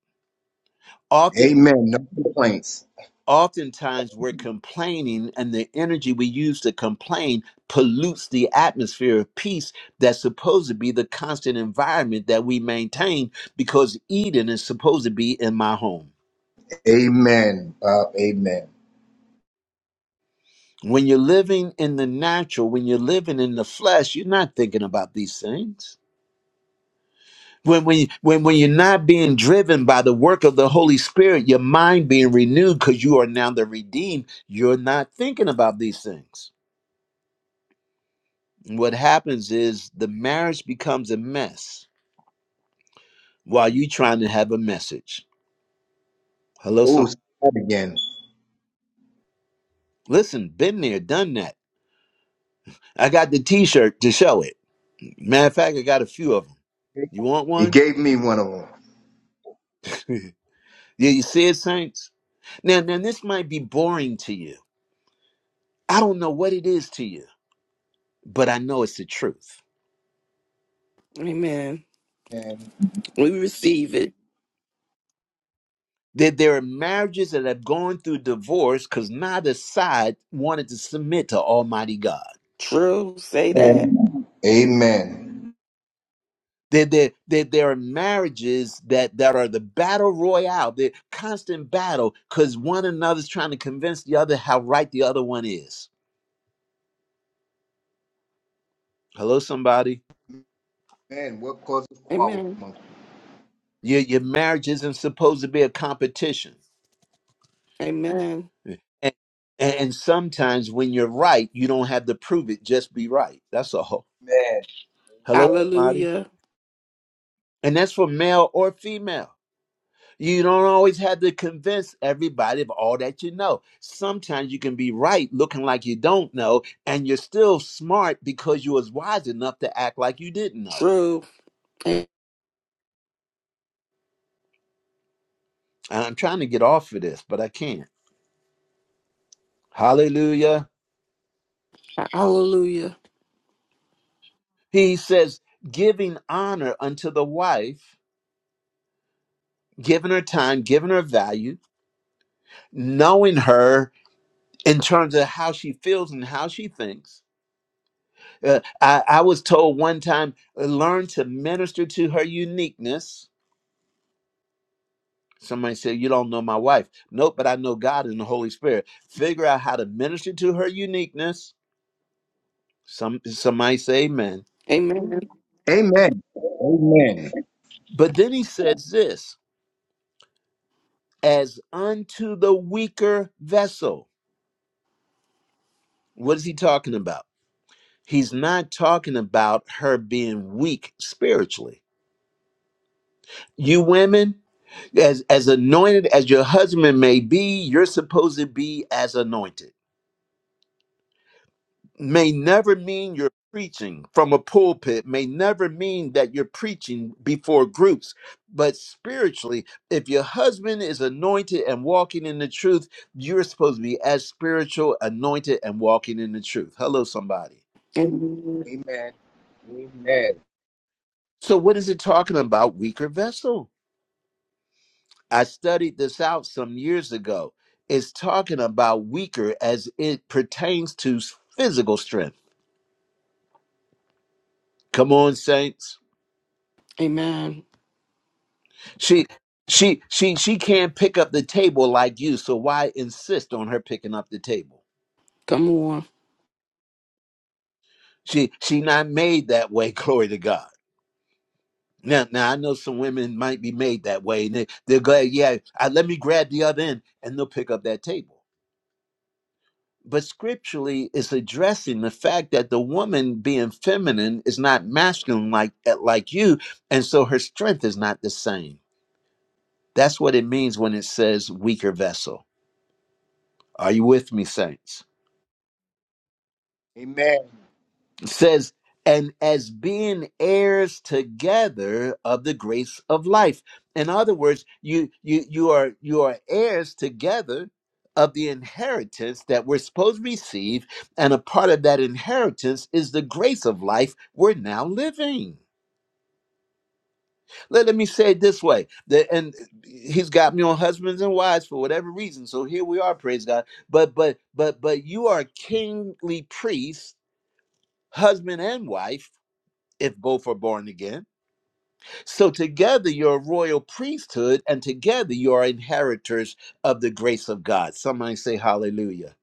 Speaker 1: Often.
Speaker 7: Amen. No complaints.
Speaker 1: oftentimes we're complaining and the energy we use to complain pollutes the atmosphere of peace that's supposed to be the constant environment that we maintain because eden is supposed to be in my home
Speaker 7: Amen, Bob. Amen.
Speaker 1: when you're living in the natural when you're living in the flesh you're not thinking about these things when, when, when, when you're not being driven by the work of the Holy Spirit, your mind being renewed because you are now the redeemed, you're not thinking about these things. What happens is the marriage becomes a mess while you trying to have a message. Hello,
Speaker 7: Oh,
Speaker 1: some
Speaker 7: say that again.
Speaker 1: listen, been there, done that. I got the T-shirt to show it. Matter of fact, I got a few of them. You want
Speaker 7: You
Speaker 1: one?
Speaker 7: gave me one of them.
Speaker 1: (laughs) yeah, you see it, saints. Now, now this might be boring to you. I don't know what it is to you, but I know it's the truth.
Speaker 3: Amen.
Speaker 7: And,
Speaker 3: We receive it.
Speaker 1: That there are marriages that have gone through divorce because neither side wanted to submit to Almighty God.
Speaker 3: True. Say that.
Speaker 7: and- amen.
Speaker 1: There, there, there, there are marriages that, that are the battle royale, the constant battle, because one another's trying to convince the other how right the other one is. Hello, somebody.
Speaker 7: Amen. What causes quarrel
Speaker 3: Amen.
Speaker 7: among
Speaker 1: Your, your marriage isn't supposed to be a competition.
Speaker 3: Amen.
Speaker 1: And, and, and sometimes when you're right, you don't have to prove it, just be right. That's all.
Speaker 7: men?
Speaker 1: Hello, somebody.
Speaker 3: Hallelujah.
Speaker 1: And that's for male or female. You don't always have to convince everybody of all that you know. Sometimes you can be right looking like you don't know, and you're still smart because you was wise enough to act like you didn't know.
Speaker 3: True. A-
Speaker 1: And I'm trying to get off of this, but I can't. Hallelujah.
Speaker 3: Hallelujah.
Speaker 1: He says, giving honor unto the wife, giving her time, giving her value, knowing her in terms of how she feels and how she thinks. Uh, I, I was told one time, learn to minister to her uniqueness Somebody said, You don't know my wife. Nope, but I know God and the Holy Spirit. Figure out how to minister to her uniqueness. Some somebody say amen.
Speaker 3: Amen.
Speaker 7: Amen. Amen.
Speaker 1: But then he says this as unto the weaker vessel. What is he talking about? He's not talking about her being weak spiritually. You women, as, as anointed as your husband may be, you're supposed to be as anointed may never mean you're preaching from a pulpit, may never mean that you're preaching before groups. But spiritually, if your husband is anointed and walking in the truth, you're supposed to be as spiritual, anointed, and walking in the truth. Hello, somebody.
Speaker 3: Amen.
Speaker 7: Amen. Amen.
Speaker 1: So, what is it talking about? Weaker vessel. I studied this out some years ago. It's talking about weaker as it pertains to physical strength. Come on, saints.
Speaker 3: Amen.
Speaker 1: She she she she can't pick up the table like you, so why insist on her picking up the table?
Speaker 3: Come on.
Speaker 1: She she not made that way, (laughs) glory to God. Now now I know some women might be made that way and they, they're glad, yeah, I, let me grab the other end and they'll pick up that table. But scripturally it's addressing the fact that the woman being feminine is not masculine like eh, like you, and so her strength is not the same. That's what it means when it says weaker vessel. Are you with me, saints?
Speaker 7: Amen.
Speaker 1: It says, and as being heirs together of the grace of life. In other words, you you you are you are heirs together of the inheritance that we're supposed to receive, and a part of that inheritance is the grace of life we're now living. Let, let me say it this way. The, and he's got me on husbands and wives for whatever reason. So here we are, praise God. But but but but you are kingly priests, husband and wife if both are born again. So together you're a royal priesthood, and together you are inheritors of the grace of God. Somebody say hallelujah.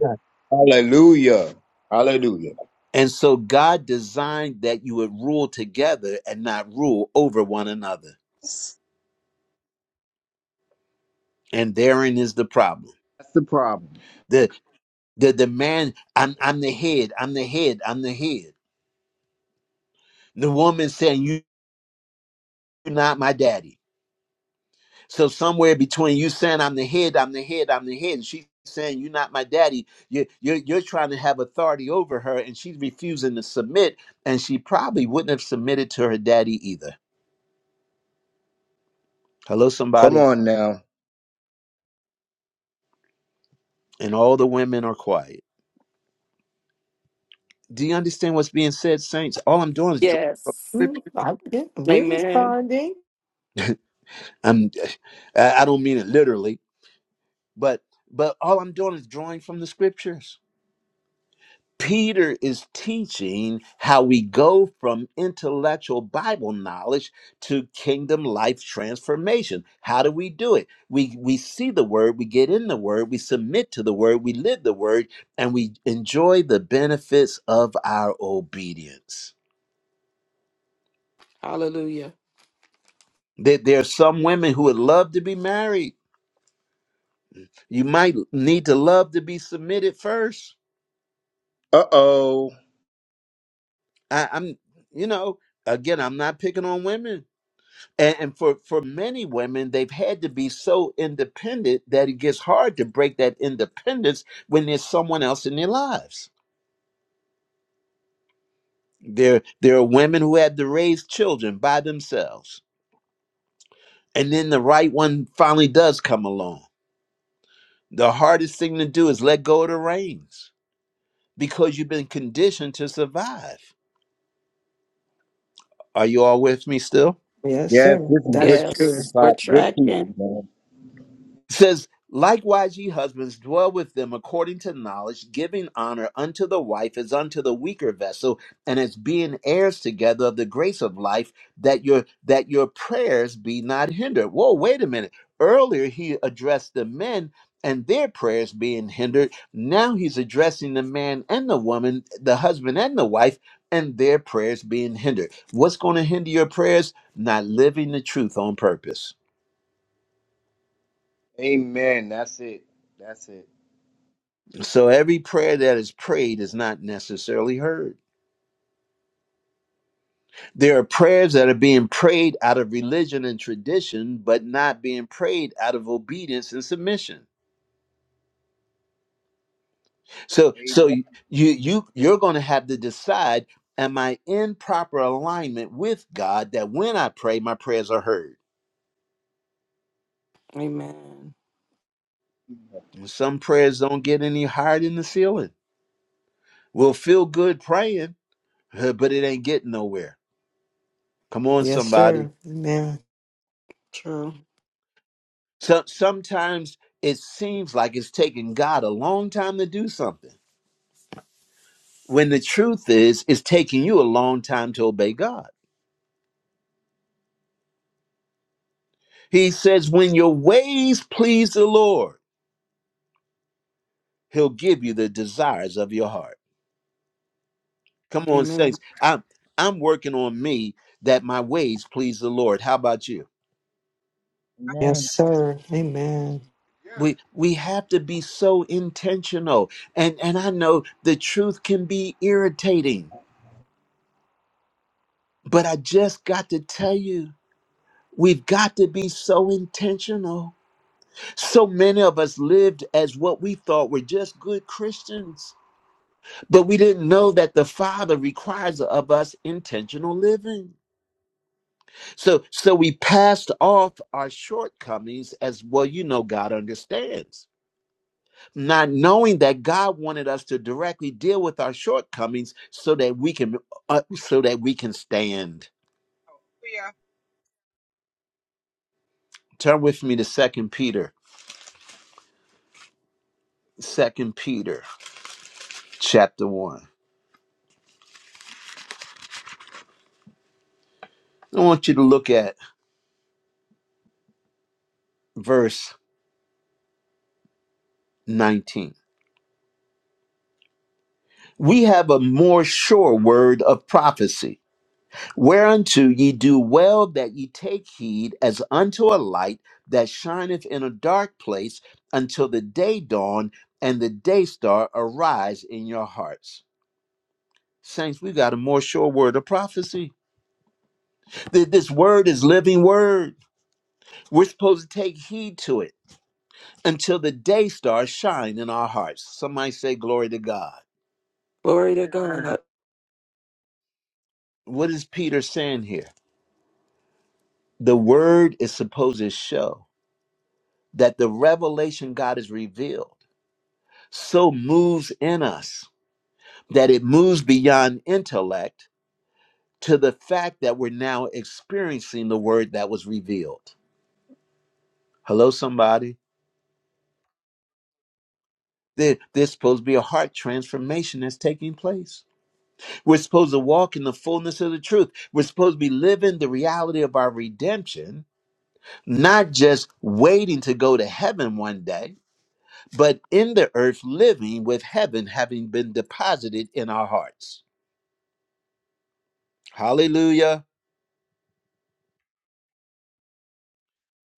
Speaker 6: God.
Speaker 7: Hallelujah. Hallelujah.
Speaker 1: And so God designed that you would rule together and not rule over one another.
Speaker 6: Yes.
Speaker 1: And therein is the problem.
Speaker 7: That's the problem.
Speaker 1: The the demand, I'm I'm the head, I'm the head, I'm the head. The woman saying, you're not my daddy. So somewhere between you saying I'm the head, I'm the head, I'm the head, and she's saying you're not my daddy, you you're, you're trying to have authority over her, and she's refusing to submit, and she probably wouldn't have submitted to her daddy either. Hello,
Speaker 7: Come
Speaker 1: somebody,
Speaker 7: on now.
Speaker 1: and all the women are quiet. Do you understand what's being said, saints? All I'm doing is drawing from
Speaker 3: Yes.
Speaker 2: Mm,
Speaker 1: scripture.
Speaker 2: I- yeah, we're
Speaker 3: Amen.
Speaker 2: responding.
Speaker 1: I'm, (sighs) I I don't mean it literally, but but all I'm doing is drawing from the scriptures. Peter is teaching how we go from intellectual Bible knowledge to kingdom life transformation. How do we do it? We we see the word, we get in the word, we submit to the word, we live the word, and we enjoy the benefits of our obedience.
Speaker 3: Hallelujah.
Speaker 1: There, there are some women who would love to be married. You might need to love to be submitted first.
Speaker 7: Uh oh.
Speaker 1: I, I'm, you know, again, I'm not picking on women and, and for for many women they've had to be so independent that it gets hard to break that independence when there's someone else in their lives there there are women who had to raise children by themselves and then the right one finally does come along the hardest thing to do is let go of the reins because you've been conditioned to survive are you all with me still
Speaker 2: Yes,
Speaker 7: Yes,
Speaker 2: sir.
Speaker 7: this is good
Speaker 2: That's
Speaker 7: teaching,
Speaker 2: true.
Speaker 3: Yes. We're
Speaker 7: Bob. Good teaching,
Speaker 3: tracking.
Speaker 7: man.
Speaker 1: It says, Likewise, ye husbands, dwell with them according to knowledge, giving honor unto the wife as unto the weaker vessel, and as being heirs together of the grace of life, that your that your prayers be not hindered. Whoa, wait a minute. Earlier he addressed the men and their prayers being hindered. Now he's addressing the man and the woman, the husband and the wife, and their prayers being hindered. What's going to hinder your prayers? Not living the truth on purpose.
Speaker 7: Amen. That's it. That's it.
Speaker 1: So every prayer that is prayed is not necessarily heard. There are prayers that are being prayed out of religion and tradition, but not being prayed out of obedience and submission. So so
Speaker 7: Amen.
Speaker 1: you you you're going to have to decide am I in proper alignment with God that when I pray my prayers are heard.
Speaker 3: Amen.
Speaker 1: And Some prayers don't get any higher than the ceiling. We'll feel good praying, (laughs) uh, but it ain't getting nowhere. Come on
Speaker 2: Yes,
Speaker 1: somebody.
Speaker 2: sir. Amen.
Speaker 3: True.
Speaker 1: So sometimes it seems like it's taking God a long time to do something. When the truth is, it's taking you a long time to obey God. He says, when your ways please the Lord, he'll give you the desires of your heart. Come on,
Speaker 3: Amen.
Speaker 1: saints. I'm I'm working on me that my ways please the Lord. How about you?
Speaker 2: Yes,
Speaker 6: Amen.
Speaker 2: sir. Amen.
Speaker 4: Yes,
Speaker 1: We we have to be so intentional. And and I know the truth can be irritating, but I just got to tell you We've got to be so intentional. So many of us lived as what we thought were just good Christians, but we didn't know that the Father requires of us intentional living. So so we passed off our shortcomings as well, you know God understands. Not knowing that God wanted us to directly deal with our shortcomings so that we can uh, so that we can stand.
Speaker 8: we
Speaker 1: Turn with me to Second Peter, Second Peter chapter 1. I want you to look at verse 19. We have a more sure word of prophecy, whereunto ye do well that ye take heed as unto a light that shineth in a dark place until the day dawn and the day star arise in your hearts. Saints, we got a more sure word of prophecy. Th- This word is living word. We're supposed to take heed to it until the day star shine in our hearts. Somebody say glory to God.
Speaker 3: Glory to God.
Speaker 1: what is Peter saying here? The word is supposed to show that the revelation God has revealed so moves in us that it moves beyond intellect to the fact that we're now experiencing the word that was revealed. Hello, somebody. There- There's supposed to be a heart transformation that's taking place. We're supposed to walk in the fullness of the truth. We're supposed to be living the reality of our redemption, not just waiting to go to heaven one day but in the earth living with heaven having been deposited in our hearts. Hallelujah.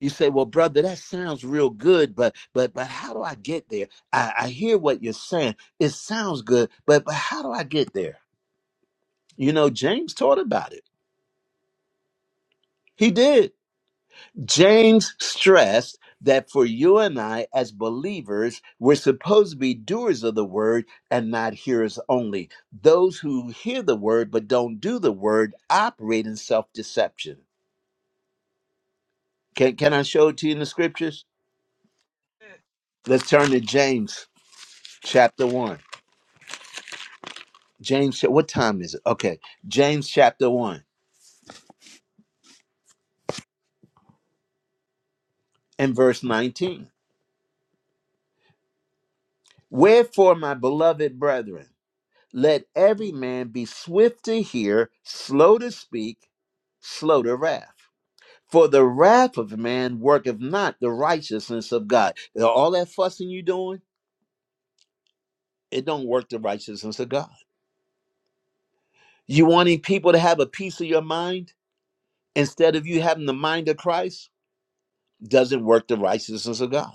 Speaker 1: You say, well, brother, that sounds real good, but but but how do I get there? I, I hear what you're saying. It sounds good, but but how do I get there? You know, James taught about it. He did. James stressed that for you and I, as believers, we're supposed to be doers of the word and not hearers only. Those who hear the word but don't do the word operate in self deception. Can, can I show it to you in the scriptures? Let's turn to James chapter 1. James, what time is it? Okay, James chapter 1 and verse 19. Wherefore, my beloved brethren, Let every man be swift to hear, slow to speak, slow to wrath. For the wrath of man worketh not the righteousness of God. All that fussing you doing, it don't work the righteousness of God. You wanting people to have a piece of your mind instead of you having the mind of Christ doesn't work the righteousness of God.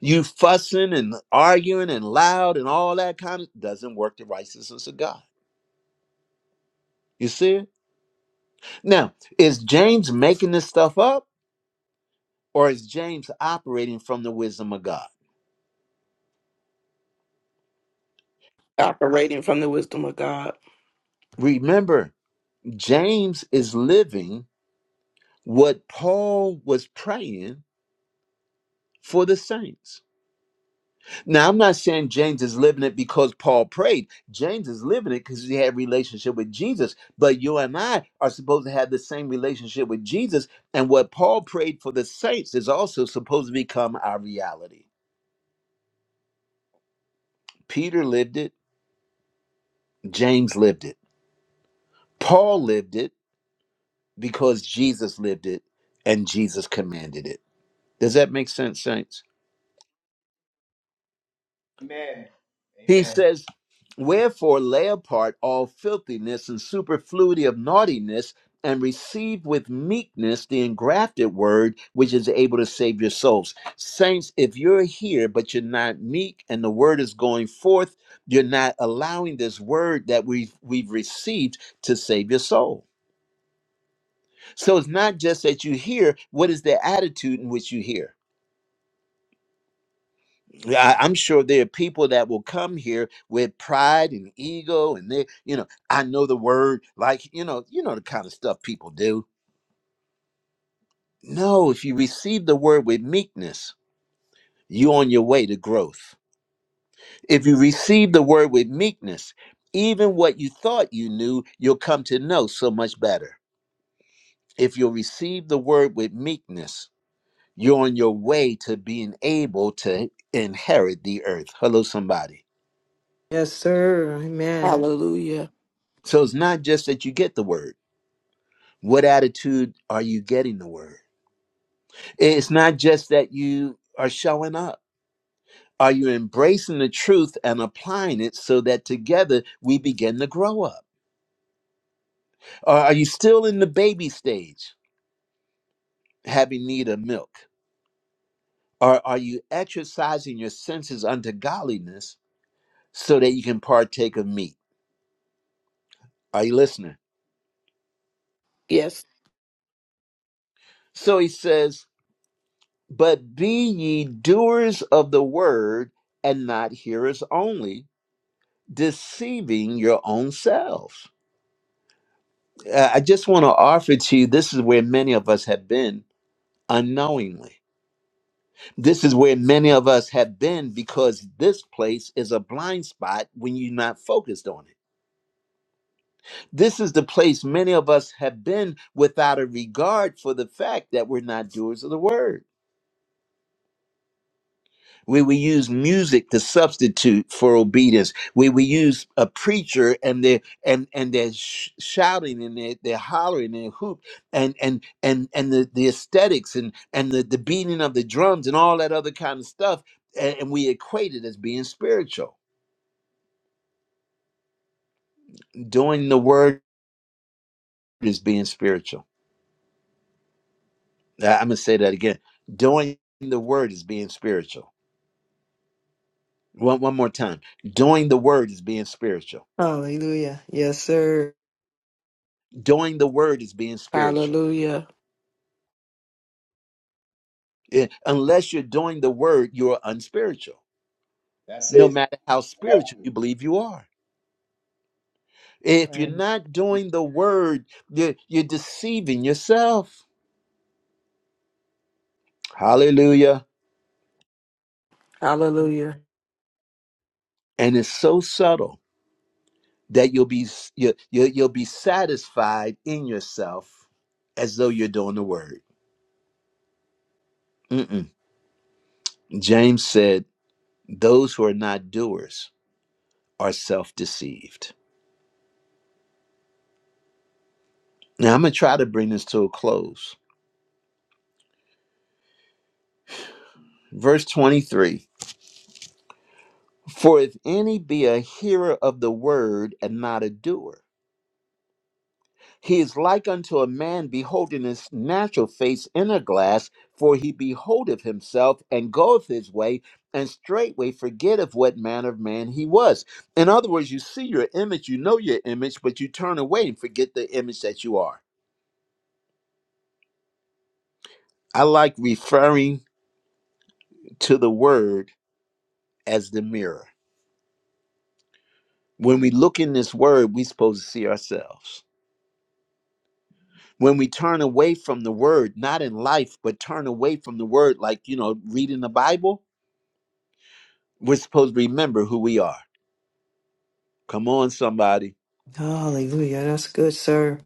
Speaker 1: You fussing and arguing and loud and all that kind of doesn't work the righteousness of God. You see it? Now, is James making this stuff up? Or is James operating from the wisdom of God?
Speaker 3: Operating from the wisdom of God.
Speaker 1: Remember, James is living what Paul was praying for the saints. Now, I'm not saying James is living it because Paul prayed. James is living it because he had a relationship with Jesus. But you and I are supposed to have the same relationship with Jesus. And what Paul prayed for the saints is also supposed to become our reality. Peter lived it. James lived it. Paul lived it. because Jesus lived it and Jesus commanded it. Does that make sense, saints?
Speaker 7: Amen.
Speaker 1: He
Speaker 7: Amen.
Speaker 1: says, Wherefore lay apart all filthiness and superfluity of naughtiness, and receive with meekness the engrafted word, which is able to save your souls. Saints, if you're here, but you're not meek and the word is going forth, you're not allowing this word that we've, we've received to save your soul. So it's not just that you hear, what is the attitude in which you hear? I, I'm sure there are people that will come here with pride and ego, and they, you know, I know the word, like you know, you know the kind of stuff people do. No, if you receive the word with meekness, you on your way to growth. If you receive the word with meekness, even what you thought you knew, you'll come to know so much better. If you'll receive the word with meekness, you're on your way to being able to inherit the earth. Hello, somebody.
Speaker 2: Yes, sir. Amen.
Speaker 3: Hallelujah.
Speaker 1: So it's not just that you get the word What attitude are you getting the word? It's not just that you are showing up. Are you embracing the truth and applying it so that together we begin to grow up? Or are you still in the baby stage, having need of milk? Or are you exercising your senses unto godliness so that you can partake of meat? Are you listening?
Speaker 3: Yes.
Speaker 1: So he says, But be ye doers of the word and not hearers only, deceiving your own selves. uh, I just want to offer to you this is where many of us have been unknowingly. This is where many of us have been because this place is a blind spot when you're not focused on it. This is the place many of us have been without a regard for the fact that we're not doers of the word. We we use music to substitute for obedience. We we use a preacher and they and and they're sh- shouting and they they're hollering and hoop and and and and the, the aesthetics and and the, the beating of the drums and all that other kind of stuff and, and we equate it as being spiritual. Doing the word is being spiritual. I- I'm gonna say that again. Doing the word is being spiritual. One one more time. Doing the word is being spiritual.
Speaker 2: Hallelujah. Yes, sir.
Speaker 1: Doing the word is being spiritual
Speaker 3: Hallelujah.
Speaker 1: Eh, Unless you're doing the word, you're unspiritual,
Speaker 7: That's
Speaker 1: no
Speaker 7: it.
Speaker 1: matter how spiritual you believe you are. If you're
Speaker 6: Right.
Speaker 1: not doing the word, you're, you're deceiving yourself. Hallelujah.
Speaker 6: Amen.
Speaker 3: Hallelujah.
Speaker 1: And it's so subtle that you'll be you, you, you'll be satisfied in yourself as though you're doing the word. Mm-mm. James said, "Those who are not doers are self-deceived." Now I'm gonna try to bring this to a close. Verse 23. For if any be a hearer of the word and not a doer, he is like unto a man beholding his natural face in a glass, for he beholdeth himself and goeth his way, and straightway forgetteth what manner of man he was. In other words, you see your image, you know your image, but you turn away and forget the image that you are. I like referring to the word as the mirror. When we look in this word, we're supposed to see ourselves. when we turn away from the word, not in life, but turn away from the word, like, you know, reading the Bible, we're supposed to remember who we are. Come on, somebody.
Speaker 2: Hallelujah. That's good, sir.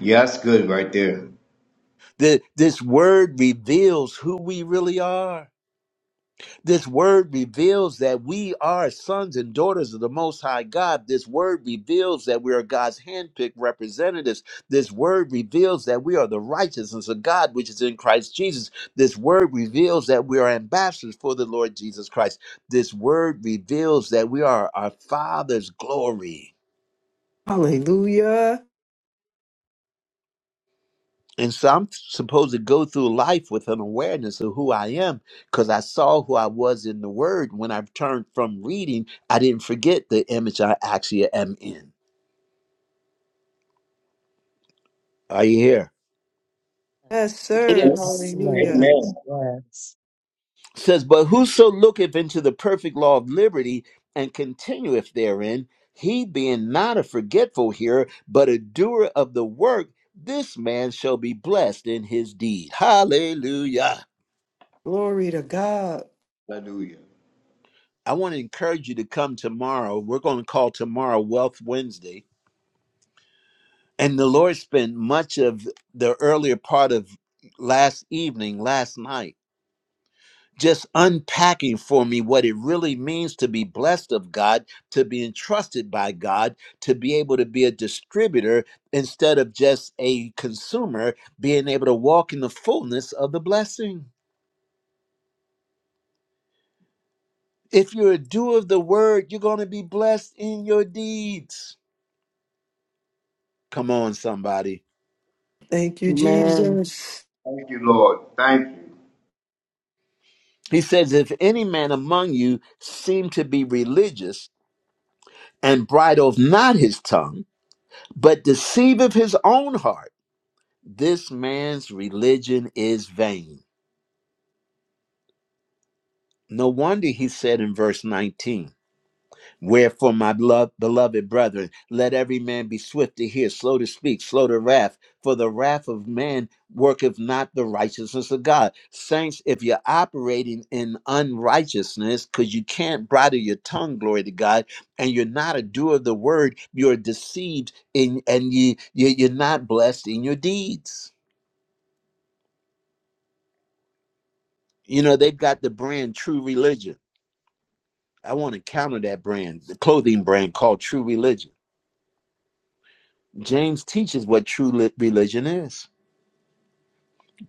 Speaker 7: Yeah, that's good right there.
Speaker 1: The, this word reveals who we really are. This word reveals that we are sons and daughters of the Most High God. This word reveals that we are God's handpicked representatives. This word reveals that we are the righteousness of God, which is in Christ Jesus. This word reveals that we are ambassadors for the Lord Jesus Christ. This word reveals that we are our Father's glory.
Speaker 2: Hallelujah.
Speaker 1: And so I'm supposed to go through life with an awareness of who I am because I saw who I was in the Word. When I turned from reading, I didn't forget the image I actually am in. Are you here?
Speaker 2: Yes, sir.
Speaker 3: Yes.
Speaker 6: Amen.
Speaker 2: Hallelujah.
Speaker 7: Amen.
Speaker 6: Yes.
Speaker 1: It says, But whoso looketh into the perfect law of liberty and continueth therein, he being not a forgetful hearer, but a doer of the work, this man shall be blessed in his deed. Hallelujah.
Speaker 2: Glory to God.
Speaker 7: Hallelujah.
Speaker 1: I want to encourage you to come tomorrow. We're going to call tomorrow Wealth Wednesday And the Lord spent much of the earlier part of last evening, last night, just unpacking for me what it really means to be blessed of God, to be entrusted by God, to be able to be a distributor instead of just a consumer, being able to walk in the fullness of the blessing. If you're a doer of the word, you're going to be blessed in your deeds. Come on, somebody.
Speaker 2: Thank you,
Speaker 3: Amen.
Speaker 2: Jesus.
Speaker 7: Thank you, Lord. Thank you.
Speaker 1: He says, If any man among you seem to be religious, and bridleth not his tongue, but deceiveth his own heart. This man's religion is vain. No wonder he said in verse 19. Wherefore, my beloved, beloved brethren, let every man be swift to hear, slow to speak, slow to wrath, for the wrath of man worketh not the righteousness of God. Saints, if you're operating in unrighteousness, because you can't bridle your tongue, glory to God, and you're not a doer of the word, you're deceived in, and you, you, you're not blessed in your deeds. You know, they've got the brand True Religion. I want to counter that brand, the clothing brand called True Religion James teaches what true religion is.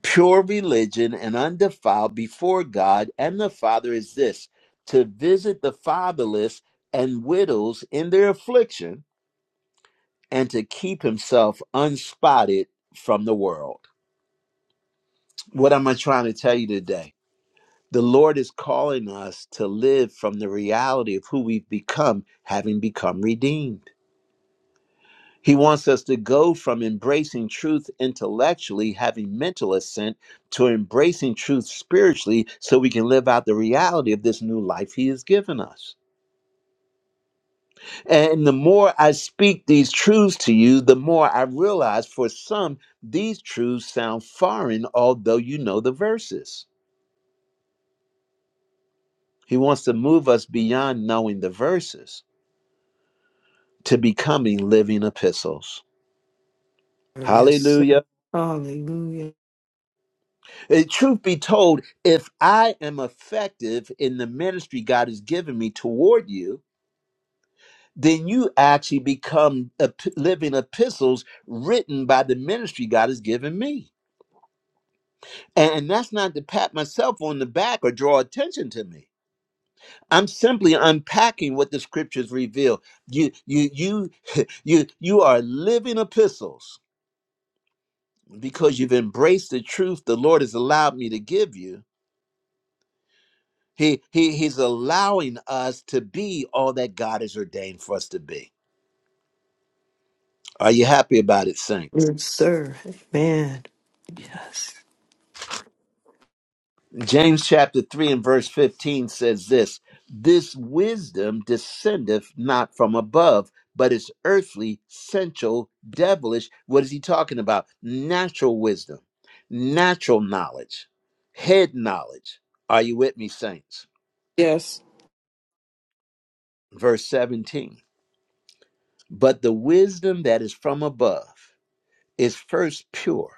Speaker 1: Pure religion and undefiled before God and the Father is this to visit the fatherless and widows in their affliction and to keep himself unspotted from the world. What am I trying to tell you today? The Lord is calling us to live from the reality of who we've become, having become redeemed. He wants us to go from embracing truth intellectually, having mental assent, to embracing truth spiritually so we can live out the reality of this new life He has given us. And the more I speak these truths to you, the more I realize for some, these truths sound foreign, although you know the verses. He wants to move us beyond knowing the verses to becoming living epistles.
Speaker 2: Yes, sir.
Speaker 1: Hallelujah.
Speaker 2: Hallelujah.
Speaker 1: Uh, Truth be told, if I am effective in the ministry God has given me toward you, then you actually become ep- living epistles written by the ministry God has given me. And and that's not to pat myself on the back or draw attention to me. I'm simply unpacking what the scriptures reveal. You, you, you, you, you are living epistles because you've embraced the truth the Lord has allowed me to give you He, he he's allowing us to be all that God has ordained for us to be. Are you happy about it, saints?
Speaker 2: Yes, sir. Amen. Yes.
Speaker 1: James chapter 3 and verse 15 says this This wisdom descendeth not from above, but is earthly, sensual, devilish. What is he talking about? Natural wisdom, natural knowledge, head knowledge. Are you with me, saints?
Speaker 3: Yes.
Speaker 1: Verse 17 But the wisdom that is from above is first pure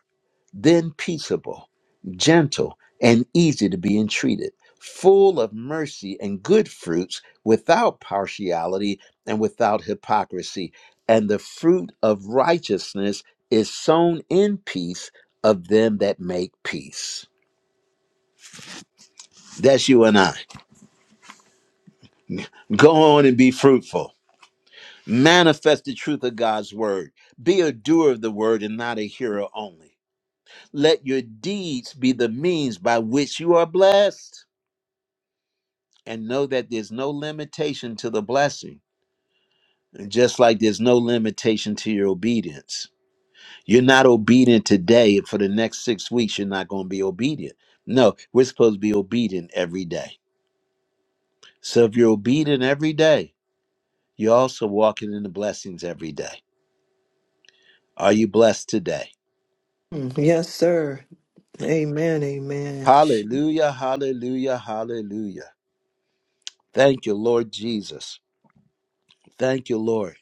Speaker 1: then peaceable, gentle, and easy to be entreated, full of mercy and good fruits, without partiality and without hypocrisy. And the fruit of righteousness is sown in peace of them that make peace. That's you and I. Go on and be fruitful. Manifest the truth of God's word. Be a doer of the word and not a hearer only. Let your deeds be the means by which you are blessed. and know that there's no limitation to the blessing, just like there's no limitation to your obedience. You're not obedient today, for the next six weeks, you're not going to be obedient. No, we're supposed to be obedient every day. So if you're obedient every day, you're also walking in the blessings every day. Are you blessed today?
Speaker 2: Mm, Yes, sir. Amen. Amen.
Speaker 1: Hallelujah, hallelujah, hallelujah. Thank you, Lord Jesus. Thank you, Lord.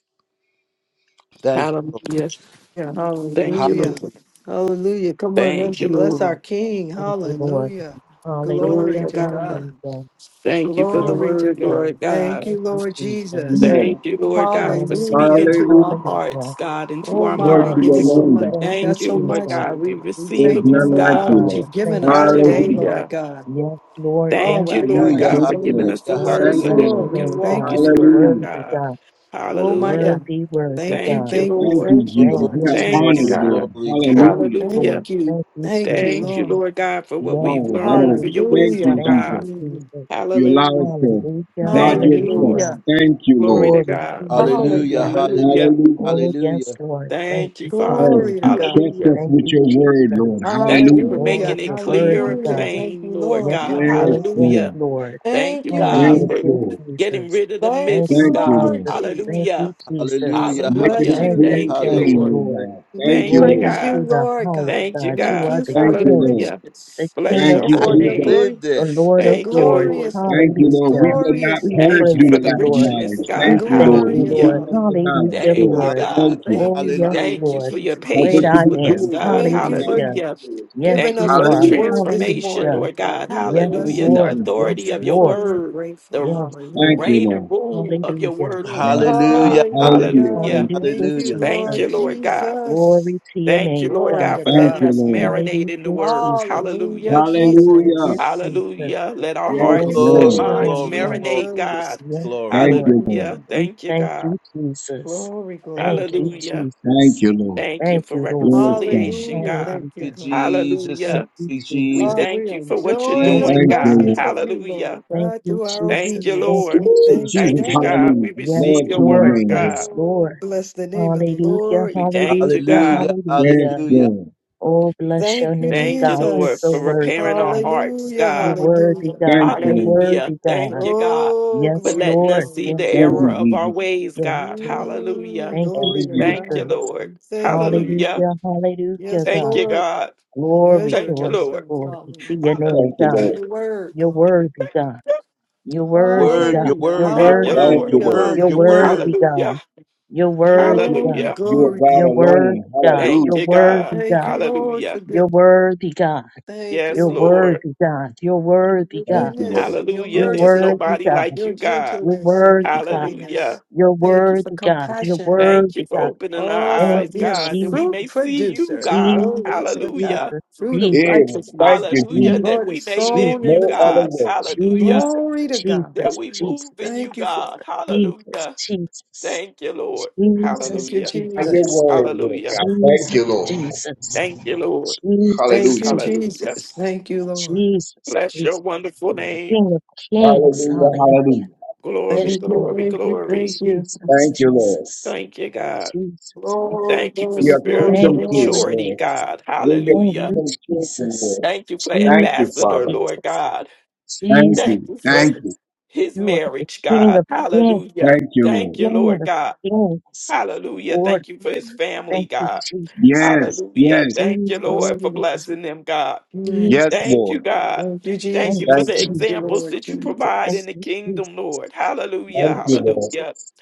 Speaker 1: Thank
Speaker 3: Hallelujah.
Speaker 2: Yeah,
Speaker 3: Thank
Speaker 1: you.
Speaker 3: you,
Speaker 2: hallelujah.
Speaker 3: Lord.
Speaker 2: Hallelujah. Come on, let's
Speaker 3: Thank you,
Speaker 2: bless our
Speaker 3: Lord.
Speaker 2: King.
Speaker 6: Thank you, Lord.
Speaker 2: Hallelujah.
Speaker 3: Glory
Speaker 2: Glory
Speaker 3: to
Speaker 6: Hallelujah.
Speaker 2: to
Speaker 3: God.
Speaker 2: God.
Speaker 6: Hallelujah.
Speaker 3: Thank you for the
Speaker 6: Yes,
Speaker 2: Glory to
Speaker 3: word,
Speaker 6: Lord.
Speaker 3: Lord
Speaker 2: God. Thank
Speaker 3: God.
Speaker 6: Thank
Speaker 2: you,
Speaker 6: you,
Speaker 2: Lord
Speaker 6: Jesus.
Speaker 2: Jesus.
Speaker 7: Lord.
Speaker 3: Thank you, Lord God, for speaking
Speaker 2: Hallelujah.
Speaker 6: Hallelujah.
Speaker 3: to our
Speaker 7: Hallelujah.
Speaker 3: hearts,
Speaker 6: Hallelujah.
Speaker 3: God, and to
Speaker 2: Oh
Speaker 3: our
Speaker 7: Glory
Speaker 2: my,
Speaker 6: Yes,
Speaker 7: to
Speaker 2: give
Speaker 7: your
Speaker 3: minds.
Speaker 2: us so
Speaker 6: Lord.
Speaker 7: name,
Speaker 2: much.
Speaker 7: God.
Speaker 2: We
Speaker 6: Thank you,
Speaker 2: got
Speaker 3: Thank you,
Speaker 2: so
Speaker 3: Lord
Speaker 2: much,
Speaker 6: Jesus.
Speaker 3: God.
Speaker 2: dear
Speaker 3: We
Speaker 2: Lord. We
Speaker 3: receive
Speaker 7: There's
Speaker 3: of
Speaker 2: thank you
Speaker 3: you,
Speaker 6: Yes,
Speaker 7: none
Speaker 2: for
Speaker 7: like
Speaker 2: all
Speaker 3: God.
Speaker 7: you,
Speaker 2: that
Speaker 6: God.
Speaker 7: Lord.
Speaker 2: you've given
Speaker 6: Thank
Speaker 2: us
Speaker 6: you,
Speaker 2: today,
Speaker 6: Father.
Speaker 7: Hallelujah.
Speaker 2: Lord
Speaker 3: Hallelujah.
Speaker 2: God.
Speaker 6: Yes, Lord.
Speaker 2: Oh
Speaker 6: Yes,
Speaker 3: Thank you,
Speaker 2: my
Speaker 3: Lord
Speaker 7: We
Speaker 2: God,
Speaker 6: Lord.
Speaker 1: Hallelujah,
Speaker 2: it's
Speaker 3: God,
Speaker 7: Thank
Speaker 3: for
Speaker 7: you,
Speaker 2: so
Speaker 3: giving
Speaker 2: much.
Speaker 7: Lord.
Speaker 3: us the
Speaker 1: hallelujah,
Speaker 2: It's
Speaker 6: Oh,
Speaker 2: So
Speaker 3: word
Speaker 7: Thank
Speaker 3: so
Speaker 6: bless
Speaker 7: you,
Speaker 1: hallelujah.
Speaker 3: that
Speaker 2: full.
Speaker 3: we
Speaker 6: your
Speaker 7: Lord.
Speaker 2: We
Speaker 3: can
Speaker 6: name,
Speaker 3: walk
Speaker 2: thank you
Speaker 6: God.
Speaker 3: in the
Speaker 6: You're
Speaker 2: for it,
Speaker 3: word,
Speaker 6: worthy,
Speaker 2: God.
Speaker 7: Hallelujah.
Speaker 3: God.
Speaker 6: God.
Speaker 2: Oh my
Speaker 3: Hallelujah.
Speaker 2: God.
Speaker 6: Worthy, worthy
Speaker 2: Thank you,
Speaker 3: Thank you,
Speaker 6: God.
Speaker 2: thank you,
Speaker 7: Thank you,
Speaker 3: Lord.
Speaker 2: thank you,
Speaker 6: Thank
Speaker 7: Jesus. We
Speaker 2: Lord
Speaker 6: you,
Speaker 1: Glory,
Speaker 7: are
Speaker 3: Thank you,
Speaker 7: honored,
Speaker 1: glory,
Speaker 2: Jesus.
Speaker 6: Jesus.
Speaker 7: Lord.
Speaker 3: God.
Speaker 1: glory, glory.
Speaker 6: Yes,
Speaker 7: Hallelujah.
Speaker 3: Hallelujah.
Speaker 6: Lord.
Speaker 2: Thank you,
Speaker 6: Thank you,
Speaker 2: thank you,
Speaker 6: Jesus.
Speaker 3: Thank you,
Speaker 2: Lord.
Speaker 3: Lord God, for what we've
Speaker 6: Yes,
Speaker 7: Oh, that
Speaker 3: learned,
Speaker 6: God.
Speaker 7: old.
Speaker 3: for your
Speaker 7: Thank
Speaker 2: Hallelujah,
Speaker 3: wisdom,
Speaker 7: you,
Speaker 6: Thank you,
Speaker 3: God.
Speaker 7: Jesus.
Speaker 2: hallelujah,
Speaker 6: Jesus.
Speaker 7: You allow us
Speaker 3: Hallelujah.
Speaker 7: to
Speaker 6: Hallelujah,
Speaker 7: guard
Speaker 3: Thank you,
Speaker 7: your
Speaker 3: Lord.
Speaker 7: trust.
Speaker 6: hallelujah.
Speaker 2: hallelujah,
Speaker 7: Thank you,
Speaker 3: Glory
Speaker 7: Lord.
Speaker 3: to
Speaker 6: Glory to
Speaker 3: God.
Speaker 6: your name,
Speaker 1: Hallelujah,
Speaker 6: God.
Speaker 2: hallelujah.
Speaker 3: Hallelujah.
Speaker 1: hallelujah,
Speaker 7: Hallelujah.
Speaker 6: Oh, yes,
Speaker 1: hallelujah,
Speaker 6: Lord. Thank
Speaker 3: Thank you,
Speaker 6: you, thank
Speaker 7: Yes,
Speaker 3: Father.
Speaker 6: you.
Speaker 2: Glory to
Speaker 7: you
Speaker 2: God.
Speaker 7: trust
Speaker 3: Hallelujah.
Speaker 7: us
Speaker 6: Thank
Speaker 7: with
Speaker 6: you,
Speaker 7: your word,
Speaker 6: Jesus.
Speaker 7: Lord.
Speaker 3: Thank you for
Speaker 7: Hallelujah.
Speaker 6: Lord,
Speaker 3: making
Speaker 2: Hallelujah,
Speaker 3: it
Speaker 6: you're
Speaker 3: clear
Speaker 6: worthy,
Speaker 3: and
Speaker 2: hallelujah.
Speaker 6: God.
Speaker 2: Thank you,
Speaker 3: plain, Lord
Speaker 6: Yes,
Speaker 2: Lord
Speaker 3: God.
Speaker 2: God.
Speaker 7: Yes,
Speaker 6: Lord. Yes,
Speaker 3: Hallelujah.
Speaker 7: Lord.
Speaker 6: Lord.
Speaker 3: Thank you,
Speaker 2: Thank you,
Speaker 3: God,
Speaker 2: Jesus.
Speaker 7: Yes,
Speaker 3: for
Speaker 6: Hallelujah,
Speaker 7: Lord.
Speaker 3: getting
Speaker 6: Jesus.
Speaker 3: rid of the
Speaker 2: Thank
Speaker 6: Thank
Speaker 2: you,
Speaker 3: myths,
Speaker 6: you,
Speaker 7: Thank you,
Speaker 3: God.
Speaker 2: Lord
Speaker 7: Lord.
Speaker 6: Jesus.
Speaker 2: Jesus.
Speaker 6: Thank you,
Speaker 3: Hallelujah.
Speaker 6: Jesus.
Speaker 2: We
Speaker 1: hallelujah,
Speaker 7: Making
Speaker 2: bless
Speaker 3: Hallelujah.
Speaker 7: it
Speaker 6: Thank
Speaker 2: you.
Speaker 1: hallelujah,
Speaker 7: clear
Speaker 6: you,
Speaker 3: Thank
Speaker 7: and
Speaker 3: you,
Speaker 6: thank
Speaker 1: hallelujah.
Speaker 7: plain,
Speaker 6: you,
Speaker 3: Lord.
Speaker 7: Lord
Speaker 6: Lord.
Speaker 7: God.
Speaker 2: We
Speaker 7: Thank you,
Speaker 3: Thank you,
Speaker 6: Glory
Speaker 7: Lord.
Speaker 2: praise
Speaker 3: God.
Speaker 2: you,
Speaker 6: to the
Speaker 2: Lord
Speaker 6: highest
Speaker 2: God.
Speaker 3: Thank you,
Speaker 6: God. You
Speaker 2: Thank
Speaker 6: are
Speaker 3: God.
Speaker 2: you
Speaker 6: the
Speaker 2: for
Speaker 7: Thank
Speaker 2: your
Speaker 7: you,
Speaker 6: King,
Speaker 7: Lord.
Speaker 3: Hallelujah.
Speaker 6: the
Speaker 2: richness.
Speaker 3: Bless
Speaker 6: King
Speaker 2: Thank
Speaker 6: of
Speaker 7: Thank
Speaker 3: your
Speaker 2: you
Speaker 7: you,
Speaker 1: I
Speaker 3: holy
Speaker 2: for
Speaker 6: kings,
Speaker 1: can
Speaker 2: your
Speaker 7: Jesus.
Speaker 3: name.
Speaker 2: glory.
Speaker 1: live
Speaker 6: the
Speaker 1: this.
Speaker 6: Lord
Speaker 2: You're
Speaker 6: of
Speaker 3: Thank you,
Speaker 6: lords.
Speaker 3: Lord.
Speaker 2: glorious. Lord.
Speaker 7: Thank you,
Speaker 2: It's
Speaker 7: Lord. We
Speaker 6: Hallelujah.
Speaker 7: will not
Speaker 2: glorious.
Speaker 6: We
Speaker 2: Lord.
Speaker 7: perish
Speaker 3: Thank you
Speaker 6: praise
Speaker 7: due
Speaker 3: for
Speaker 7: to
Speaker 3: the
Speaker 6: you,
Speaker 7: lack of
Speaker 6: Lord.
Speaker 3: richness,
Speaker 7: knowledge.
Speaker 6: We
Speaker 7: Thank
Speaker 3: God.
Speaker 7: you,
Speaker 6: thank
Speaker 7: Lord.
Speaker 6: you,
Speaker 7: You've
Speaker 2: Glorious.
Speaker 3: Hallelujah.
Speaker 6: Lord.
Speaker 7: given us the
Speaker 2: Hallelujah.
Speaker 7: knowledge,
Speaker 6: Hallelujah,
Speaker 3: Thank
Speaker 7: Lord.
Speaker 3: you,
Speaker 6: Lord.
Speaker 3: God.
Speaker 1: Hallelujah,
Speaker 7: Thank you.
Speaker 2: Thank
Speaker 6: Oh,
Speaker 2: you,
Speaker 6: yes,
Speaker 1: hallelujah,
Speaker 2: Father,
Speaker 3: Thank
Speaker 2: in
Speaker 3: you
Speaker 6: Lord.
Speaker 3: for your
Speaker 2: Jesus'
Speaker 7: Help
Speaker 6: Great
Speaker 2: name.
Speaker 7: us to
Speaker 6: I
Speaker 3: patience
Speaker 7: be
Speaker 3: with us,
Speaker 6: am.
Speaker 7: doers,
Speaker 3: God.
Speaker 7: Lord,
Speaker 2: Thank you
Speaker 7: not
Speaker 2: for
Speaker 6: Hallelujah.
Speaker 7: just
Speaker 3: Hallelujah.
Speaker 7: hearers,
Speaker 6: Yes,
Speaker 7: Lord.
Speaker 2: giving
Speaker 3: Thank you
Speaker 2: us
Speaker 6: you
Speaker 3: for the
Speaker 2: this
Speaker 6: are.
Speaker 7: Hallelujah.
Speaker 2: word this
Speaker 3: transformation,
Speaker 6: Hallelujah.
Speaker 2: morning,
Speaker 3: Lord
Speaker 2: God.
Speaker 3: God.
Speaker 2: We are
Speaker 6: Yes,
Speaker 7: Thank
Speaker 3: Hallelujah.
Speaker 2: blessing
Speaker 7: you,
Speaker 3: The
Speaker 2: and
Speaker 6: Lord.
Speaker 2: we're gr-
Speaker 6: Yes,
Speaker 3: authority
Speaker 7: Jesus.
Speaker 3: of your
Speaker 2: thankful
Speaker 6: Lord.
Speaker 2: and we're
Speaker 3: word,
Speaker 2: grateful.
Speaker 3: the
Speaker 6: Yes,
Speaker 7: Thank
Speaker 6: Lord.
Speaker 2: Hallelujah.
Speaker 7: you,
Speaker 3: reign
Speaker 7: Lord.
Speaker 3: and rule of your
Speaker 6: Hallelujah.
Speaker 3: word over
Speaker 7: Yes.
Speaker 3: us,
Speaker 6: Yes,
Speaker 3: God.
Speaker 1: hallelujah,
Speaker 6: Lord.
Speaker 1: hallelujah,
Speaker 7: Hallelujah.
Speaker 2: Hallelujah.
Speaker 7: Thank
Speaker 3: Hallelujah.
Speaker 6: Hallelujah,
Speaker 7: you.
Speaker 2: Thank you,
Speaker 1: hallelujah.
Speaker 6: Jesus.
Speaker 3: Thank
Speaker 2: Lord
Speaker 3: you, Lord God.
Speaker 2: Jesus.
Speaker 6: Glory to your
Speaker 3: Thank you,
Speaker 6: name,
Speaker 3: Lord
Speaker 2: Glory
Speaker 6: God.
Speaker 3: God,
Speaker 2: to
Speaker 3: for
Speaker 7: Thank
Speaker 3: letting
Speaker 7: you,
Speaker 2: God.
Speaker 3: us
Speaker 7: Lord.
Speaker 3: marinate
Speaker 6: Hallelujah,
Speaker 3: in the word.
Speaker 6: Jesus.
Speaker 2: Hallelujah,
Speaker 3: Hallelujah.
Speaker 6: Hallelujah,
Speaker 7: Hallelujah.
Speaker 2: Jesus.
Speaker 6: Jesus.
Speaker 3: Hallelujah. Let our
Speaker 7: Yes,
Speaker 2: Thank
Speaker 6: Oh,
Speaker 2: you,
Speaker 3: hearts and
Speaker 6: bless
Speaker 1: Glory,
Speaker 7: Lord.
Speaker 6: your
Speaker 2: Lord
Speaker 3: minds
Speaker 6: name,
Speaker 1: glory,
Speaker 6: God.
Speaker 3: marinate,
Speaker 1: glory, glory,
Speaker 2: Jesus.
Speaker 3: God.
Speaker 6: Yes,
Speaker 1: glory.
Speaker 7: Thank
Speaker 6: Lord.
Speaker 7: you, Lord.
Speaker 3: Hallelujah.
Speaker 2: Mm.
Speaker 6: We
Speaker 3: Thank you,
Speaker 6: thank
Speaker 3: God.
Speaker 6: you, Jesus.
Speaker 2: Glory, glory,
Speaker 6: Thank you,
Speaker 2: glory.
Speaker 3: Hallelujah.
Speaker 7: Thank
Speaker 6: Jesus.
Speaker 7: you, Lord.
Speaker 3: Thank you
Speaker 6: Thank
Speaker 3: for
Speaker 6: you, Lord.
Speaker 7: Yes, God.
Speaker 3: reconciliation,
Speaker 2: Hallelujah.
Speaker 3: God.
Speaker 2: Thank
Speaker 1: Thank
Speaker 2: you,
Speaker 1: you,
Speaker 6: Hallelujah.
Speaker 2: God.
Speaker 1: Jesus, thank
Speaker 6: Thank
Speaker 3: Hallelujah.
Speaker 6: you,
Speaker 1: you,
Speaker 3: We
Speaker 6: Jesus.
Speaker 2: Ah,
Speaker 1: Jesus,
Speaker 2: we
Speaker 3: thank
Speaker 2: are
Speaker 3: you for
Speaker 1: thank you,
Speaker 3: what you're
Speaker 2: enjoying
Speaker 6: Thank
Speaker 2: the
Speaker 1: Jesus.
Speaker 3: doing,
Speaker 6: you,
Speaker 7: Thank you,
Speaker 3: God.
Speaker 6: Jesus.
Speaker 2: blessings
Speaker 7: Lord.
Speaker 2: of you, Lord,
Speaker 3: Hallelujah.
Speaker 6: Thank
Speaker 2: God,
Speaker 6: you,
Speaker 2: through our
Speaker 3: Thank
Speaker 6: Jesus.
Speaker 3: you,
Speaker 6: Thank
Speaker 2: obedience.
Speaker 3: Lord.
Speaker 6: you,
Speaker 2: We
Speaker 7: Woo,
Speaker 2: thank you,
Speaker 7: Jesus,
Speaker 3: Thank you,
Speaker 6: Jesus.
Speaker 2: God.
Speaker 3: God.
Speaker 7: hallelujah.
Speaker 3: We
Speaker 6: Yes,
Speaker 3: receive
Speaker 7: Lord to
Speaker 3: your
Speaker 7: your
Speaker 6: Lord.
Speaker 3: word,
Speaker 7: name, God.
Speaker 3: God.
Speaker 6: Yes,
Speaker 2: Oh,
Speaker 6: Lord.
Speaker 2: bless the name of the
Speaker 6: Hallelujah,
Speaker 2: Lord,
Speaker 3: We
Speaker 2: you God.
Speaker 3: thank you,
Speaker 6: hallelujah,
Speaker 3: God.
Speaker 1: Hallelujah,
Speaker 7: Yes,
Speaker 6: hallelujah.
Speaker 1: hallelujah.
Speaker 7: Lord.
Speaker 6: Oh, bless
Speaker 2: Thank
Speaker 6: your
Speaker 2: you,
Speaker 6: name,
Speaker 3: Thank you,
Speaker 6: God. You're
Speaker 3: Lord,
Speaker 6: so
Speaker 3: for
Speaker 2: Jesus.
Speaker 6: worthy,
Speaker 3: repairing our
Speaker 6: God.
Speaker 3: hearts,
Speaker 2: Hallelujah.
Speaker 6: You're
Speaker 3: God.
Speaker 6: worthy,
Speaker 2: Hallelujah.
Speaker 6: God.
Speaker 7: Thank you,
Speaker 6: You're
Speaker 7: Lord.
Speaker 3: Hallelujah.
Speaker 6: worthy,
Speaker 3: Thank
Speaker 6: God.
Speaker 3: you, God,
Speaker 2: Oh,
Speaker 3: for
Speaker 6: Yes,
Speaker 2: glory,
Speaker 3: letting
Speaker 6: Lord.
Speaker 3: us see the
Speaker 2: glory.
Speaker 6: Yes,
Speaker 7: Thank
Speaker 3: error
Speaker 7: you,
Speaker 6: Lord.
Speaker 3: of our
Speaker 7: Jesus.
Speaker 3: ways,
Speaker 6: Yes,
Speaker 3: God.
Speaker 6: Lord.
Speaker 3: Hallelujah.
Speaker 2: Mm,
Speaker 6: Thank you,
Speaker 2: glory
Speaker 7: Only
Speaker 2: to
Speaker 7: you.
Speaker 3: Thank you,
Speaker 6: Jesus.
Speaker 2: God.
Speaker 3: Lord.
Speaker 2: We thank you.
Speaker 3: Hallelujah.
Speaker 6: Hallelujah. Hallelujah,
Speaker 2: Yes,
Speaker 3: Thank
Speaker 6: God.
Speaker 3: you,
Speaker 2: Lord.
Speaker 3: God.
Speaker 6: Glory,
Speaker 3: Thank
Speaker 2: Measuring
Speaker 3: you,
Speaker 6: glory,
Speaker 3: Lord.
Speaker 2: ourselves.
Speaker 6: glory to
Speaker 2: Hallelujah.
Speaker 6: your
Speaker 3: Hallelujah.
Speaker 6: name,
Speaker 2: Glory
Speaker 7: Thank you,
Speaker 6: God.
Speaker 2: To
Speaker 7: Lord.
Speaker 2: the word,
Speaker 6: You're
Speaker 2: glory.
Speaker 6: worthy, God. You're
Speaker 1: Your
Speaker 6: worthy,
Speaker 1: word,
Speaker 6: God.
Speaker 1: your
Speaker 2: Hallelujah,
Speaker 6: You're
Speaker 1: word, your
Speaker 3: Thank you,
Speaker 6: worthy.
Speaker 1: word,
Speaker 7: Thank
Speaker 3: Lord.
Speaker 1: your
Speaker 7: you,
Speaker 2: hallelujah,
Speaker 7: Lord.
Speaker 1: word,
Speaker 6: You're
Speaker 1: your
Speaker 2: hallelujah.
Speaker 6: worthy,
Speaker 1: word.
Speaker 3: Hallelujah.
Speaker 6: God. You're worthy,
Speaker 2: Glory,
Speaker 6: God.
Speaker 3: Hallelujah.
Speaker 7: You are
Speaker 2: glory,
Speaker 7: God
Speaker 6: You're
Speaker 2: glory.
Speaker 7: alone.
Speaker 6: worthy, God.
Speaker 7: Hallelujah.
Speaker 3: Thank
Speaker 6: You're
Speaker 3: you, God.
Speaker 6: worthy,
Speaker 2: Thank
Speaker 6: God.
Speaker 2: you, Lord,
Speaker 3: Hallelujah.
Speaker 2: for
Speaker 6: You're
Speaker 2: good.
Speaker 6: worthy, God.
Speaker 2: Thank you,
Speaker 3: Yes,
Speaker 6: You're
Speaker 2: Lord,
Speaker 3: Lord.
Speaker 6: worthy, God. You're
Speaker 2: for
Speaker 6: worthy,
Speaker 2: your
Speaker 7: Thank
Speaker 6: God.
Speaker 7: you,
Speaker 2: goodness,
Speaker 7: Lord.
Speaker 2: and your
Speaker 3: Hallelujah.
Speaker 6: You're
Speaker 3: There's
Speaker 2: mercy,
Speaker 6: worthy,
Speaker 3: nobody
Speaker 6: God.
Speaker 3: like
Speaker 2: your
Speaker 3: you, God.
Speaker 6: You're
Speaker 2: gentleness, and your
Speaker 6: worthy, God.
Speaker 2: kindness.
Speaker 3: Hallelujah.
Speaker 6: You're
Speaker 2: Thank you for
Speaker 6: worthy, God. You're
Speaker 2: compassion, Lord.
Speaker 3: Thank
Speaker 6: worthy,
Speaker 3: you for
Speaker 6: God.
Speaker 3: opening our
Speaker 2: Oh,
Speaker 6: Thank
Speaker 2: for
Speaker 3: eyes,
Speaker 6: you,
Speaker 2: being a
Speaker 3: God, that
Speaker 6: Jesus.
Speaker 3: we
Speaker 2: fruit
Speaker 3: may see you,
Speaker 2: producer.
Speaker 3: God.
Speaker 2: Glory
Speaker 6: Jesus,
Speaker 2: to God.
Speaker 3: Hallelujah.
Speaker 6: Jesus,
Speaker 2: Fruit of
Speaker 6: Jesus,
Speaker 7: Yes, thank
Speaker 2: righteousness.
Speaker 7: you,
Speaker 3: Hallelujah.
Speaker 7: Jesus.
Speaker 6: Jesus,
Speaker 3: That
Speaker 2: Lord
Speaker 3: we
Speaker 2: is
Speaker 3: may live
Speaker 2: sown in
Speaker 3: you,
Speaker 2: the
Speaker 7: No other
Speaker 3: God.
Speaker 2: peace.
Speaker 7: way.
Speaker 3: Hallelujah.
Speaker 6: Jesus,
Speaker 2: Glory to
Speaker 6: Jesus,
Speaker 2: God.
Speaker 3: That
Speaker 6: Jesus,
Speaker 3: we move in
Speaker 6: Jesus,
Speaker 3: you,
Speaker 2: Thank you for
Speaker 3: God.
Speaker 2: it.
Speaker 6: Jesus,
Speaker 3: Hallelujah.
Speaker 6: Jesus,
Speaker 3: Thank you, Lord.
Speaker 6: Jesus, Jesus,
Speaker 2: Thank you,
Speaker 6: Jesus,
Speaker 3: Hallelujah.
Speaker 7: By your
Speaker 2: Jesus.
Speaker 7: word, Lord.
Speaker 3: Hallelujah.
Speaker 7: God, thank you,
Speaker 6: Jesus,
Speaker 7: Lord.
Speaker 6: Jesus,
Speaker 3: Thank you, Lord.
Speaker 2: Thank
Speaker 7: Hallelujah.
Speaker 2: you,
Speaker 6: Jesus,
Speaker 3: Hallelujah.
Speaker 2: Jesus. Thank you, Lord.
Speaker 6: Jesus,
Speaker 3: Bless your
Speaker 6: Jesus,
Speaker 3: wonderful name.
Speaker 6: King of Kings,
Speaker 7: Hallelujah,
Speaker 6: hallelujah.
Speaker 7: hallelujah.
Speaker 3: Glory,
Speaker 6: Yes,
Speaker 2: Thank you,
Speaker 6: Lord.
Speaker 3: glory,
Speaker 2: thank you, thank
Speaker 3: glory.
Speaker 2: you.
Speaker 6: Jesus,
Speaker 7: Thank you, Lord.
Speaker 6: Jesus,
Speaker 3: Thank you, God.
Speaker 6: Jesus, Jesus.
Speaker 2: Glory,
Speaker 3: Thank you for
Speaker 7: We
Speaker 2: glory,
Speaker 7: are
Speaker 2: glory,
Speaker 3: spiritual
Speaker 6: Thank
Speaker 7: kingdom
Speaker 6: you,
Speaker 7: kids,
Speaker 6: Jesus.
Speaker 2: glory.
Speaker 3: maturity,
Speaker 7: Lord.
Speaker 3: God.
Speaker 7: We're your
Speaker 6: Thank
Speaker 3: Hallelujah.
Speaker 6: you,
Speaker 7: kingdom children,
Speaker 6: Jesus.
Speaker 7: Lord.
Speaker 3: Thank you for
Speaker 7: Thank you,
Speaker 6: Jesus,
Speaker 3: Ambassador,
Speaker 7: Father.
Speaker 3: Lord
Speaker 6: Jesus,
Speaker 3: God.
Speaker 7: Thank
Speaker 6: Jesus,
Speaker 3: Thank
Speaker 7: you,
Speaker 3: you for
Speaker 7: thank you,
Speaker 6: Jesus.
Speaker 3: his
Speaker 6: You are the
Speaker 3: marriage,
Speaker 6: King
Speaker 3: God.
Speaker 6: of Kings,
Speaker 3: Hallelujah.
Speaker 7: thank you,
Speaker 3: Thank
Speaker 7: Lord.
Speaker 3: you,
Speaker 6: King
Speaker 3: Lord
Speaker 6: of
Speaker 3: God.
Speaker 6: Kings,
Speaker 3: Hallelujah.
Speaker 6: Lord
Speaker 3: Thank you for
Speaker 6: of
Speaker 3: his
Speaker 6: Lords.
Speaker 3: family,
Speaker 6: Thank you,
Speaker 3: God.
Speaker 6: Jesus.
Speaker 7: Yes,
Speaker 3: Hallelujah.
Speaker 7: yes,
Speaker 3: Thank you,
Speaker 6: Jesus,
Speaker 3: Lord, for
Speaker 2: Glory.
Speaker 6: Jesus,
Speaker 3: blessing them, God.
Speaker 2: Mm.
Speaker 7: yes,
Speaker 6: Jesus.
Speaker 3: Thank you,
Speaker 7: Lord.
Speaker 3: God.
Speaker 2: Thank you,
Speaker 3: Thank
Speaker 6: Thank
Speaker 3: you for
Speaker 6: you,
Speaker 2: Jesus.
Speaker 7: Thank
Speaker 3: the
Speaker 2: Thank
Speaker 7: you,
Speaker 2: you,
Speaker 6: Jesus.
Speaker 3: examples
Speaker 2: Lord
Speaker 3: that you provide
Speaker 6: Thank
Speaker 3: in
Speaker 2: Jesus.
Speaker 3: the
Speaker 6: you, Jesus.
Speaker 3: kingdom, Lord. Hallelujah.
Speaker 6: Thank
Speaker 7: thank you,
Speaker 6: you,
Speaker 7: Lord.
Speaker 3: Hallelujah.
Speaker 6: Jesus.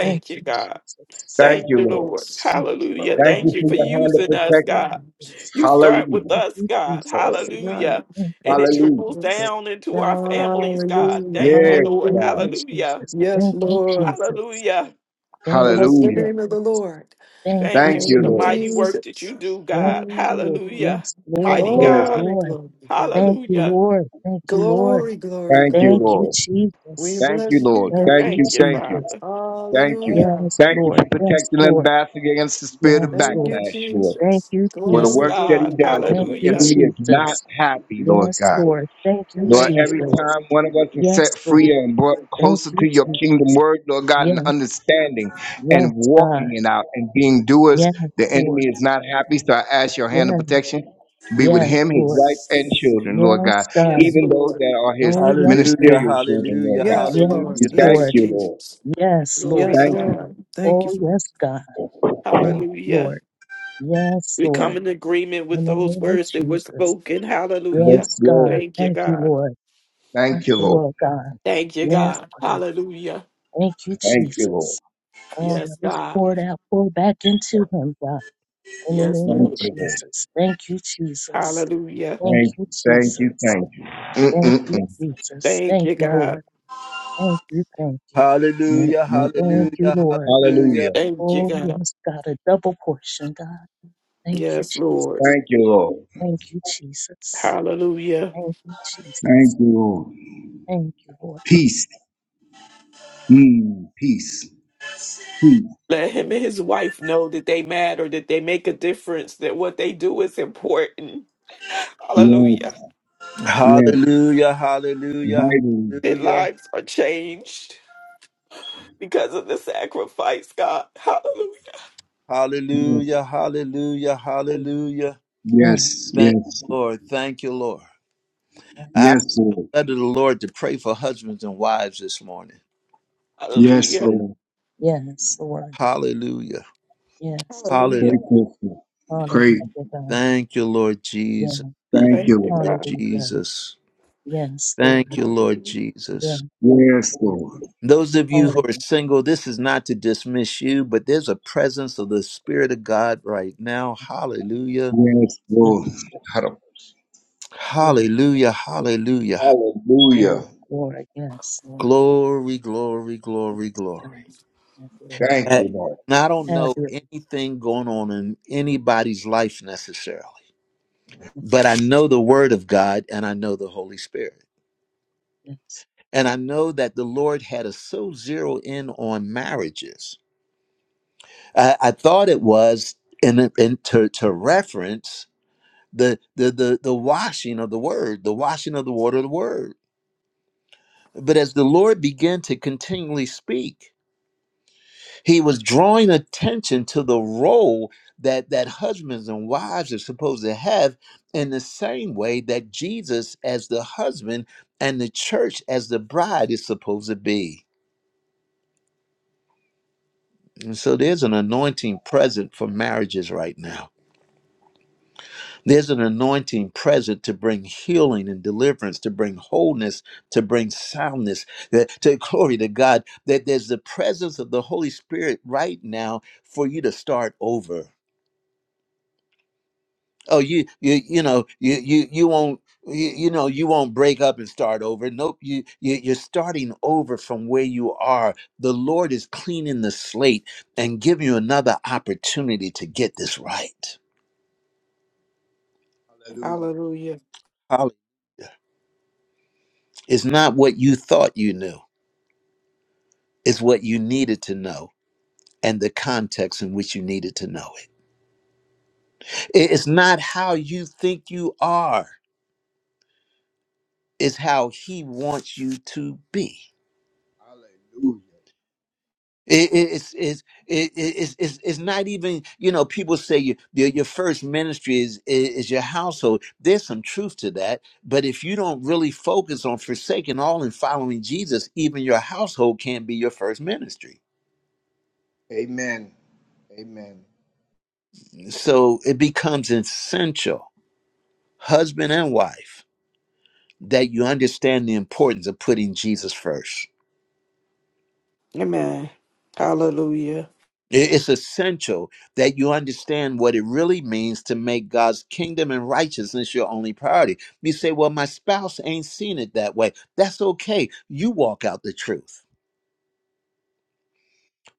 Speaker 6: Thank
Speaker 2: Thank
Speaker 6: you,
Speaker 3: you, God.
Speaker 6: Jesus.
Speaker 7: Thank
Speaker 3: Thank
Speaker 7: you,
Speaker 3: you,
Speaker 2: you.
Speaker 7: Lord.
Speaker 3: Lord.
Speaker 6: Jesus. Thank
Speaker 3: Hallelujah.
Speaker 2: Glory.
Speaker 7: Thank
Speaker 3: Thank
Speaker 7: you
Speaker 3: you
Speaker 7: for
Speaker 3: for
Speaker 7: your hand of
Speaker 3: using us,
Speaker 7: protection.
Speaker 3: God. You start with
Speaker 7: Hallelujah,
Speaker 3: us,
Speaker 6: you,
Speaker 3: God.
Speaker 6: Jesus.
Speaker 2: Glory.
Speaker 3: Hallelujah.
Speaker 6: Thank you, Jesus. Thank you,
Speaker 3: And it
Speaker 7: hallelujah.
Speaker 3: trickles
Speaker 6: Jesus.
Speaker 3: down into our
Speaker 6: Thank you,
Speaker 3: families,
Speaker 6: Jesus.
Speaker 3: God.
Speaker 2: Hallelujah,
Speaker 3: Thank you,
Speaker 7: Yes,
Speaker 3: Lord.
Speaker 7: God.
Speaker 2: hallelujah.
Speaker 3: Hallelujah.
Speaker 2: Yes,
Speaker 6: Thank you,
Speaker 2: Lord.
Speaker 6: Jesus.
Speaker 3: Hallelujah.
Speaker 6: Thank you,
Speaker 2: Bless the
Speaker 7: Hallelujah.
Speaker 2: name of
Speaker 6: Jesus.
Speaker 2: the Lord.
Speaker 6: Thank
Speaker 3: Thank
Speaker 6: you,
Speaker 3: you
Speaker 7: Thank
Speaker 3: for
Speaker 2: Thank
Speaker 7: you,
Speaker 3: the
Speaker 2: you,
Speaker 7: Lord.
Speaker 3: mighty
Speaker 6: Jesus.
Speaker 3: work that
Speaker 2: Jesus.
Speaker 3: you do,
Speaker 6: Yes,
Speaker 3: God.
Speaker 6: Lord.
Speaker 2: Mm.
Speaker 3: Hallelujah.
Speaker 6: Yes, Lord.
Speaker 3: Mighty
Speaker 6: Yes,
Speaker 3: God.
Speaker 7: Yes,
Speaker 2: Glory,
Speaker 6: Lord.
Speaker 2: glory, glory.
Speaker 6: Thank you,
Speaker 3: Hallelujah.
Speaker 6: Lord. Thank you, Lord.
Speaker 2: Glory, glory,
Speaker 7: thank you,
Speaker 6: Thank you,
Speaker 2: glory.
Speaker 7: Lord.
Speaker 2: We
Speaker 6: Jesus.
Speaker 7: Thank you,
Speaker 2: bless you,
Speaker 7: Lord.
Speaker 6: Thank
Speaker 2: God.
Speaker 7: Thank
Speaker 6: you,
Speaker 7: you,
Speaker 3: Thank you,
Speaker 7: thank you.
Speaker 6: Jesus.
Speaker 3: Father.
Speaker 7: Thank you.
Speaker 2: Hallelujah.
Speaker 6: Yes,
Speaker 7: Thank you for
Speaker 6: Lord. Yes,
Speaker 7: protecting and
Speaker 6: Lord.
Speaker 7: battling against the spirit of
Speaker 6: Yes,
Speaker 2: Thank
Speaker 6: Lord.
Speaker 2: you,
Speaker 7: backlash, Lord.
Speaker 6: Thank
Speaker 2: Jesus.
Speaker 6: you,
Speaker 7: For the
Speaker 3: Yes,
Speaker 2: Glory,
Speaker 6: Jesus.
Speaker 7: works that he
Speaker 3: God.
Speaker 2: glory,
Speaker 7: does,
Speaker 2: glory.
Speaker 6: Thank
Speaker 7: the
Speaker 6: you,
Speaker 3: Hallelujah.
Speaker 7: enemy is not
Speaker 6: Jesus.
Speaker 7: happy, Lord
Speaker 6: Yes,
Speaker 7: God.
Speaker 6: Lord. Thank you,
Speaker 7: Lord,
Speaker 3: Thank
Speaker 2: Mm,
Speaker 3: you,
Speaker 7: every
Speaker 6: Jesus.
Speaker 3: Lord.
Speaker 7: time one of us is
Speaker 6: Yes,
Speaker 7: set free
Speaker 6: Lord.
Speaker 7: and brought
Speaker 6: Thank
Speaker 7: closer
Speaker 6: you,
Speaker 7: to your
Speaker 6: Jesus.
Speaker 7: kingdom word, Lord God, and
Speaker 6: Yes,
Speaker 7: understanding
Speaker 6: yes,
Speaker 7: and
Speaker 6: God.
Speaker 7: walking it out and being doers,
Speaker 6: Yes,
Speaker 7: the enemy
Speaker 6: Lord.
Speaker 7: is not happy. So I ask your hand of
Speaker 6: Yes,
Speaker 7: protection to be with
Speaker 6: yes,
Speaker 7: him, his
Speaker 6: Lord.
Speaker 7: wife, and
Speaker 2: yes.
Speaker 7: children, Lord God,
Speaker 6: Yes,
Speaker 3: Yes,
Speaker 6: God.
Speaker 7: even those
Speaker 3: Lord.
Speaker 7: that are his
Speaker 6: Oh, yes,
Speaker 1: Hallelujah,
Speaker 6: God.
Speaker 7: ministerial children, Lord
Speaker 1: hallelujah,
Speaker 7: God.
Speaker 2: Yes,
Speaker 6: Yes,
Speaker 2: Lord.
Speaker 7: We
Speaker 1: hallelujah.
Speaker 7: thank
Speaker 2: Yes,
Speaker 6: Lord.
Speaker 7: you, Lord.
Speaker 2: Jesus.
Speaker 6: Yes,
Speaker 3: Glory
Speaker 6: Lord.
Speaker 2: Yes,
Speaker 3: to
Speaker 7: Thank you.
Speaker 2: Lord.
Speaker 3: God.
Speaker 2: Thank you
Speaker 6: Oh,
Speaker 2: for
Speaker 6: yes, God. Yes,
Speaker 3: Hallelujah.
Speaker 6: Lord. Yes,
Speaker 3: We come
Speaker 6: Lord.
Speaker 3: in agreement with
Speaker 6: In the
Speaker 3: those
Speaker 6: name of
Speaker 3: words that were
Speaker 6: Jesus.
Speaker 3: spoken. Hallelujah.
Speaker 7: Yes,
Speaker 6: Yes,
Speaker 7: Lord.
Speaker 6: God.
Speaker 3: Thank you,
Speaker 6: Thank you,
Speaker 3: God.
Speaker 6: Lord.
Speaker 7: Thank
Speaker 6: Bless
Speaker 7: you,
Speaker 6: the
Speaker 7: Lord.
Speaker 6: Lord, God.
Speaker 3: Thank you,
Speaker 6: Yes,
Speaker 3: God.
Speaker 6: God.
Speaker 3: Hallelujah.
Speaker 6: Thank you,
Speaker 7: Thank you, Lord.
Speaker 6: Jesus. All that
Speaker 3: Yes,
Speaker 6: was
Speaker 3: God.
Speaker 6: poured out, pour back into him, God. In the
Speaker 3: Yes,
Speaker 6: name of
Speaker 7: Thank
Speaker 3: Lord.
Speaker 7: you, Lord.
Speaker 6: Jesus. Thank you, Jesus.
Speaker 3: Hallelujah.
Speaker 6: Thank
Speaker 7: Thank
Speaker 6: you,
Speaker 7: you. Thank you.
Speaker 6: Jesus.
Speaker 7: Thank you.
Speaker 6: Thank you, Jesus.
Speaker 3: Thank
Speaker 6: Thank
Speaker 3: you,
Speaker 6: you,
Speaker 3: God.
Speaker 6: Lord. Thank you, thank you.
Speaker 1: Hallelujah,
Speaker 7: Mm-mm-mm. Mm-mm-mm.
Speaker 6: Thank you,
Speaker 1: hallelujah,
Speaker 6: Lord.
Speaker 1: hallelujah,
Speaker 7: Hallelujah.
Speaker 3: Thank you,
Speaker 6: Oh,
Speaker 3: God.
Speaker 6: yes, God. A double portion, God. Thank you,
Speaker 3: Yes, Lord.
Speaker 6: Jesus.
Speaker 7: Thank you, Lord.
Speaker 6: Thank you, Jesus.
Speaker 3: Hallelujah.
Speaker 6: Thank you, Jesus.
Speaker 7: Thank you, Lord.
Speaker 6: Thank you, Lord.
Speaker 7: Peace. Mm, peace. Peace.
Speaker 3: Let him and his wife know that they matter, that they make a difference, that what they do is important.
Speaker 7: Yes.
Speaker 3: Hallelujah.
Speaker 7: Yes.
Speaker 1: hallelujah, hallelujah,
Speaker 7: Vital.
Speaker 3: Their lives are changed because of the sacrifice, God. Hallelujah.
Speaker 1: hallelujah,
Speaker 7: Yes.
Speaker 1: hallelujah, hallelujah,
Speaker 6: Oh,
Speaker 1: hallelujah.
Speaker 6: Yeah,
Speaker 7: Yes.
Speaker 1: Thank
Speaker 7: Yes.
Speaker 1: you, Lord. Thank you, Lord.
Speaker 6: yeah,
Speaker 1: I
Speaker 7: Yes, Lord.
Speaker 1: led the Lord to pray for husbands and wives this morning.
Speaker 6: yeah.
Speaker 7: Yes,
Speaker 3: Hallelujah.
Speaker 1: Hallelujah.
Speaker 7: Lord.
Speaker 6: Yes, Lord.
Speaker 1: Hallelujah.
Speaker 6: Yes, Lord.
Speaker 1: Hallelujah.
Speaker 7: Great
Speaker 3: Hallelujah.
Speaker 7: Lord. Great.
Speaker 6: Hallelujah, God.
Speaker 1: Thank you, Lord
Speaker 6: Yes,
Speaker 1: Jesus. Thank
Speaker 7: Thank
Speaker 6: Lord.
Speaker 3: Thank
Speaker 1: you,
Speaker 3: you,
Speaker 7: you,
Speaker 1: Lord
Speaker 3: God.
Speaker 6: Hallelujah.
Speaker 1: Jesus.
Speaker 6: Yes, Lord.
Speaker 1: Thank you, Lord
Speaker 3: Hallelujah.
Speaker 1: Jesus.
Speaker 6: Yes, Lord
Speaker 7: Lord. Yes, Lord.
Speaker 6: Jesus.
Speaker 1: Those of you who are
Speaker 6: Hallelujah.
Speaker 1: single, this is not to dismiss you, but there's a presence of the Spirit of God right now. Hallelujah.
Speaker 7: Yes,
Speaker 6: Yes,
Speaker 7: Lord.
Speaker 6: Lord.
Speaker 1: Hallelujah. Hallelujah.
Speaker 6: Yes, yes,
Speaker 7: Hallelujah.
Speaker 6: Lord. Yes, Lord.
Speaker 1: Glory, glory,
Speaker 6: Yes,
Speaker 1: glory, glory.
Speaker 6: um, have your way,
Speaker 7: Thank
Speaker 6: Lord.
Speaker 1: I-
Speaker 7: you, Lord.
Speaker 1: And I don't
Speaker 6: Have
Speaker 1: know
Speaker 6: your
Speaker 1: anything going on in anybody's life necessarily,
Speaker 6: way.
Speaker 1: but I know the Word of God and I know the Holy Spirit.
Speaker 6: Yes.
Speaker 1: And I know that the Lord had us so zero in on marriages. I, I thought it was in, in, to, to reference the the the the washing of the word, the washing of the water of the word. But as the Lord began to continually speak, he was drawing attention to the role that that husbands and wives are supposed to have in the same way that Jesus as the husband and the church as the bride is supposed to be. And so there's an anointing present for marriages right now There's an anointing present to bring healing and deliverance, to bring wholeness, to bring soundness, that- to (laughs) glory to God. That there's the presence of the Holy Spirit right now for you to start over. Oh, you you you know you you you won't you, you know you won't break up and start over. Nope, you, you you're starting over from where you are. The Lord is cleaning the slate and giving you another opportunity to get this right.
Speaker 7: Hallelujah.
Speaker 3: Hallelujah.
Speaker 1: Hallelujah. It's not what you thought you knew. Is what you needed to know and the context in which you needed to know it. It- It's not how you think you are, it's how He wants you to be.
Speaker 7: Hallelujah.
Speaker 1: It- it- It's, it's, it- it- it's, it's, it's not even, you know, people say you, your, your first ministry is, is is your household. There's some truth to that. But if you don't really focus on forsaking all and following Jesus, even your household can't be your first ministry.
Speaker 7: Amen. Amen.
Speaker 1: So it becomes essential, husband and wife that you understand the importance of putting Jesus first.
Speaker 3: Amen. Hallelujah.
Speaker 1: It- It's essential that you understand what it really means to make God's kingdom and righteousness your only priority. You say, Well, my spouse ain't seen it that way. That's okay. You walk out the truth.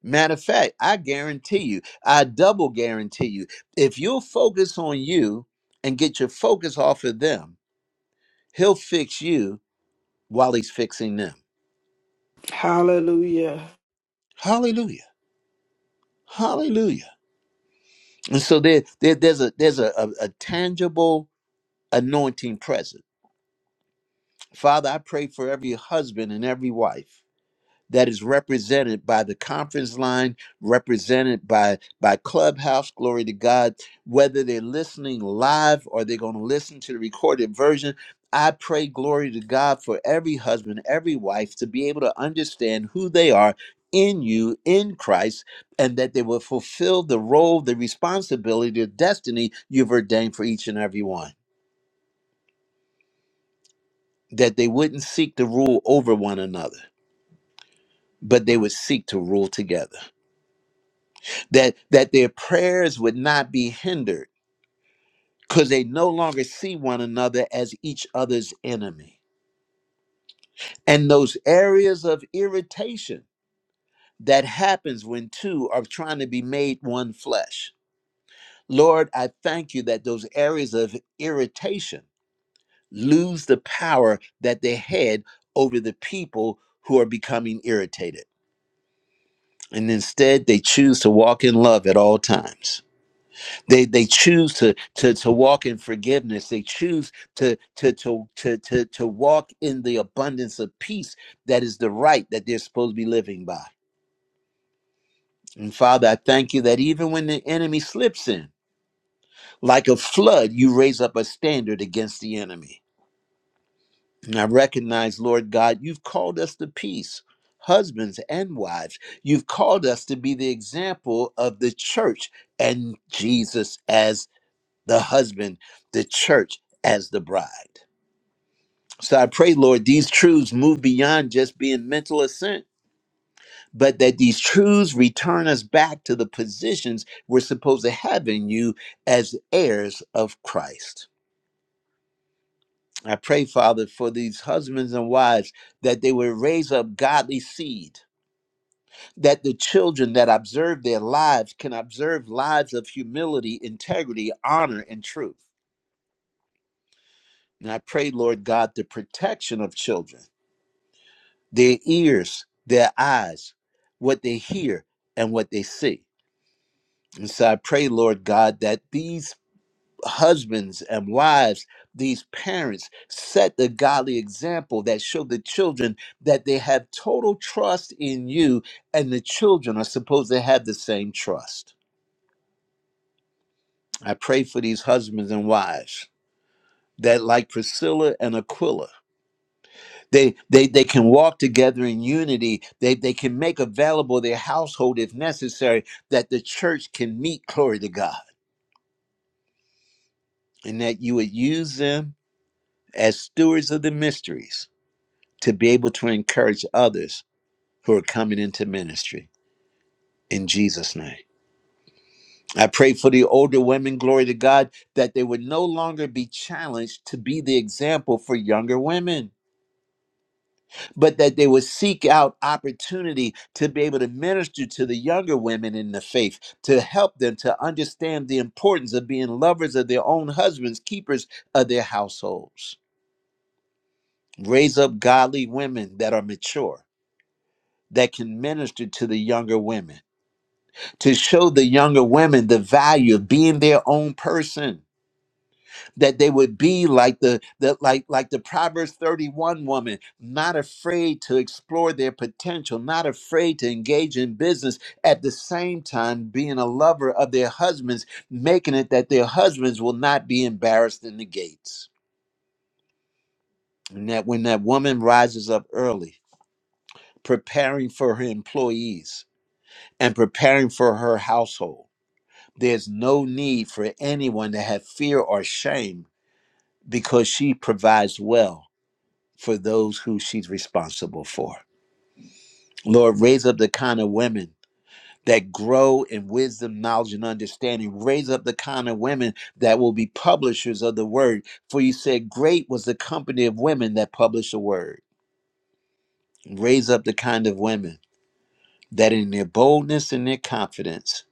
Speaker 1: Matter of fact, I guarantee you, I double guarantee you, if you'll focus on you and get your focus off of them, he'll fix you while he's fixing them.
Speaker 8: are.
Speaker 3: Hallelujah.
Speaker 1: Hallelujah. Hallelujah. And so there, there there's a there's a, a, a tangible anointing present. Father, I pray for every husband and every wife that is represented by the conference line, represented by by Clubhouse, glory to God, whether they're listening live or they're going to listen to the recorded version. I pray glory to God for every husband, every wife to be able to understand who they are in you in Christ and that they will fulfill the role, the responsibility, the destiny you've ordained for each and every one. That they wouldn't seek to rule over one another, but they would seek to rule together. that that their prayers would not be hindered because they no longer see one another as each other's enemy and those areas of irritation that happens when two are trying to be made one flesh lord i thank you that those areas of irritation lose the power that they had over the people who are becoming irritated and instead they choose to walk in love at all times they they choose to to to walk in forgiveness they choose to to to to to, to walk in the abundance of peace that is the right that they're supposed to be living by and father i thank you that even when the enemy slips in like a flood you raise up a standard against the enemy and i recognize lord god you've called us to peace husbands and wives you've called us to be the example of the church and jesus as. the husband, the church as the bride. So I pray, Lord, these truths move beyond just being mental assent, but that these truths return us back to the positions we're supposed to have in you as heirs of Christ. I pray, Father, for these husbands and wives that they would raise up godly seed, that the children that observe their lives can observe lives of humility, integrity, honor, and truth. And I pray, Lord God, the protection of children their ears, their eyes, what they hear, and what they see. And so I pray, Lord God, that these husbands and wives, these parents, set the godly example that show the children that they have total trust in you, and the children are supposed to have the same trust. I pray for these husbands and wives that, like Priscilla and Aquila, They, they they can walk together in unity. They they can make available their household if necessary, that the church can meet glory to God. And that you would use them as stewards of the mysteries to be able to encourage others who are coming into ministry in Jesus' name. I pray for the older women, glory to God, that they would no longer be challenged to be the example for younger women but that they would seek out opportunity to be able to minister to the younger women in the faith, to help them to understand the importance of being lovers of their own husbands, keepers of their households. Raise up godly women that are mature, that can minister to the younger women, to show the younger women the value of being their own person that they would be like the, the like like the proverbs 31 woman not afraid to explore their potential not afraid to engage in business at the same time being a lover of their husbands making it that their husbands will not be embarrassed in the gates and that when that woman rises up early preparing for her employees and preparing for her household there's no need for anyone to have fear or shame because she provides well for those who she's responsible for. Lord, raise up the kind of women that grow in wisdom, knowledge, and understanding. Raise up the kind of women that will be publishers of the word. For you said, Great was the company of women that published the word. Raise up the kind of women that in their boldness and their confidence,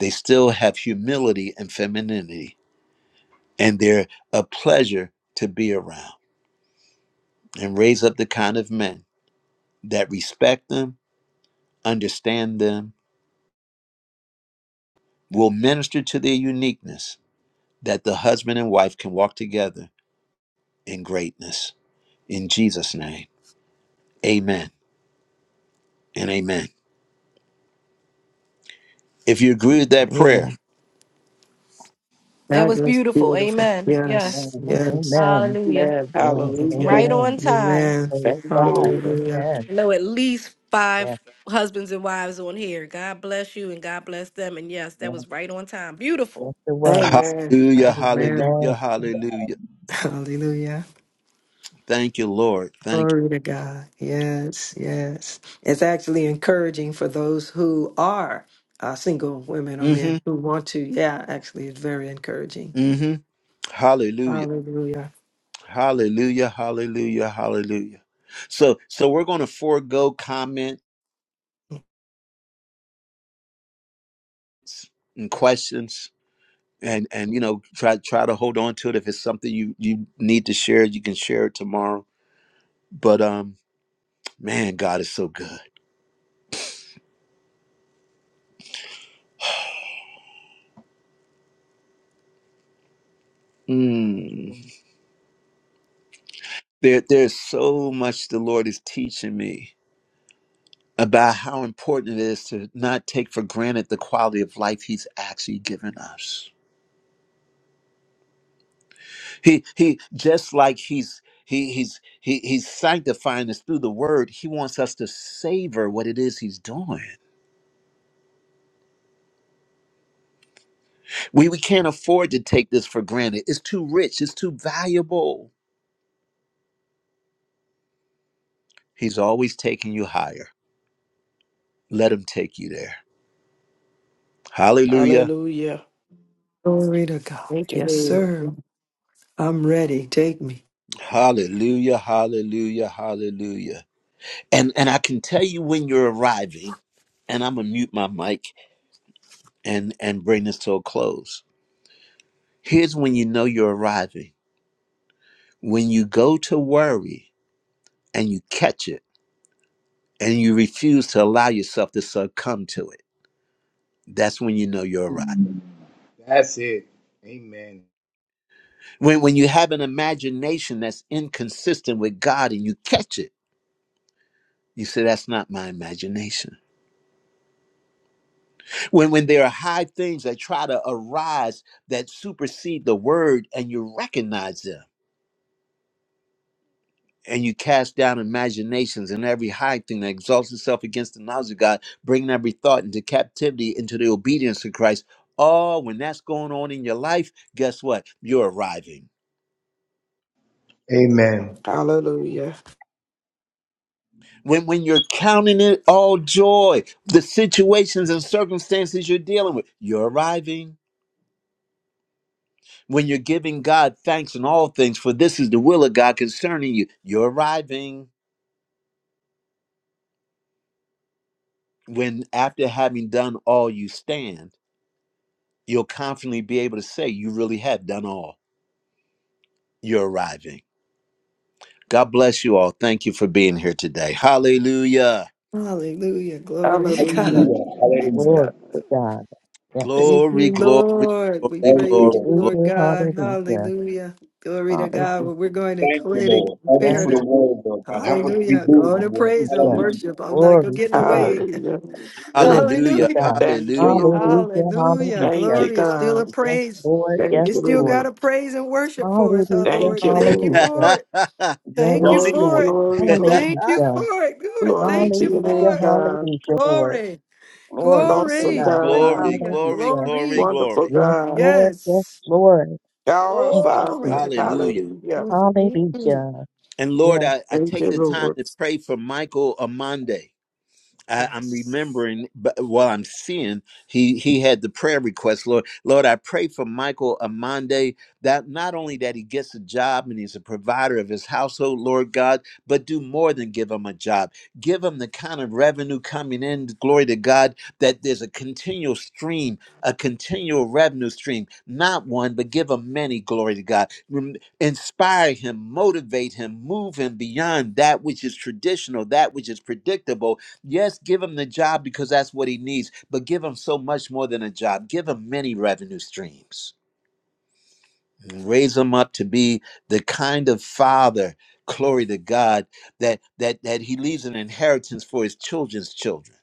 Speaker 1: they still have humility and femininity, and they're a pleasure to be around. And raise up the kind of men that respect them, understand them, will minister to their uniqueness that the husband and wife can walk together in greatness. In Jesus' name, amen and amen. If you agree with that prayer,
Speaker 2: Man,
Speaker 9: That
Speaker 2: that
Speaker 9: was
Speaker 2: is
Speaker 9: beautiful.
Speaker 2: beautiful.
Speaker 9: Amen.
Speaker 2: Yes,
Speaker 6: Lord.
Speaker 9: Yes.
Speaker 2: yes.
Speaker 6: Amen.
Speaker 9: Hallelujah.
Speaker 3: Amen.
Speaker 6: Yes,
Speaker 2: That's
Speaker 3: Hallelujah.
Speaker 9: Right
Speaker 2: beautiful.
Speaker 6: amen.
Speaker 9: on time.
Speaker 2: Amen.
Speaker 6: Praise
Speaker 3: Thank you,
Speaker 6: God.
Speaker 3: Lord.
Speaker 2: Hallelujah.
Speaker 6: Amen.
Speaker 9: I know at least
Speaker 6: Yes,
Speaker 9: five husbands and wives on here. God bless you and God bless them. And yes, that
Speaker 6: yes,
Speaker 9: was right on time. Beautiful.
Speaker 6: yes, it was.
Speaker 2: Amen.
Speaker 1: hallelujah,
Speaker 2: Amen.
Speaker 1: hallelujah,
Speaker 6: Amen.
Speaker 1: hallelujah.
Speaker 2: Hallelujah.
Speaker 1: Thank you, Lord. Thank you.
Speaker 2: Glory to God. Yes, yes. It's actually encouraging for those who are uh, single women or men
Speaker 1: Mm-hmm,
Speaker 2: who want to. Yeah, actually, it's very encouraging.
Speaker 1: mm-hmm. Hallelujah,
Speaker 2: Hallelujah.
Speaker 1: hallelujah, hallelujah, hallelujah. So, so we're going to forego comments and questions. And, and you know try try to hold on to it if it's something you you need to share you can share it tomorrow But um, man, God is so good. Mm. There, there's so much the Lord is teaching me about how important it is to not take for granted the quality of life He's actually given us. He, he, just like He's he, He's he, He's sanctifying us through the Word. He wants us to savor what it is He's doing. We we can't afford to take this for granted. It's too rich. It's too valuable. He's always taking you higher. Let Him take you there. Hallelujah.
Speaker 3: Hallelujah.
Speaker 2: Glory to God.
Speaker 3: Thank you,
Speaker 2: Yes,
Speaker 3: Lord.
Speaker 2: sir. I'm ready. Take me.
Speaker 1: Hallelujah, hallelujah, hallelujah. And and I can tell you when you're arriving, and I'm gonna mute my mic and and bring this to a close. Here's when you know you're arriving. When you go to worry and you catch it and you refuse to allow yourself to succumb to it. That's when you know you're arrived.
Speaker 7: That's it. Amen.
Speaker 1: When when you have an imagination that's inconsistent with God and you catch it, you say that's not my imagination. when when there are high things that try to arise that supersede the word and you recognize them and you cast down imaginations and every high thing that exalts itself against the knowledge of god bringing every thought into captivity into the obedience of christ oh when that's going on in your life guess what you're arriving
Speaker 7: Amen.
Speaker 3: Hallelujah.
Speaker 1: when, when you're counting it all joy the situations and circumstances you're dealing with you're arriving When you're giving God thanks in all things, for this is the will of God concerning you, you're arriving when, after having done all, you stand, you'll confidently be able to say, You really have done all. You're arriving. God bless you all. Thank you for being here today. Hallelujah.
Speaker 2: Hallelujah. Glory to
Speaker 6: Yes,
Speaker 3: Hallelujah.
Speaker 2: God.
Speaker 7: Hallelujah.
Speaker 2: Praise
Speaker 7: Hallelujah.
Speaker 6: Lord
Speaker 2: God.
Speaker 6: to God. Yes.
Speaker 2: Thank
Speaker 1: Glory,
Speaker 2: you,
Speaker 1: glory,
Speaker 2: Lord. We
Speaker 1: glory,
Speaker 7: Thank you,
Speaker 2: praise
Speaker 1: glory,
Speaker 2: you,
Speaker 7: Lord.
Speaker 1: glory.
Speaker 2: Lord
Speaker 6: Hallelujah,
Speaker 2: God.
Speaker 6: hallelujah.
Speaker 2: Hallelujah. Glory to God.
Speaker 6: Hallelujah.
Speaker 2: Well, we're going to
Speaker 7: Thank you,
Speaker 2: quit and
Speaker 7: Lord. Thank you
Speaker 2: compare
Speaker 6: Yes,
Speaker 7: for the
Speaker 2: to
Speaker 6: Lord.
Speaker 7: word, Lord God. Help us to be
Speaker 2: Hallelujah.
Speaker 7: doers
Speaker 2: Go on
Speaker 7: of the
Speaker 2: and
Speaker 7: word.
Speaker 2: praise and
Speaker 6: Hallelujah.
Speaker 7: Hallelujah.
Speaker 2: worship. I'm not going to
Speaker 6: Glory
Speaker 2: get in
Speaker 6: to
Speaker 2: the
Speaker 6: God.
Speaker 2: way.
Speaker 3: Hallelujah.
Speaker 6: Glory to
Speaker 1: Hallelujah.
Speaker 2: Hallelujah.
Speaker 6: God.
Speaker 3: Thank you,
Speaker 1: Hallelujah.
Speaker 3: Lord.
Speaker 6: Hallelujah,
Speaker 2: Hallelujah.
Speaker 3: Thank
Speaker 6: hallelujah.
Speaker 3: you,
Speaker 2: Glory is still a
Speaker 3: God.
Speaker 6: Yes,
Speaker 2: praise.
Speaker 6: Lord.
Speaker 3: Thank
Speaker 2: It
Speaker 3: you,
Speaker 6: Yes,
Speaker 2: still
Speaker 6: Lord.
Speaker 2: got
Speaker 3: Lord.
Speaker 2: a praise and worship for us, our
Speaker 6: Hallelujah,
Speaker 3: Thank
Speaker 2: Lord.
Speaker 3: you,
Speaker 2: Thank you
Speaker 3: Lord.
Speaker 6: hallelujah.
Speaker 2: for it.
Speaker 1: (laughs)
Speaker 2: Thank you
Speaker 1: Don't
Speaker 6: Yes,
Speaker 1: he?
Speaker 3: Glory,
Speaker 2: for
Speaker 6: Lord.
Speaker 2: it.
Speaker 3: glory,
Speaker 1: (laughs)
Speaker 6: Hallelujah.
Speaker 3: glory.
Speaker 2: Thank you for it. Lord,
Speaker 3: Glory
Speaker 2: thank
Speaker 3: to
Speaker 2: you
Speaker 3: your
Speaker 2: for
Speaker 6: Hallelujah,
Speaker 3: name,
Speaker 2: it.
Speaker 3: God.
Speaker 6: hallelujah, Lord.
Speaker 2: Glory.
Speaker 6: Glory to
Speaker 3: Awesome
Speaker 2: Glory.
Speaker 6: God.
Speaker 3: God.
Speaker 1: glory,
Speaker 2: Hallelujah.
Speaker 1: glory,
Speaker 6: Hallelujah.
Speaker 1: glory,
Speaker 2: Glory.
Speaker 3: Wonderful
Speaker 1: glory.
Speaker 6: Yes,
Speaker 3: God.
Speaker 6: Lord. Yes,
Speaker 2: Yes.
Speaker 6: Lord.
Speaker 3: Our
Speaker 6: Thank you,
Speaker 2: Glory
Speaker 3: Father.
Speaker 2: to
Speaker 6: Jesus.
Speaker 2: God.
Speaker 1: Hallelujah.
Speaker 3: Hallelujah.
Speaker 2: Mm, mm, mm.
Speaker 6: Hallelujah.
Speaker 1: And Lord,
Speaker 6: Yes.
Speaker 1: I, I
Speaker 3: Thank
Speaker 1: take
Speaker 3: you,
Speaker 1: the time
Speaker 3: Lord.
Speaker 1: to pray for Michael Amande. I, I'm
Speaker 2: Yes.
Speaker 1: remembering, but while I'm seeing, he he had the prayer request. Lord, Lord, I pray for Michael Amande that not only that he gets a job and he's a provider of his household, Lord God, but do more than give him a job. Give him the kind of revenue coming in, glory to God, that there's a continual stream, a continual revenue stream, not one, but give him many, glory to God. Rem- Inspire him, motivate him, move him beyond that which is traditional, that which is predictable Yes, give him the job because that's what he needs, but give him so much more than a job. Give him many revenue streams. Raise him up to be the kind of father, glory to God, that that that he leaves an inheritance for his children's children.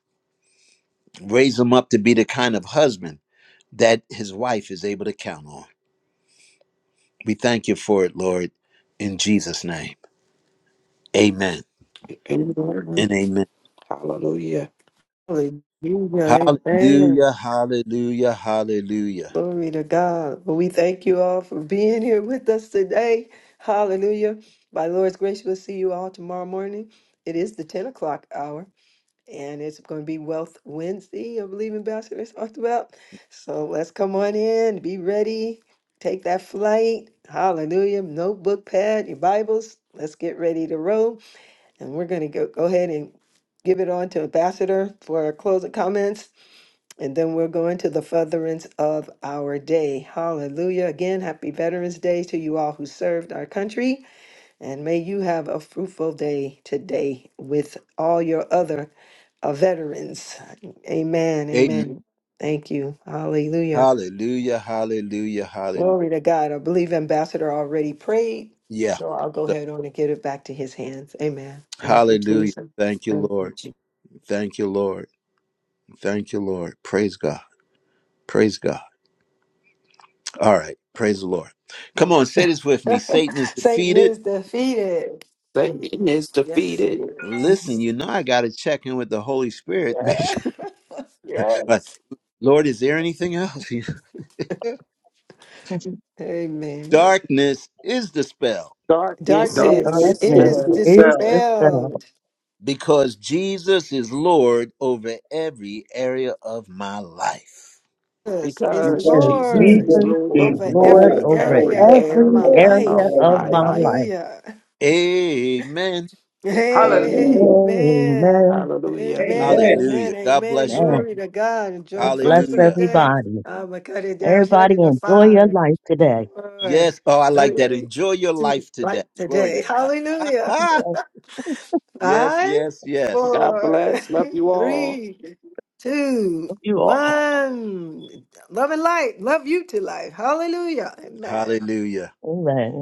Speaker 1: Raise him up to be the kind of husband that his wife is able to count on. We thank you for it, Lord, in Jesus' name. Amen
Speaker 3: Amen.
Speaker 1: and amen.
Speaker 3: Hallelujah.
Speaker 2: Hallelujah. Amen.
Speaker 1: Hallelujah, hallelujah, hallelujah.
Speaker 2: Glory to God. Well, we thank you all for being here with us today. Hallelujah. By the Lord's grace, we'll see you all tomorrow morning. It is the 10 o'clock hour, and it's going to be Wealth Wednesday, I believe Ambassadors talked about. So let's come on in, be ready, take that flight. Hallelujah. Notebook, pad, your Bibles. Let's get ready to roll. And we're going to go, go ahead and give it on to Ambassador for our closing comments. And then we're going to the furtherance of our day. Hallelujah. Again, happy Veterans Day to you all who served our country. And may you have a fruitful day today with all your other uh, veterans. Amen.
Speaker 1: Amen.
Speaker 2: Amen. Thank you. Hallelujah.
Speaker 1: Hallelujah, hallelujah, hallelujah.
Speaker 2: Glory to God. I believe Ambassador already prayed.
Speaker 1: Yeah.
Speaker 2: So I'll go
Speaker 1: So,
Speaker 2: ahead on and give it back to his hands. Amen. Thank you,
Speaker 1: hallelujah.
Speaker 2: Jesus.
Speaker 1: Thank you,
Speaker 2: Thank you,
Speaker 1: Lord.
Speaker 2: Jesus.
Speaker 1: Thank you, Lord. Thank you, Lord. Praise God. Praise God. All right. Praise the Lord. Come on, say this with me.
Speaker 2: (laughs)
Speaker 1: Satan is
Speaker 2: Satan
Speaker 1: defeated.
Speaker 2: is defeated.
Speaker 3: Satan is
Speaker 2: Yes, he
Speaker 3: defeated.
Speaker 1: Listen,
Speaker 2: is.
Speaker 1: you know I got to check in with the Holy
Speaker 2: (laughs)
Speaker 1: Spirit. (laughs) Make
Speaker 2: Yes.
Speaker 1: sure- Like,
Speaker 2: Yes.
Speaker 1: Lord, is there anything else? (laughs)
Speaker 2: Amen.
Speaker 1: Darkness is dispelled
Speaker 3: Darkness
Speaker 7: God
Speaker 3: is
Speaker 7: says,
Speaker 2: Darkness
Speaker 6: Darkness
Speaker 2: is
Speaker 3: dispelled
Speaker 6: is
Speaker 7: yourself
Speaker 6: dispelled
Speaker 2: dispelled
Speaker 1: because Jesus is Lord over every area of my life.
Speaker 2: because is
Speaker 3: because
Speaker 6: because
Speaker 7: because
Speaker 3: Jesus
Speaker 2: Lord
Speaker 3: is
Speaker 7: Jesus
Speaker 6: Jesus is
Speaker 7: is
Speaker 3: Lord
Speaker 2: over
Speaker 6: Lord
Speaker 3: over
Speaker 2: every
Speaker 7: Lord
Speaker 6: over
Speaker 3: every
Speaker 2: area
Speaker 7: over
Speaker 2: of
Speaker 6: every
Speaker 2: my
Speaker 3: area
Speaker 7: every
Speaker 3: of
Speaker 6: area
Speaker 2: life.
Speaker 6: of
Speaker 3: my
Speaker 7: area of
Speaker 6: my
Speaker 7: my
Speaker 3: life.
Speaker 7: life.
Speaker 6: life.
Speaker 2: Hallelujah.
Speaker 1: Amen.
Speaker 3: Amen.
Speaker 7: Hallelujah.
Speaker 2: Amen.
Speaker 6: Amen.
Speaker 3: Hallelujah.
Speaker 2: Amen.
Speaker 7: Amen.
Speaker 1: Hallelujah.
Speaker 2: Amen.
Speaker 1: God
Speaker 2: Amen.
Speaker 1: bless you all.
Speaker 6: Amen.
Speaker 2: Glory to God. Enjoy
Speaker 6: God
Speaker 2: the
Speaker 6: bless
Speaker 2: furthers of the
Speaker 1: Hallelujah.
Speaker 2: day.
Speaker 6: everybody.
Speaker 2: I'm going to cut it down. Shut
Speaker 6: Everybody
Speaker 2: in the
Speaker 6: enjoy your
Speaker 2: fire.
Speaker 6: life today.
Speaker 2: Four,
Speaker 1: Yes. Oh, I like that.
Speaker 2: three,
Speaker 1: Enjoy your
Speaker 2: two,
Speaker 1: life today.
Speaker 2: right
Speaker 1: Glory to
Speaker 2: today.
Speaker 1: God.
Speaker 2: Hallelujah.
Speaker 1: Ah,
Speaker 6: Yes,
Speaker 1: yes,
Speaker 2: Five,
Speaker 1: yes, yes.
Speaker 3: God
Speaker 2: four,
Speaker 3: bless. Love you
Speaker 2: (laughs)
Speaker 3: all.
Speaker 2: three, two,
Speaker 6: love you all.
Speaker 2: one. Love and light. Love you to life. Hallelujah. Amen.
Speaker 1: Hallelujah.
Speaker 6: Amen.